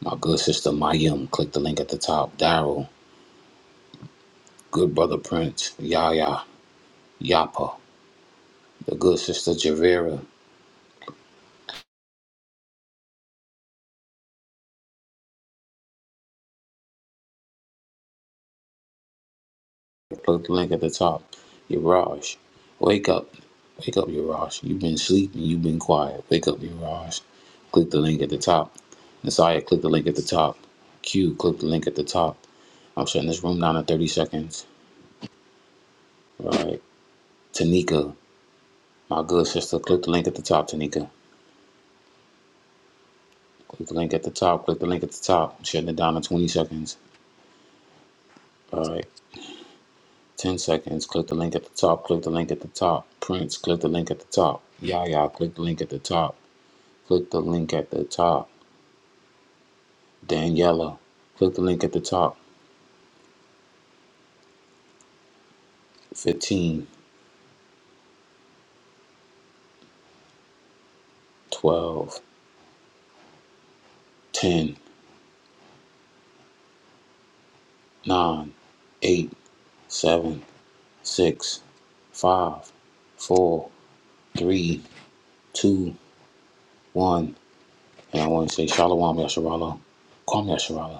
S7: My good sister Mayim, click the link at the top. Daryl, good brother Prince, Yaya, Yapa, the good sister Javera, click the link at the top. Yaraj, wake up. Wake up, Yaraj. You've been sleeping, you've been quiet. Wake up, Yaraj. Click the link at the top. Messiah, click the link at the top. Q, click the link at the top. I'm shutting this room down in 30 seconds. All right. Tanika, my good sister, click the link at the top, Tanika. Click the link at the top, click the link at the top. I'm shutting it down in 20 seconds. All right. 10 seconds. Click the link at the top, click the link at the top. Prince, click the link at the top. Yaya, click the link at the top. Click the link at the top. Daniela, click the link at the top. Fifteen, twelve, ten, nine, eight, seven, six, five, four, three, two, one. And I want to say Shalom Yasharala. Kwame Yasharala.